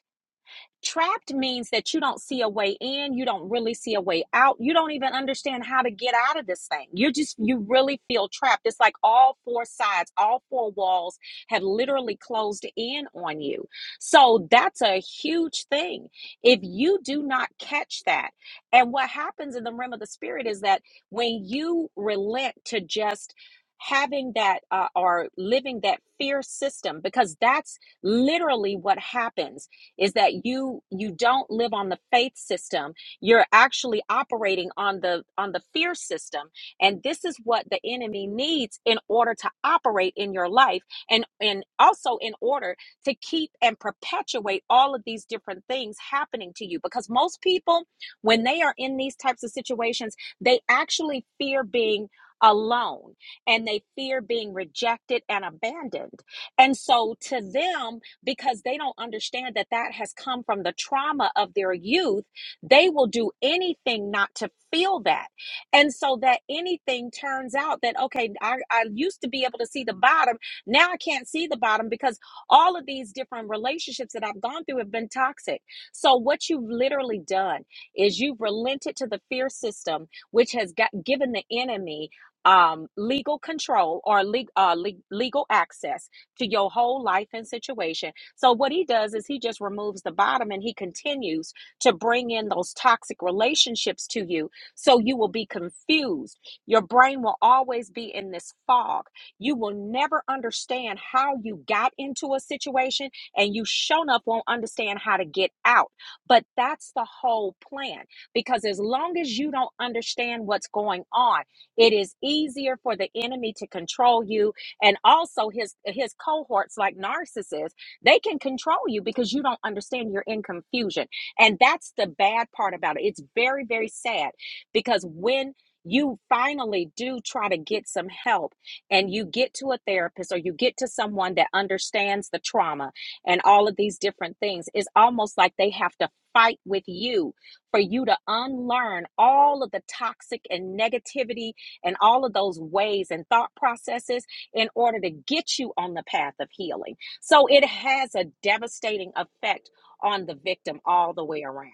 Trapped means that you don't see a way in, you don't really see a way out, you don't even understand how to get out of this thing. You just, you really feel trapped. It's like all four sides, all four walls have literally closed in on you. So that's a huge thing. If you do not catch that, and what happens in the realm of the spirit is that when you relent to just having that uh, or living that fear system, because that's literally what happens is that you you don't live on the faith system you're actually operating on the on the fear system and this is what the enemy needs in order to operate in your life and and also in order to keep and perpetuate all of these different things happening to you because most people when they are in these types of situations they actually fear being alone and they fear being rejected and abandoned and so to them because they don't understand that that has come from the trauma of their youth. They will do anything not to feel that. And so that anything turns out that, okay, I, I used to be able to see the bottom. Now I can't see the bottom because all of these different relationships that I've gone through have been toxic. So what you've literally done is you've relented to the fear system, which has got, given the enemy um, legal control or le- uh, le- legal access to your whole life and situation so what he does is he just removes the bottom and he continues to bring in those toxic relationships to you so you will be confused. Your brain will always be in this fog. You will never understand how you got into a situation and you shown up won't understand how to get out. But that's the whole plan because as long as you don't understand what's going on, it is easier for the enemy to control you and also his his cohorts like narcissists they can control you because you don't understand. You're in confusion. And that's the bad part about it. It's very, very sad because when you finally do try to get some help and you get to a therapist or you get to someone that understands the trauma and all of these different things, it's almost like they have to fight with you for you to unlearn all of the toxic and negativity and all of those ways and thought processes in order to get you on the path of healing. So it has a devastating effect on the victim all the way around.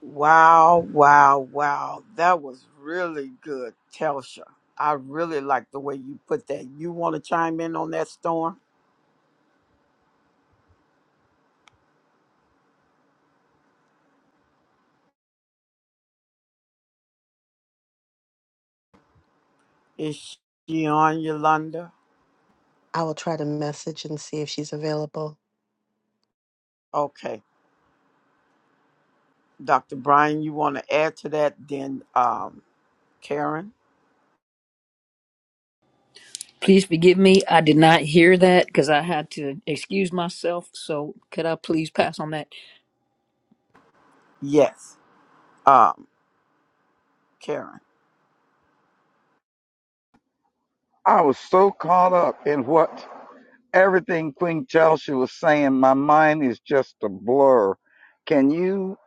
Wow, wow, wow. That was really good, Telsha. I really like the way you put that. You want to chime in on that storm? Is she on Yolanda? I will try to message and see if she's available. Okay. Dr. Brian, you want to add to that? Then um, Karen? Please forgive me. I did not hear that because I had to excuse myself. So could I please pass on that? Yes. Um, Karen. I was so caught up in what everything Queen Chelsea was saying, my mind is just a blur. Can you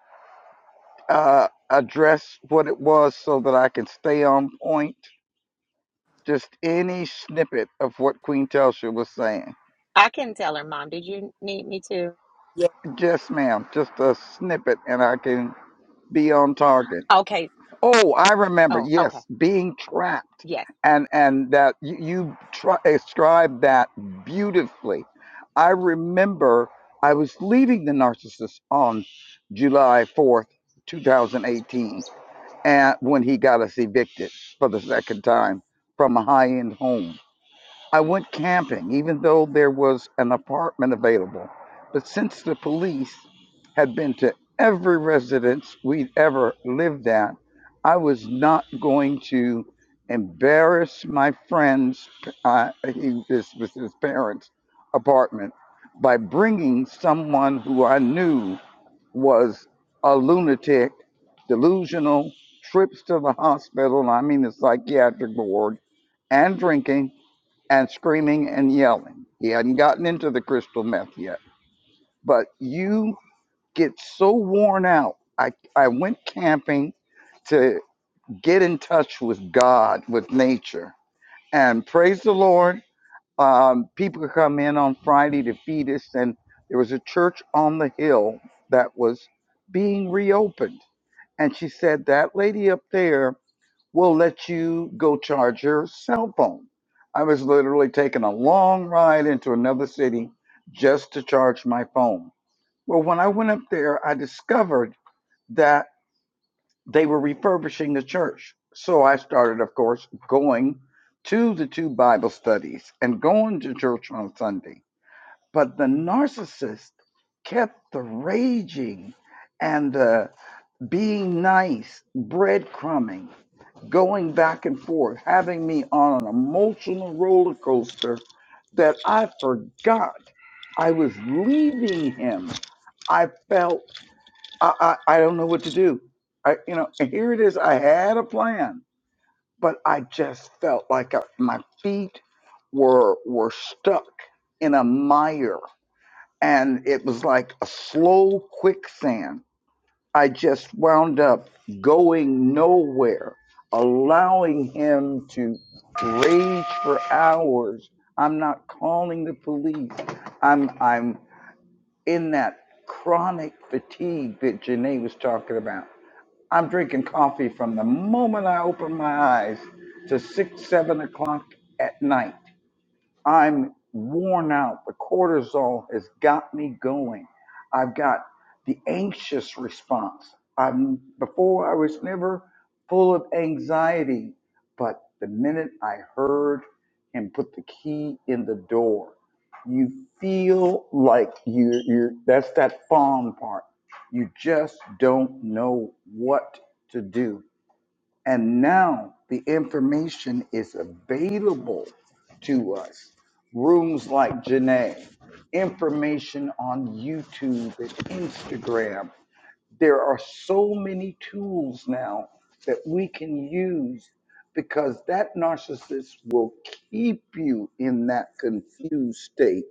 uh, address what it was so that I can stay on point? Just any snippet of what Queen Chelsea was saying. I can tell her, Mom, did you need me to? Yes, Yes, ma'am. Just a snippet, and I can be on target. Okay. Oh, I remember. Oh, okay. Yes, being trapped, Yes. and and that you, you try, described that beautifully. I remember I was leaving the narcissist on July fourth, two thousand eighteen, and when he got us evicted for the second time from a high end home I went camping, even though there was an apartment available. But since the police had been to every residence we'd ever lived at, I was not going to embarrass my friends. Uh, he, this was his parents' apartment by bringing someone who I knew was a lunatic, delusional, trips to the hospital. I mean, the psychiatric ward and drinking and screaming and yelling. He hadn't gotten into the crystal meth yet. But you get so worn out. I, I went camping to get in touch with God, with nature. And praise the Lord, um, people come in on Friday to feed us. And there was a church on the hill that was being reopened. And she said, That lady up there will let you go charge your cell phone. I was literally taking a long ride into another city just to charge my phone. Well, when I went up there, I discovered that they were refurbishing the church. So I started, of course, going to the two Bible studies and going to church on Sunday. But the narcissist kept the raging and the being nice, breadcrumbing going back and forth, having me on an emotional roller coaster that I forgot I was leaving him. I felt I, I, I don't know what to do. I you know and here it is. I had a plan, but I just felt like I, my feet were were stuck in a mire, and it was like a slow quicksand. I just wound up going nowhere, allowing him to rage for hours. I'm not calling the police. I'm I'm in that chronic fatigue that Janae was talking about. I'm drinking coffee from the moment I open my eyes to six, seven o'clock at night I'm worn out. The cortisol has got me going. I've got the anxious response. I'm before I was never full of anxiety, but the minute I heard him put the key in the door, you feel like you you that's that fawn part. You just don't know what to do. And now the information is available to us. Rooms like Janae, information on YouTube and Instagram. There are so many tools now that we can use because that narcissist will keep you in that confused state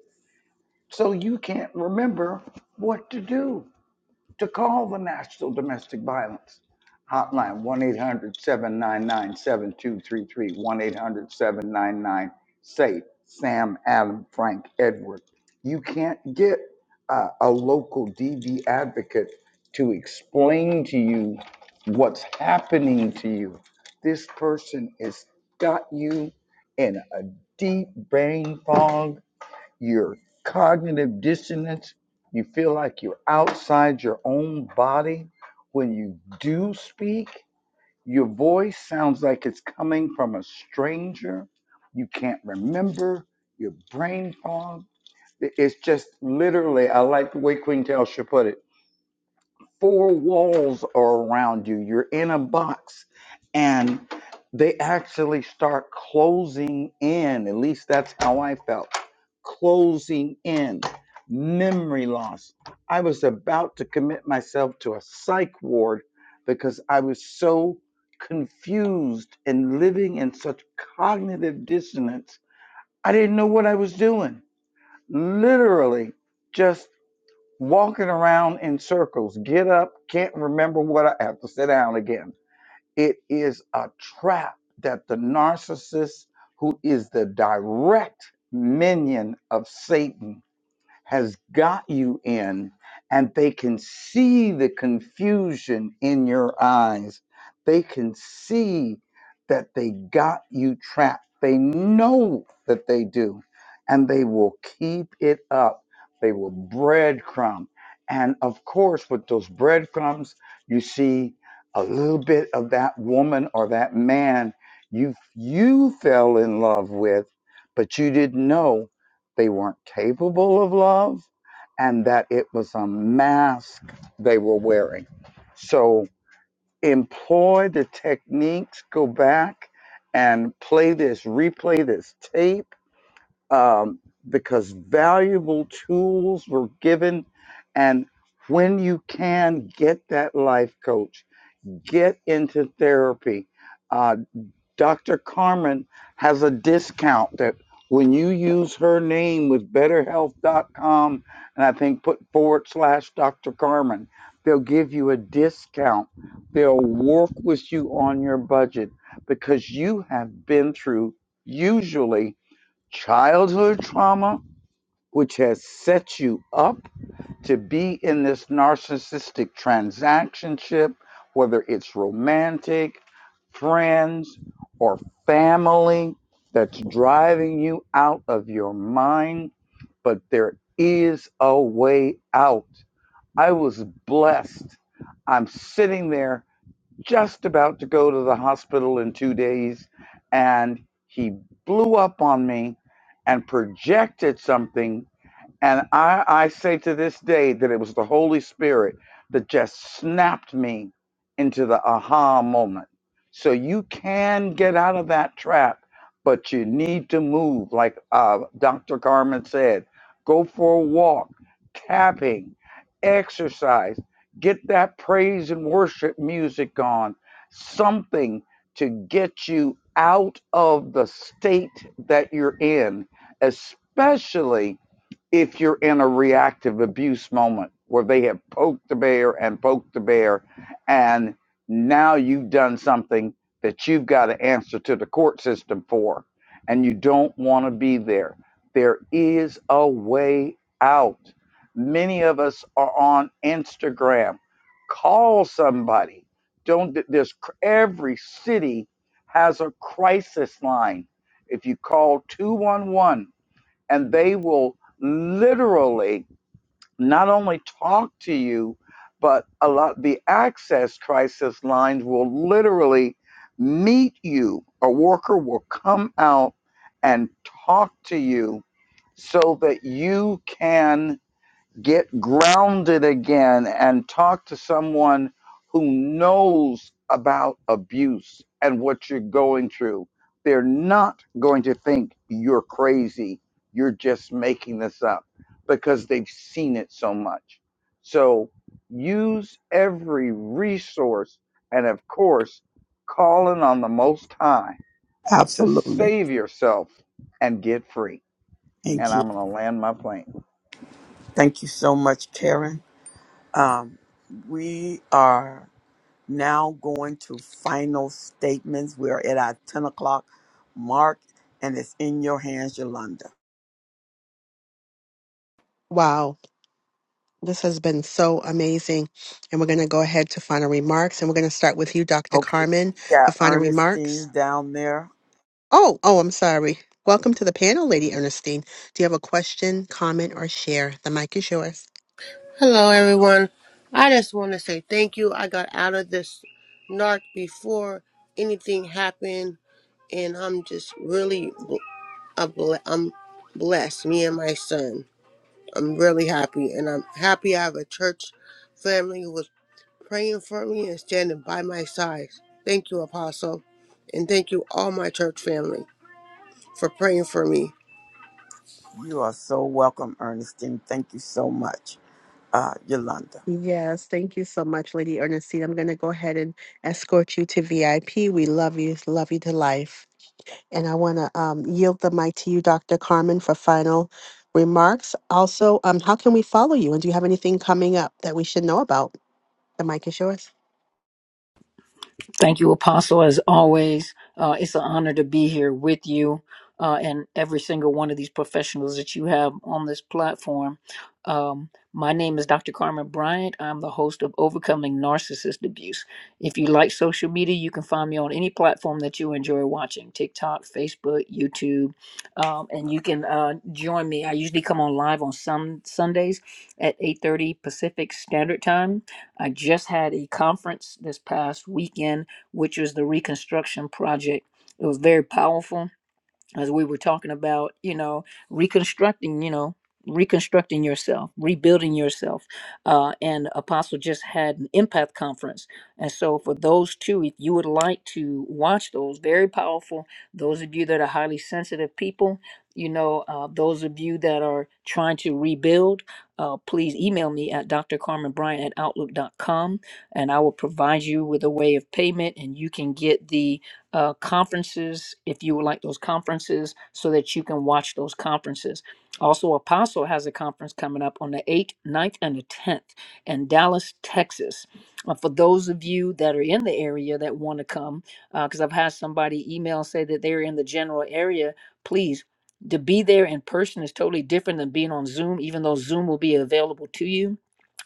so you can't remember what to do to call the National Domestic Violence Hotline, 1 800 1 800 799 SAFE, Sam, Adam, Frank, Edward. You can't get uh, a local DV advocate to explain to you what's happening to you. This person has got you in a deep brain fog your cognitive dissonance. You feel like you're outside your own body. When you do speak, your voice sounds like it's coming from a stranger. You can't remember your brain fog. It's just literally, I like the way Queen Telsha put it four walls are around you. You're in a box and they actually start closing in. At least that's how I felt. Closing in. Memory loss. I was about to commit myself to a psych ward because I was so confused and living in such cognitive dissonance. I didn't know what I was doing. Literally, just walking around in circles, get up, can't remember what I have to sit down again. It is a trap that the narcissist, who is the direct minion of Satan, has got you in, and they can see the confusion in your eyes. They can see that they got you trapped. They know that they do, and they will keep it up. They will breadcrumb. And of course, with those breadcrumbs, you see a little bit of that woman or that man you you fell in love with, but you didn't know they weren't capable of love and that it was a mask they were wearing. So employ the techniques, go back and play this, replay this tape, um, because valuable tools were given. And when you can, get that life coach, get into therapy. uh, Dr. Carmen has a discount that when you use her name with betterhealth.com and I think put forward slash Dr. Carmen, they'll give you a discount. They'll work with you on your budget because you have been through usually childhood trauma, which has set you up to be in this narcissistic transactionship, whether it's romantic, friends, or family that's driving you out of your mind. But there is a way out. I was blessed. I'm sitting there just about to go to the hospital in two days, and he blew up on me and projected something and I, I say to this day that it was the Holy Spirit that just snapped me into the aha moment. So you can get out of that trap, but you need to move. Like uh, Dr. Carmen said, go for a walk, tapping, exercise, get that praise and worship music on, something to get you out of the state that you're in, especially if you're in a reactive abuse moment where they have poked the bear and poked the bear, and now you've done something that you've got to answer to the court system for, and you don't want to be there. There is a way out. Many of us are on Instagram. Call somebody. Don't there's cr- every city has a crisis line. If you call 211 and they will literally not only talk to you, but a lot the access crisis lines will literally meet you. A worker will come out and talk to you so that you can get grounded again and talk to someone who knows about abuse and what you're going through. They're not going to think you're crazy. You're just making this up because they've seen it so much. So use every resource and, of course, calling on the Most High to absolutely. save yourself and get free. Thank And you. I'm going to land my plane. Thank you so much, Karen. Um, we are now going to final statements. We are at our 10 o'clock mark, and it's in your hands, Yolanda. Wow. This has been so amazing. And we're going to go ahead to final remarks. And we're going to start with you, Dr. Okay, Carmen, we for got final remarks. Ernestine down there. Oh, oh, I'm sorry. Welcome to the panel, Lady Ernestine. Do you have a question, comment, or share? The mic is yours. Hello, everyone. I just want to say thank you. I got out of this narc before anything happened, and I'm just really bl- a bl- I'm blessed. Me and my son, I'm really happy, and I'm happy I have a church family who was praying for me and standing by my side. Thank you, Apostle, and thank you all my church family for praying for me. You are so welcome, Ernestine. Thank you so much, uh, Yolanda. Yes, thank you so much, Lady Ernestine. I'm going to go ahead and escort you to VIP. We love you, love you to life. And I want to um, yield the mic to you, Dr. Carmen, for final remarks. Also, um, how can we follow you? And do you have anything coming up that we should know about? The mic is yours. Thank you, Apostle, as always. Uh, it's an honor to be here with you uh, and every single one of these professionals that you have on this platform. Um, my name is Dr. Carmen Bryant. I'm the host of Overcoming Narcissist Abuse. If you like social media, you can find me on any platform that you enjoy watching TikTok, Facebook, YouTube, um, and you can uh, join me. I usually come on live on some Sundays at 8:30 Pacific Standard Time. I just had a conference this past weekend which was the reconstruction project. It was very powerful as we were talking about, you know, reconstructing, you know, reconstructing yourself, rebuilding yourself. Uh, and Apostle just had an empath conference. And so, for those two, if you would like to watch those, very powerful, those of you that are highly sensitive people, you know, uh, those of you that are trying to rebuild, uh, please email me at drcarmenbryan at outlook dot com, and I will provide you with a way of payment and you can get the uh, conferences if you would like those conferences so that you can watch those conferences. Also, Apostle has a conference coming up on the 8th, ninth, and the 10th in Dallas, Texas. Uh, for those of you that are in the area that want to come, because I've had somebody email say that they're in the general area, please. To be there in person is totally different than being on Zoom, even though Zoom will be available to you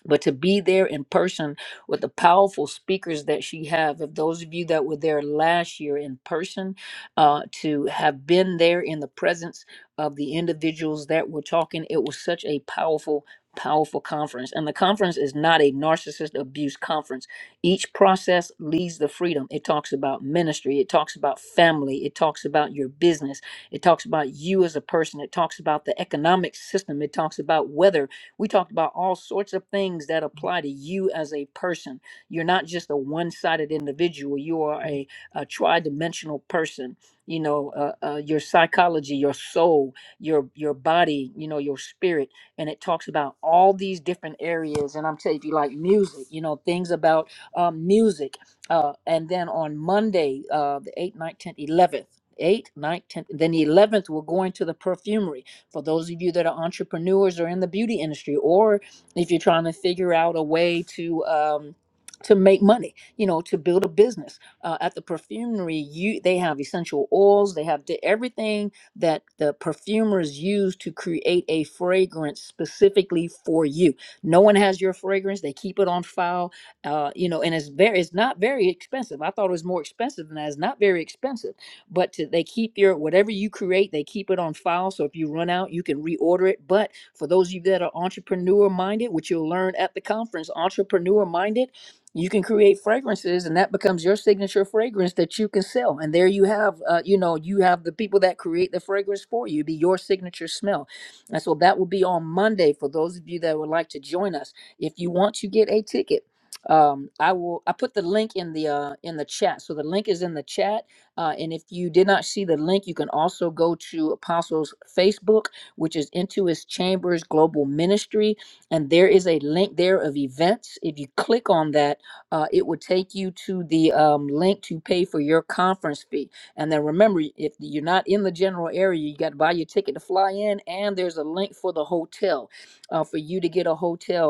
but to be there in person with the powerful speakers that she have. If those of you that were there last year in person, uh, to have been there in the presence of the individuals that were talking, it was such a powerful powerful conference and the conference is not a narcissist abuse conference each process leads to freedom it talks about ministry it talks about family it talks about your business it talks about you as a person it talks about the economic system it talks about weather we talked about all sorts of things that apply to you as a person. You're not just a one sided individual, you are a, a tri dimensional person. You know, uh, uh, your psychology, your soul, your your body, you know, your spirit, and it talks about all these different areas. And I'm telling you, if you like music, you know, things about um, music. Uh, and then on Monday, uh, the 8th, ninth, 10th, 11th, 8th, ninth, 10th, then the 11th, we're going to the perfumery for those of you that are entrepreneurs or in the beauty industry, or if you're trying to figure out a way to um, to make money, you know, to build a business uh, at the perfumery, you they have essential oils, they have di- everything that the perfumers use to create a fragrance specifically for you. No one has your fragrance; they keep it on file, uh, you know, and it's very, it's not very expensive. I thought it was more expensive than that. It's not very expensive but to, they keep your whatever you create they keep it on file so if you run out you can reorder it but for those of you that are entrepreneur minded which you'll learn at the conference entrepreneur minded you can create fragrances and that becomes your signature fragrance that you can sell and there you have uh, you know you have the people that create the fragrance for you It'd be your signature smell and so that will be on monday for those of you that would like to join us if you want to get a ticket um, i will i put the link in the uh, in the chat so the link is in the chat uh, and if you did not see the link, you can also go to Apostles Facebook, which is Into His Chambers Global Ministry. And there is a link there of events. If you click on that, uh, it will take you to the um, link to pay for your conference fee. And then remember, if you're not in the general area, you got to buy your ticket to fly in, and there's a link for the hotel uh, for you to get a hotel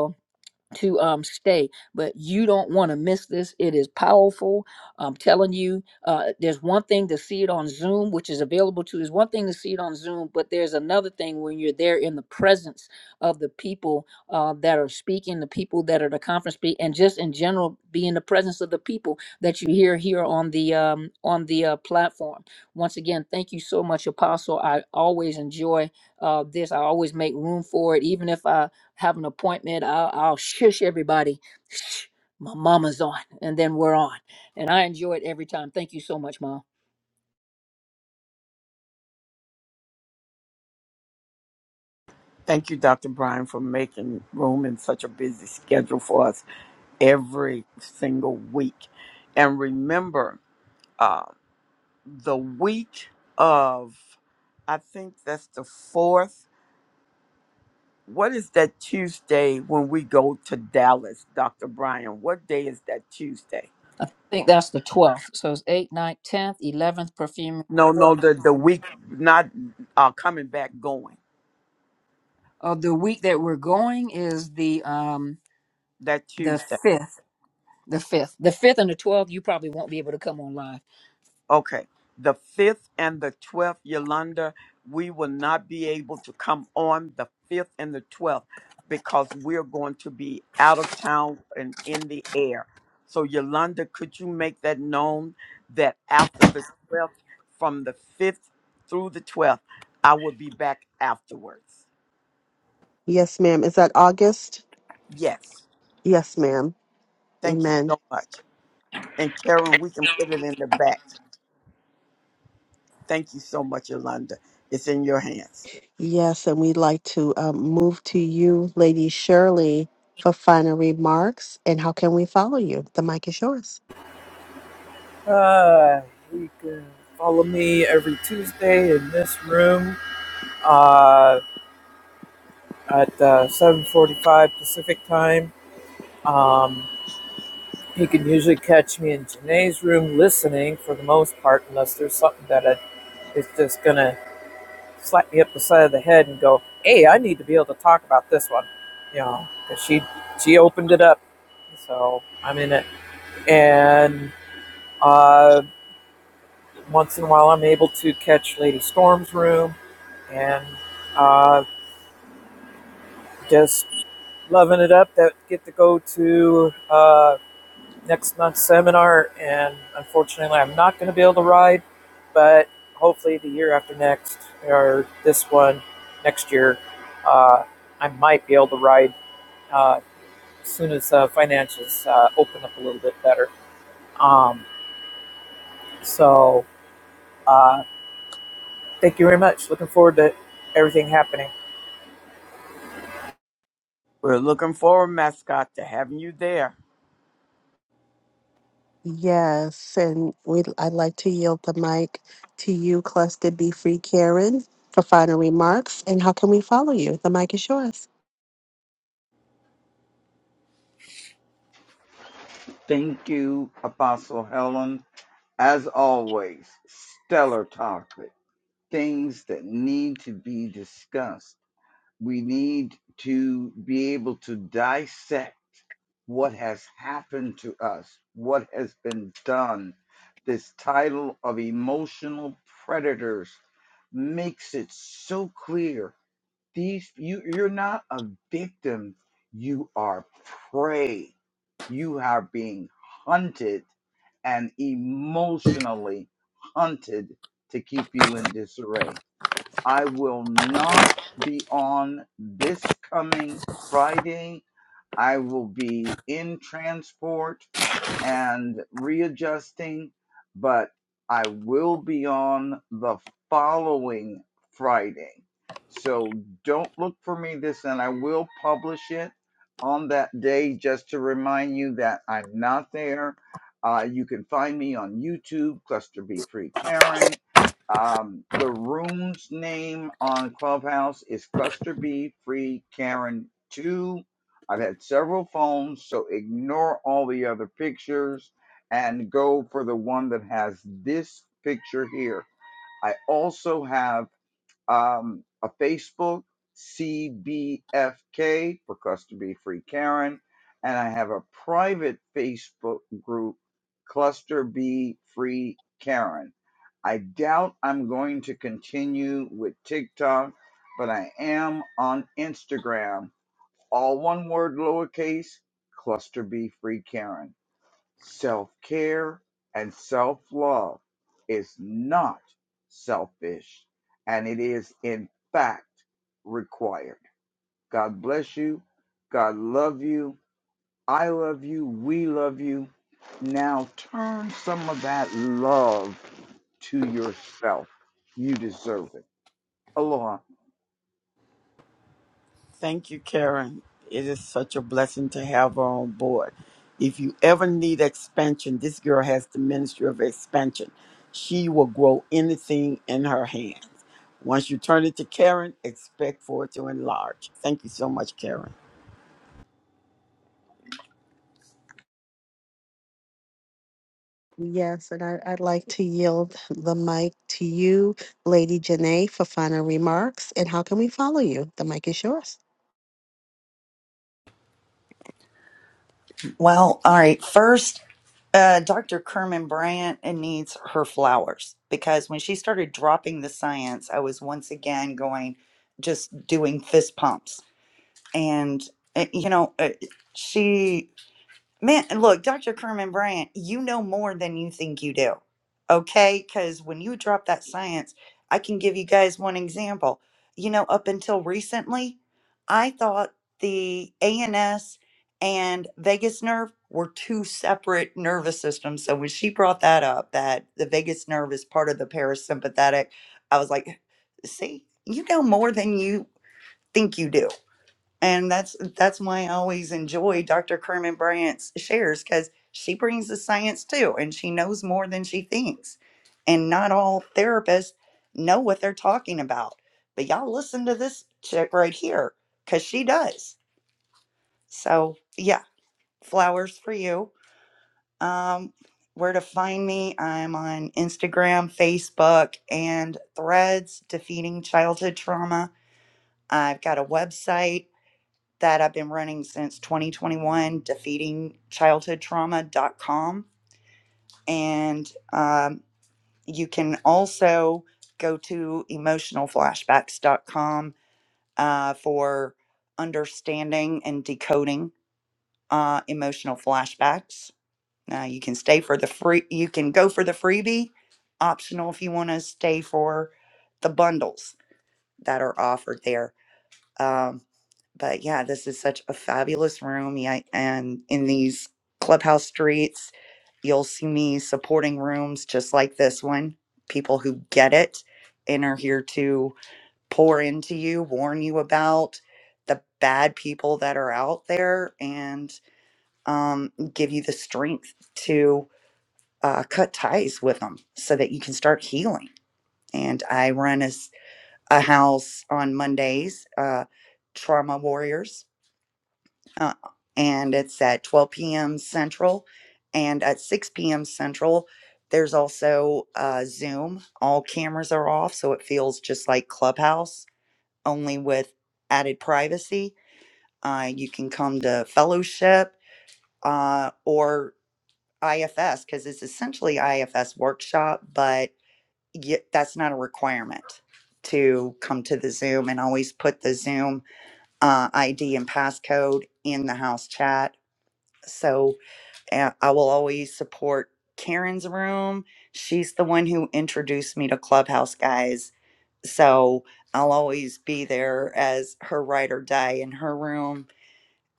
to um stay but you don't want to miss this it is powerful i'm telling you uh there's one thing to see it on zoom which is available to is one thing to see it on zoom but there's another thing when you're there in the presence of the people uh, that are speaking the people that are the conference speak and just in general be in the presence of the people that you hear here on the um on the uh, platform once again thank you so much apostle i always enjoy uh this i always make room for it even if i have an appointment. I'll, I'll shush everybody. Shh, my mama's on, and then we're on. And I enjoy it every time. Thank you so much, mom. Thank you, Dr. Brian, for making room in such a busy schedule for us every single week. And remember, uh, the week of, I think that's the fourth. What is that Tuesday when we go to Dallas, Dr. Brian? What day is that Tuesday? I think that's the 12th. So it's 8th, 9th, 10th, 11th, perfume. No, 12th. no, the, the week, not uh, coming back, going. Uh, the week that we're going is the um That the Tuesday. 5th. The 5th. The 5th and the 12th, you probably won't be able to come on live. Okay. The 5th and the 12th, Yolanda, we will not be able to come on the 5th and the 12th because we're going to be out of town and in the air. So, Yolanda, could you make that known that after the 12th, from the 5th through the 12th, I will be back afterwards? Yes, ma'am. Is that August? Yes. Yes, ma'am. Thank you Amen. so much. And Karen, we can put it in the back. Thank you so much, Yolanda. It's in your hands. Yes, and we'd like to um, move to you, Lady Shirley, for final remarks. And how can we follow you? The mic is yours. Uh, you can follow me every Tuesday in this room uh, at uh, 7:45 Pacific time. Um, He can usually catch me in Janae's room listening for the most part, unless there's something that I, is just gonna slap me up the side of the head and go, "Hey, I need to be able to talk about this one," you know, 'cause she she opened it up, so I'm in it. And uh, once in a while, I'm able to catch Lady Storm's room and uh, just loving it up. That get to go to. Uh, next month's seminar, and unfortunately, I'm not going to be able to ride, but hopefully, the year after next, or this one next year, uh, I might be able to ride uh, as soon as uh, financials uh, open up a little bit better. Um, so, uh, thank you very much. Looking forward to everything happening. We're looking forward, mascot, to having you there. Yes, and we I'd like to yield the mic to you, Cluster Be Free Karen, for final remarks. And how can we follow you? The mic is yours. Thank you, Apostle Helen. As always, stellar topic, things that need to be discussed. We need to be able to dissect what has happened to us, what has been done. This title of emotional predators makes it so clear. These you you're not a victim, you are prey. You are being hunted and emotionally hunted to keep you in disarray. I will not be on this coming Friday. I will be in transport and readjusting, but I will be on the following Friday. So don't look for me this, and I will publish it on that day just to remind you that I'm not there. Uh, you can find me on YouTube, Cluster B Free Karen. Um, the room's name on Clubhouse is Cluster B Free Karen 2 I've had several phones, so ignore all the other pictures and go for the one that has this picture here. I also have um, a Facebook CBFK for Cluster B Free Karen, and I have a private Facebook group Cluster B Free Karen. I doubt I'm going to continue with TikTok, but I am on Instagram all one word lowercase, cluster B free Karen. Self care and self love is not selfish and it is in fact required. God bless you. God love you. I love you. We love you. Now turn some of that love to yourself. You deserve it. Aloha. Thank you, Karen. It is such a blessing to have her on board. If you ever need expansion, this girl has the ministry of expansion. She will grow anything in her hands. Once you turn it to Karen, expect for it to enlarge. Thank you so much, Karen. Yes, and I, I'd like to yield the mic to you, Lady Janae, for final remarks. And how can we follow you? The mic is yours. Well, all right. First, uh, Dr. Kerman Bryant uh, needs her flowers because when she started dropping the science, I was once again going, just doing fist pumps. And, uh, you know, uh, she Man, look, Dr. Kerman Bryant, you know more than you think you do. Okay? Because when you drop that science, I can give you guys one example. You know, up until recently, I thought the ANS and vagus nerve were two separate nervous systems. So when she brought that up, that the vagus nerve is part of the parasympathetic, I was like, see, you know more than you think you do and that's that's why I always enjoy Dr. Kerman Bryant's shares because she brings the science too, and she knows more than she thinks. And not all therapists know what they're talking about, but y'all listen to this chick right here because she does. So yeah, flowers for you. Um, where to find me? I'm on Instagram, Facebook, and Threads. Defeating childhood trauma. I've got a website that I've been running since 2021, defeatingchildhoodtrauma.com. And um, you can also go to emotionalflashbacks.com uh, for understanding and decoding uh, emotional flashbacks. Uh, you can stay for the free, you can go for the freebie, optional if you want to stay for the bundles that are offered there Um, but yeah, this is such a fabulous room. Yeah, and in these clubhouse streets, you'll see me supporting rooms just like this one. People who get it and are here to pour into you, warn you about the bad people that are out there, and um, give you the strength to uh, cut ties with them so that you can start healing. And I run a, s- a house on Mondays, uh, Trauma Warriors uh, and it's at 12 p.m. Central. And at 6 p.m. Central, there's also uh, Zoom. All cameras are off, so it feels just like Clubhouse, only with added privacy. Uh, you can come to fellowship uh, or IFS because it's essentially IFS workshop, but y- that's not a requirement to come to the Zoom. And always put the Zoom uh, ID and passcode in the house chat. So And I will always support Karen's room. She's the one who introduced me to Clubhouse guys. So I'll always be there as her ride or die in her room.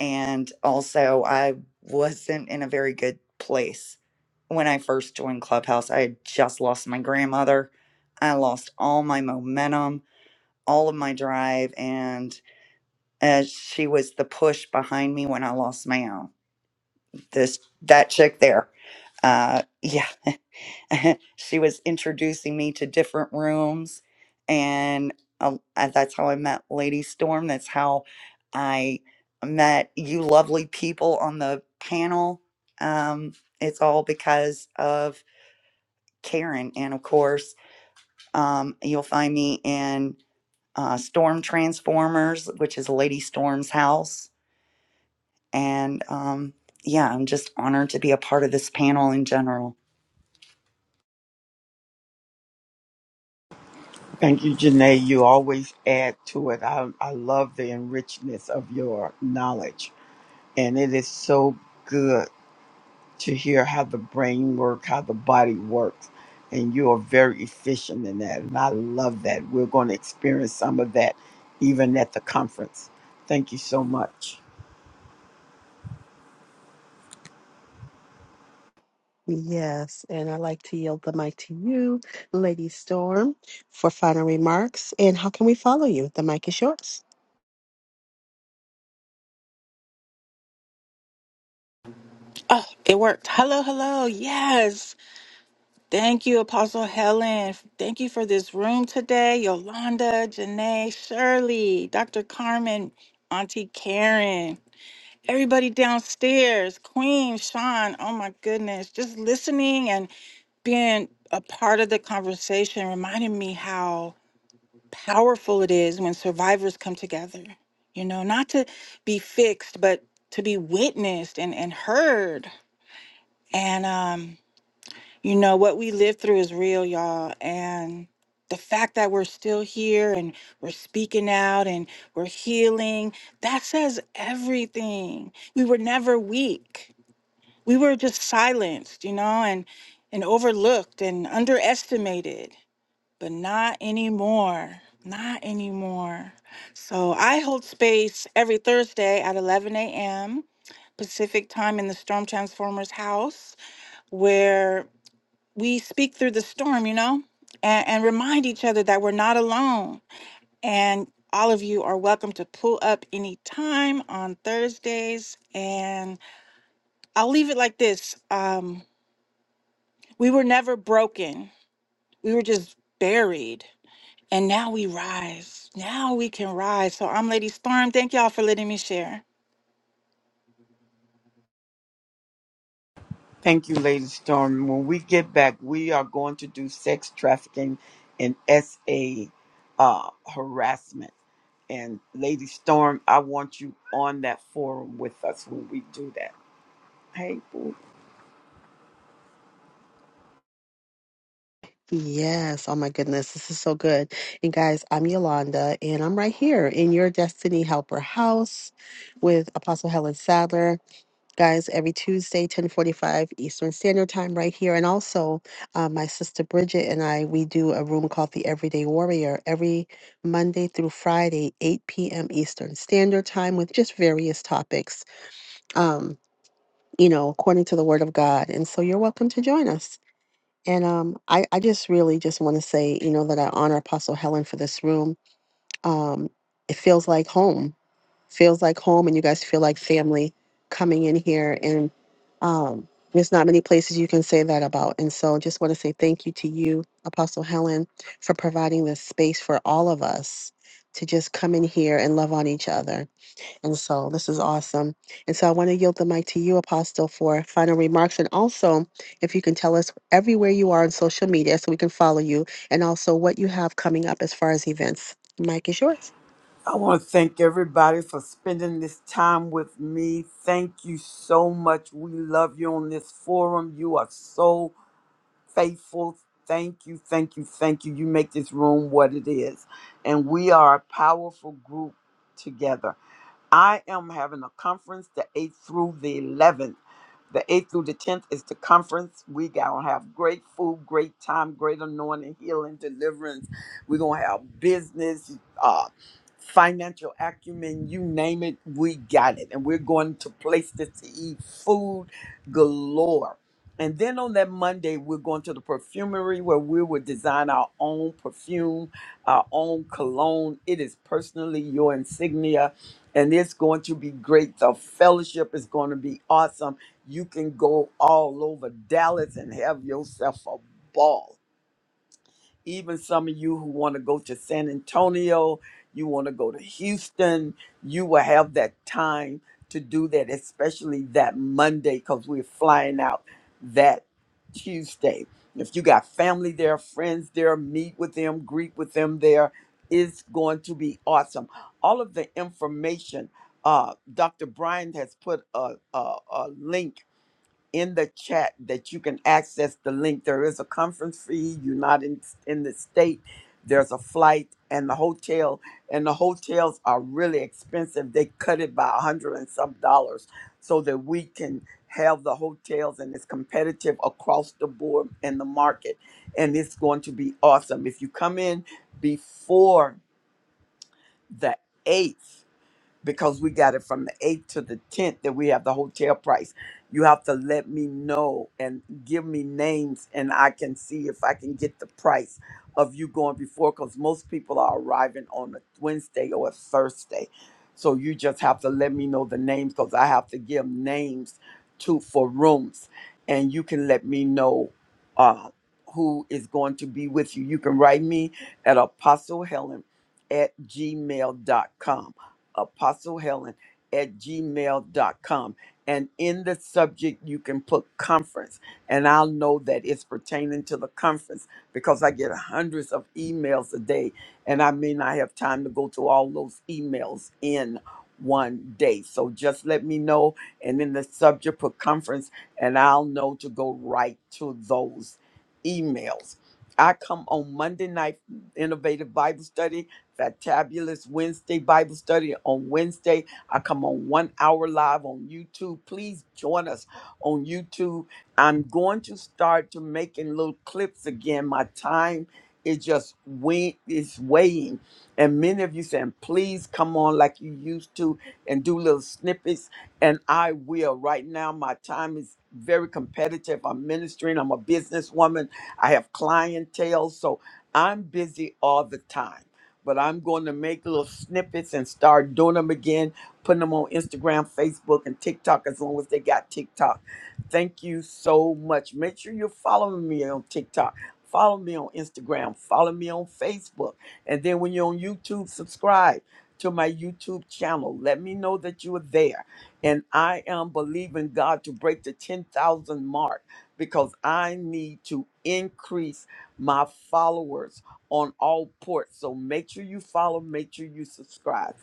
And also, I wasn't in a very good place when I first joined Clubhouse. I had just lost my grandmother. I lost all my momentum, all of my drive, and as she was the push behind me when I lost my own. This that chick there uh yeah she was introducing me to different rooms and uh, uh, that's how i met lady storm that's how i met you lovely people on the panel um, it's all because of karen and of course um, you'll find me in uh, storm transformers which is lady storm's house and um, yeah i'm just honored to be a part of this panel in general Thank you, Janae. You always add to it. I, I love the enrichment of your knowledge, and it is so good to hear how the brain works, how the body works. And you are very efficient in that. And I love that. We're going to experience some of that even at the conference. Thank you so much. Yes, and I'd like to yield the mic to you, Lady Storm, for final remarks. And how can we follow you? The mic is yours. Oh, it worked. Hello, hello. Yes. Thank you, Apostle Helen. Thank you for this room today. Yolanda, Janae, Shirley, Dr. Carmen, Auntie Karen, everybody downstairs, Queen, Sean. Oh my goodness. Just listening and being a part of the conversation reminded me how powerful it is when survivors come together. You know, not to be fixed, but to be witnessed and, and heard. And um, you know, what we lived through is real, y'all. And the fact that we're still here and we're speaking out and we're healing, that says everything. We were never weak. We were just silenced, you know, and and overlooked and underestimated, but not anymore. Not anymore. So I hold space every Thursday at 11 a.m. Pacific time in the Storm Transformers house, where we speak through the storm, you know, and, and remind each other that we're not alone. And all of you are welcome to pull up any time on Thursdays. And I'll leave it like this um, We were never broken, we were just buried. And now we rise. Now we can rise. So I'm Lady Storm. Thank y'all for letting me share. Thank you, Lady Storm. When we get back, we are going to do sex trafficking and SA uh, harassment. And Lady Storm, I want you on that forum with us when we do that. Hey, boo. Yes. Oh my goodness. This is so good. And guys, I'm Yolanda and I'm right here in your Destiny Helper house with Apostle Helen Sadler. Guys, every Tuesday, 1045 Eastern Standard Time right here. And also uh, my sister Bridget and I, we do a room called the Everyday Warrior every Monday through Friday, 8 p.m. Eastern Standard Time with just various topics, um, you know, according to the word of God. And so you're welcome to join us. And um, I, I just really just want to say, you know, that I honor Apostle Helen for this room. Um, it feels like home, feels like home, and you guys feel like family coming in here. And um, there's not many places you can say that about. And so just want to say thank you to you, Apostle Helen, for providing this space for all of us to just come in here and love on each other and so this is awesome. And so I want to yield the mic to you, Apostle, for final remarks. And also, if you can tell us everywhere you are on social media so we can follow you and also what you have coming up as far as events. Mic is yours. I want to thank everybody for spending this time with me. Thank you so much. We love you on this forum. You are so faithful. Thank you, thank you, thank you. You make this room what it is. And we are a powerful group together. I am having a conference the 8th through the 11th. The 8th through the 10th is the conference. We going to have great food, great time, great anointing, healing, deliverance. We're going to have business, uh, financial acumen, you name it, we got it. And we're going to places to eat food galore. And then on that Monday, we're going to the perfumery where we will design our own perfume, our own cologne. It is personally your insignia, and it's going to be great. The fellowship is going to be awesome. You can go all over Dallas and have yourself a ball even some of you who want to go to San Antonio, you want to go to Houston, you will have that time to do that, especially that Monday, because we're flying out that Tuesday. If you got family there, friends there, meet with them, greet with them there. It's going to be awesome. All of the information, uh, Dr. Brian has put a, a, a link in the chat that you can access the link. There is a conference fee. You're not in, in the state. There's a flight and the hotel, and the hotels are really expensive. They cut it by a hundred and some dollars so that we can have the hotels and it's competitive across the board in the market. And it's going to be awesome. If you come in before the 8th, because we got it from the 8th to the 10th that we have the hotel price. You have to let me know and give me names and I can see if I can get the price of you going before because most people are arriving on a Wednesday or a Thursday. So you just have to let me know the names because I have to give names to for rooms and you can let me know uh, who is going to be with you. You can write me at apostlehelen at Gmail dot com. Apostle Helen at gmail dot com, And in the subject, you can put conference, and I'll know that it's pertaining to the conference because I get hundreds of emails a day, and I may not have time to go to all those emails in one day. So just let me know, and in the subject, put conference, and I'll know to go right to those emails. I come on Monday night, Innovative Bible Study Fantabulous Wednesday Bible study on Wednesday. I come on one hour live on YouTube. Please join us on YouTube. I'm going to start to making little clips again. My time is just we is weighing. And many of you saying, please come on like you used to and do little snippets. And I will. Right now, my time is very competitive. I'm ministering. I'm a businesswoman. I have clientele. So I'm busy all the time but I'm going to make little snippets and start doing them again, putting them on Instagram, Facebook, and TikTok as long as they got TikTok. Thank you so much. Make sure you're following me on TikTok. Follow me on Instagram. Follow me on Facebook. And then when you're on YouTube, subscribe to my YouTube channel. Let me know that you are there. And I am believing God to break the 10,000 mark because I need to increase my followers on all ports. So make sure you follow, make sure you subscribe.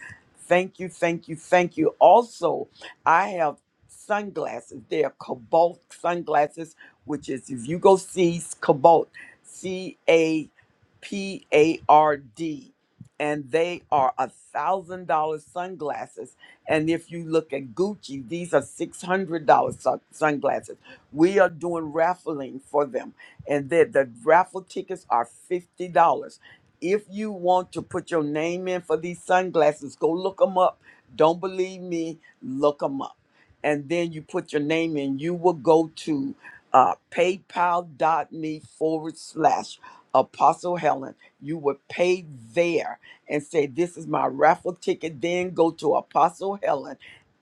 Thank you, thank you, thank you. Also, I have sunglasses. They are Cobalt sunglasses, which is if you go see Cobalt, C A P A R D. And they are a thousand dollar sunglasses. And if you look at Gucci, these are six hundred dollar sunglasses. We are doing raffling for them and that the raffle tickets are $50. If you want to put your name in for these sunglasses, go look them up. Don't believe me, look them up. And then you put your name in. You will go to uh, paypal.me forward slash Apostle Helen. You will pay there and say, This is my raffle ticket. Then go to Apostle Helen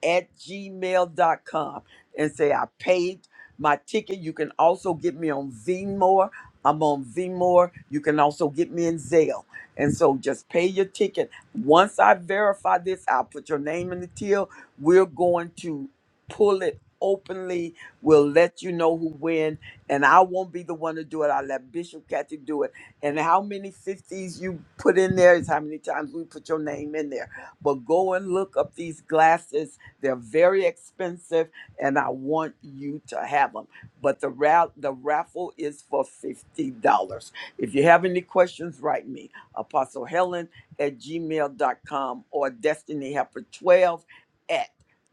at Gmail dot com and say, I paid my ticket. You can also get me on Vmore. I'm on Vmore. You can also get me in Zelle. And so just pay your ticket. Once I verify this, I'll put your name in the till. We're going to pull it openly. We'll let you know who win. And I won't be the one to do it. I'll let Bishop Cathy do it. And how many 50s you put in there is how many times we put your name in there. But go and look up these glasses. They're very expensive and I want you to have them. But the ra- the raffle is for fifty dollars. If you have any questions, write me Apostle Helen at gmail dot com or Destiny Helper 12 at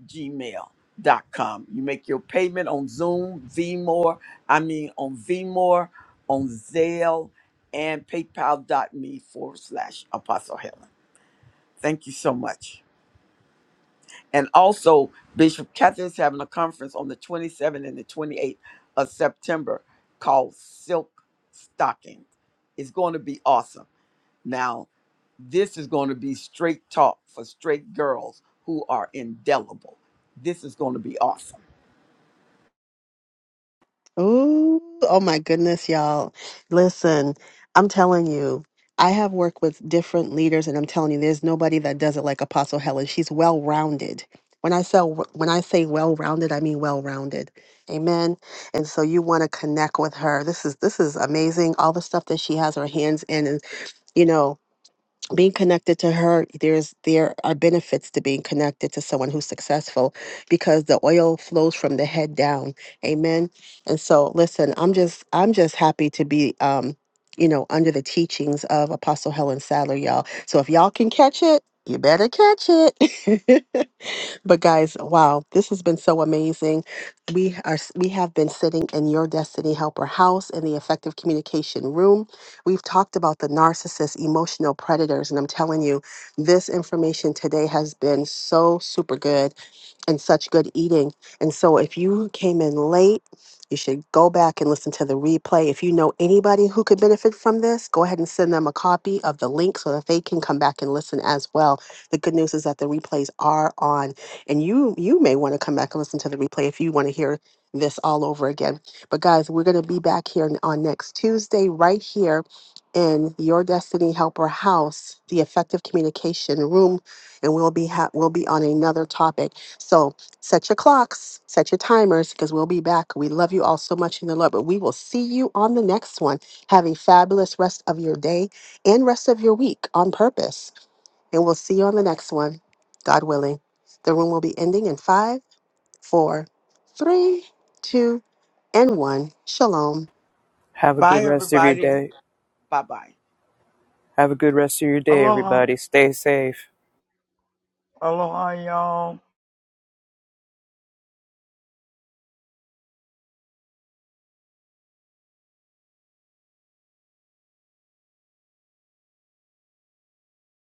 gmail dot com. You make your payment on Zoom, Vmore, I mean on Vmore, on Zelle, and PayPal dot me forward slash Apostle Helen. Thank you so much. And also, Bishop Cathy is having a conference on the 27th and the 28th of September called Silk Stockings. It's going to be awesome. Now, this is going to be straight talk for straight girls who are indelible. This is going to be awesome. Ooh, oh my goodness, y'all. Listen, I'm telling you, I have worked with different leaders and I'm telling you there's nobody that does it like Apostle Helen. She's well-rounded. When I say when I say well-rounded, I mean well-rounded. Amen. And so you want to connect with her. This is this is amazing all the stuff that she has her hands in and you know being connected to her there's there are benefits to being connected to someone who's successful because the oil flows from the head down amen and so listen i'm just i'm just happy to be um you know under the teachings of apostle helen sadler y'all so if y'all can catch it you better catch it But guys, wow, this has been so amazing. We are we have been sitting in your Destiny Helper house in the effective communication room. We've talked about the narcissist, emotional predators, and I'm telling you, this information today has been so super good and such good eating. And so, if you came in late, you should go back and listen to the replay. If you know anybody who could benefit from this, go ahead and send them a copy of the link so that they can come back and listen as well. The good news is that the replays are on, and you you may want to come back and listen to the replay if you want to hear this all over again. But guys, we're going to be back here n- on next Tuesday right here in your Destiny Helper House, the effective communication room, and we'll be ha- we'll be on another topic so set your clocks, set your timers, because we'll be back. We love you all so much in the Lord, but we will see you on the next one. Have a fabulous rest of your day and rest of your week on purpose. And we'll see you on the next one, God willing. The room will be ending in five, four, three, two, and one. Shalom. Have a Bye, good rest of your everybody. day. Bye bye. Have a good rest of your day, Aloha. everybody. Stay safe. Aloha, y'all.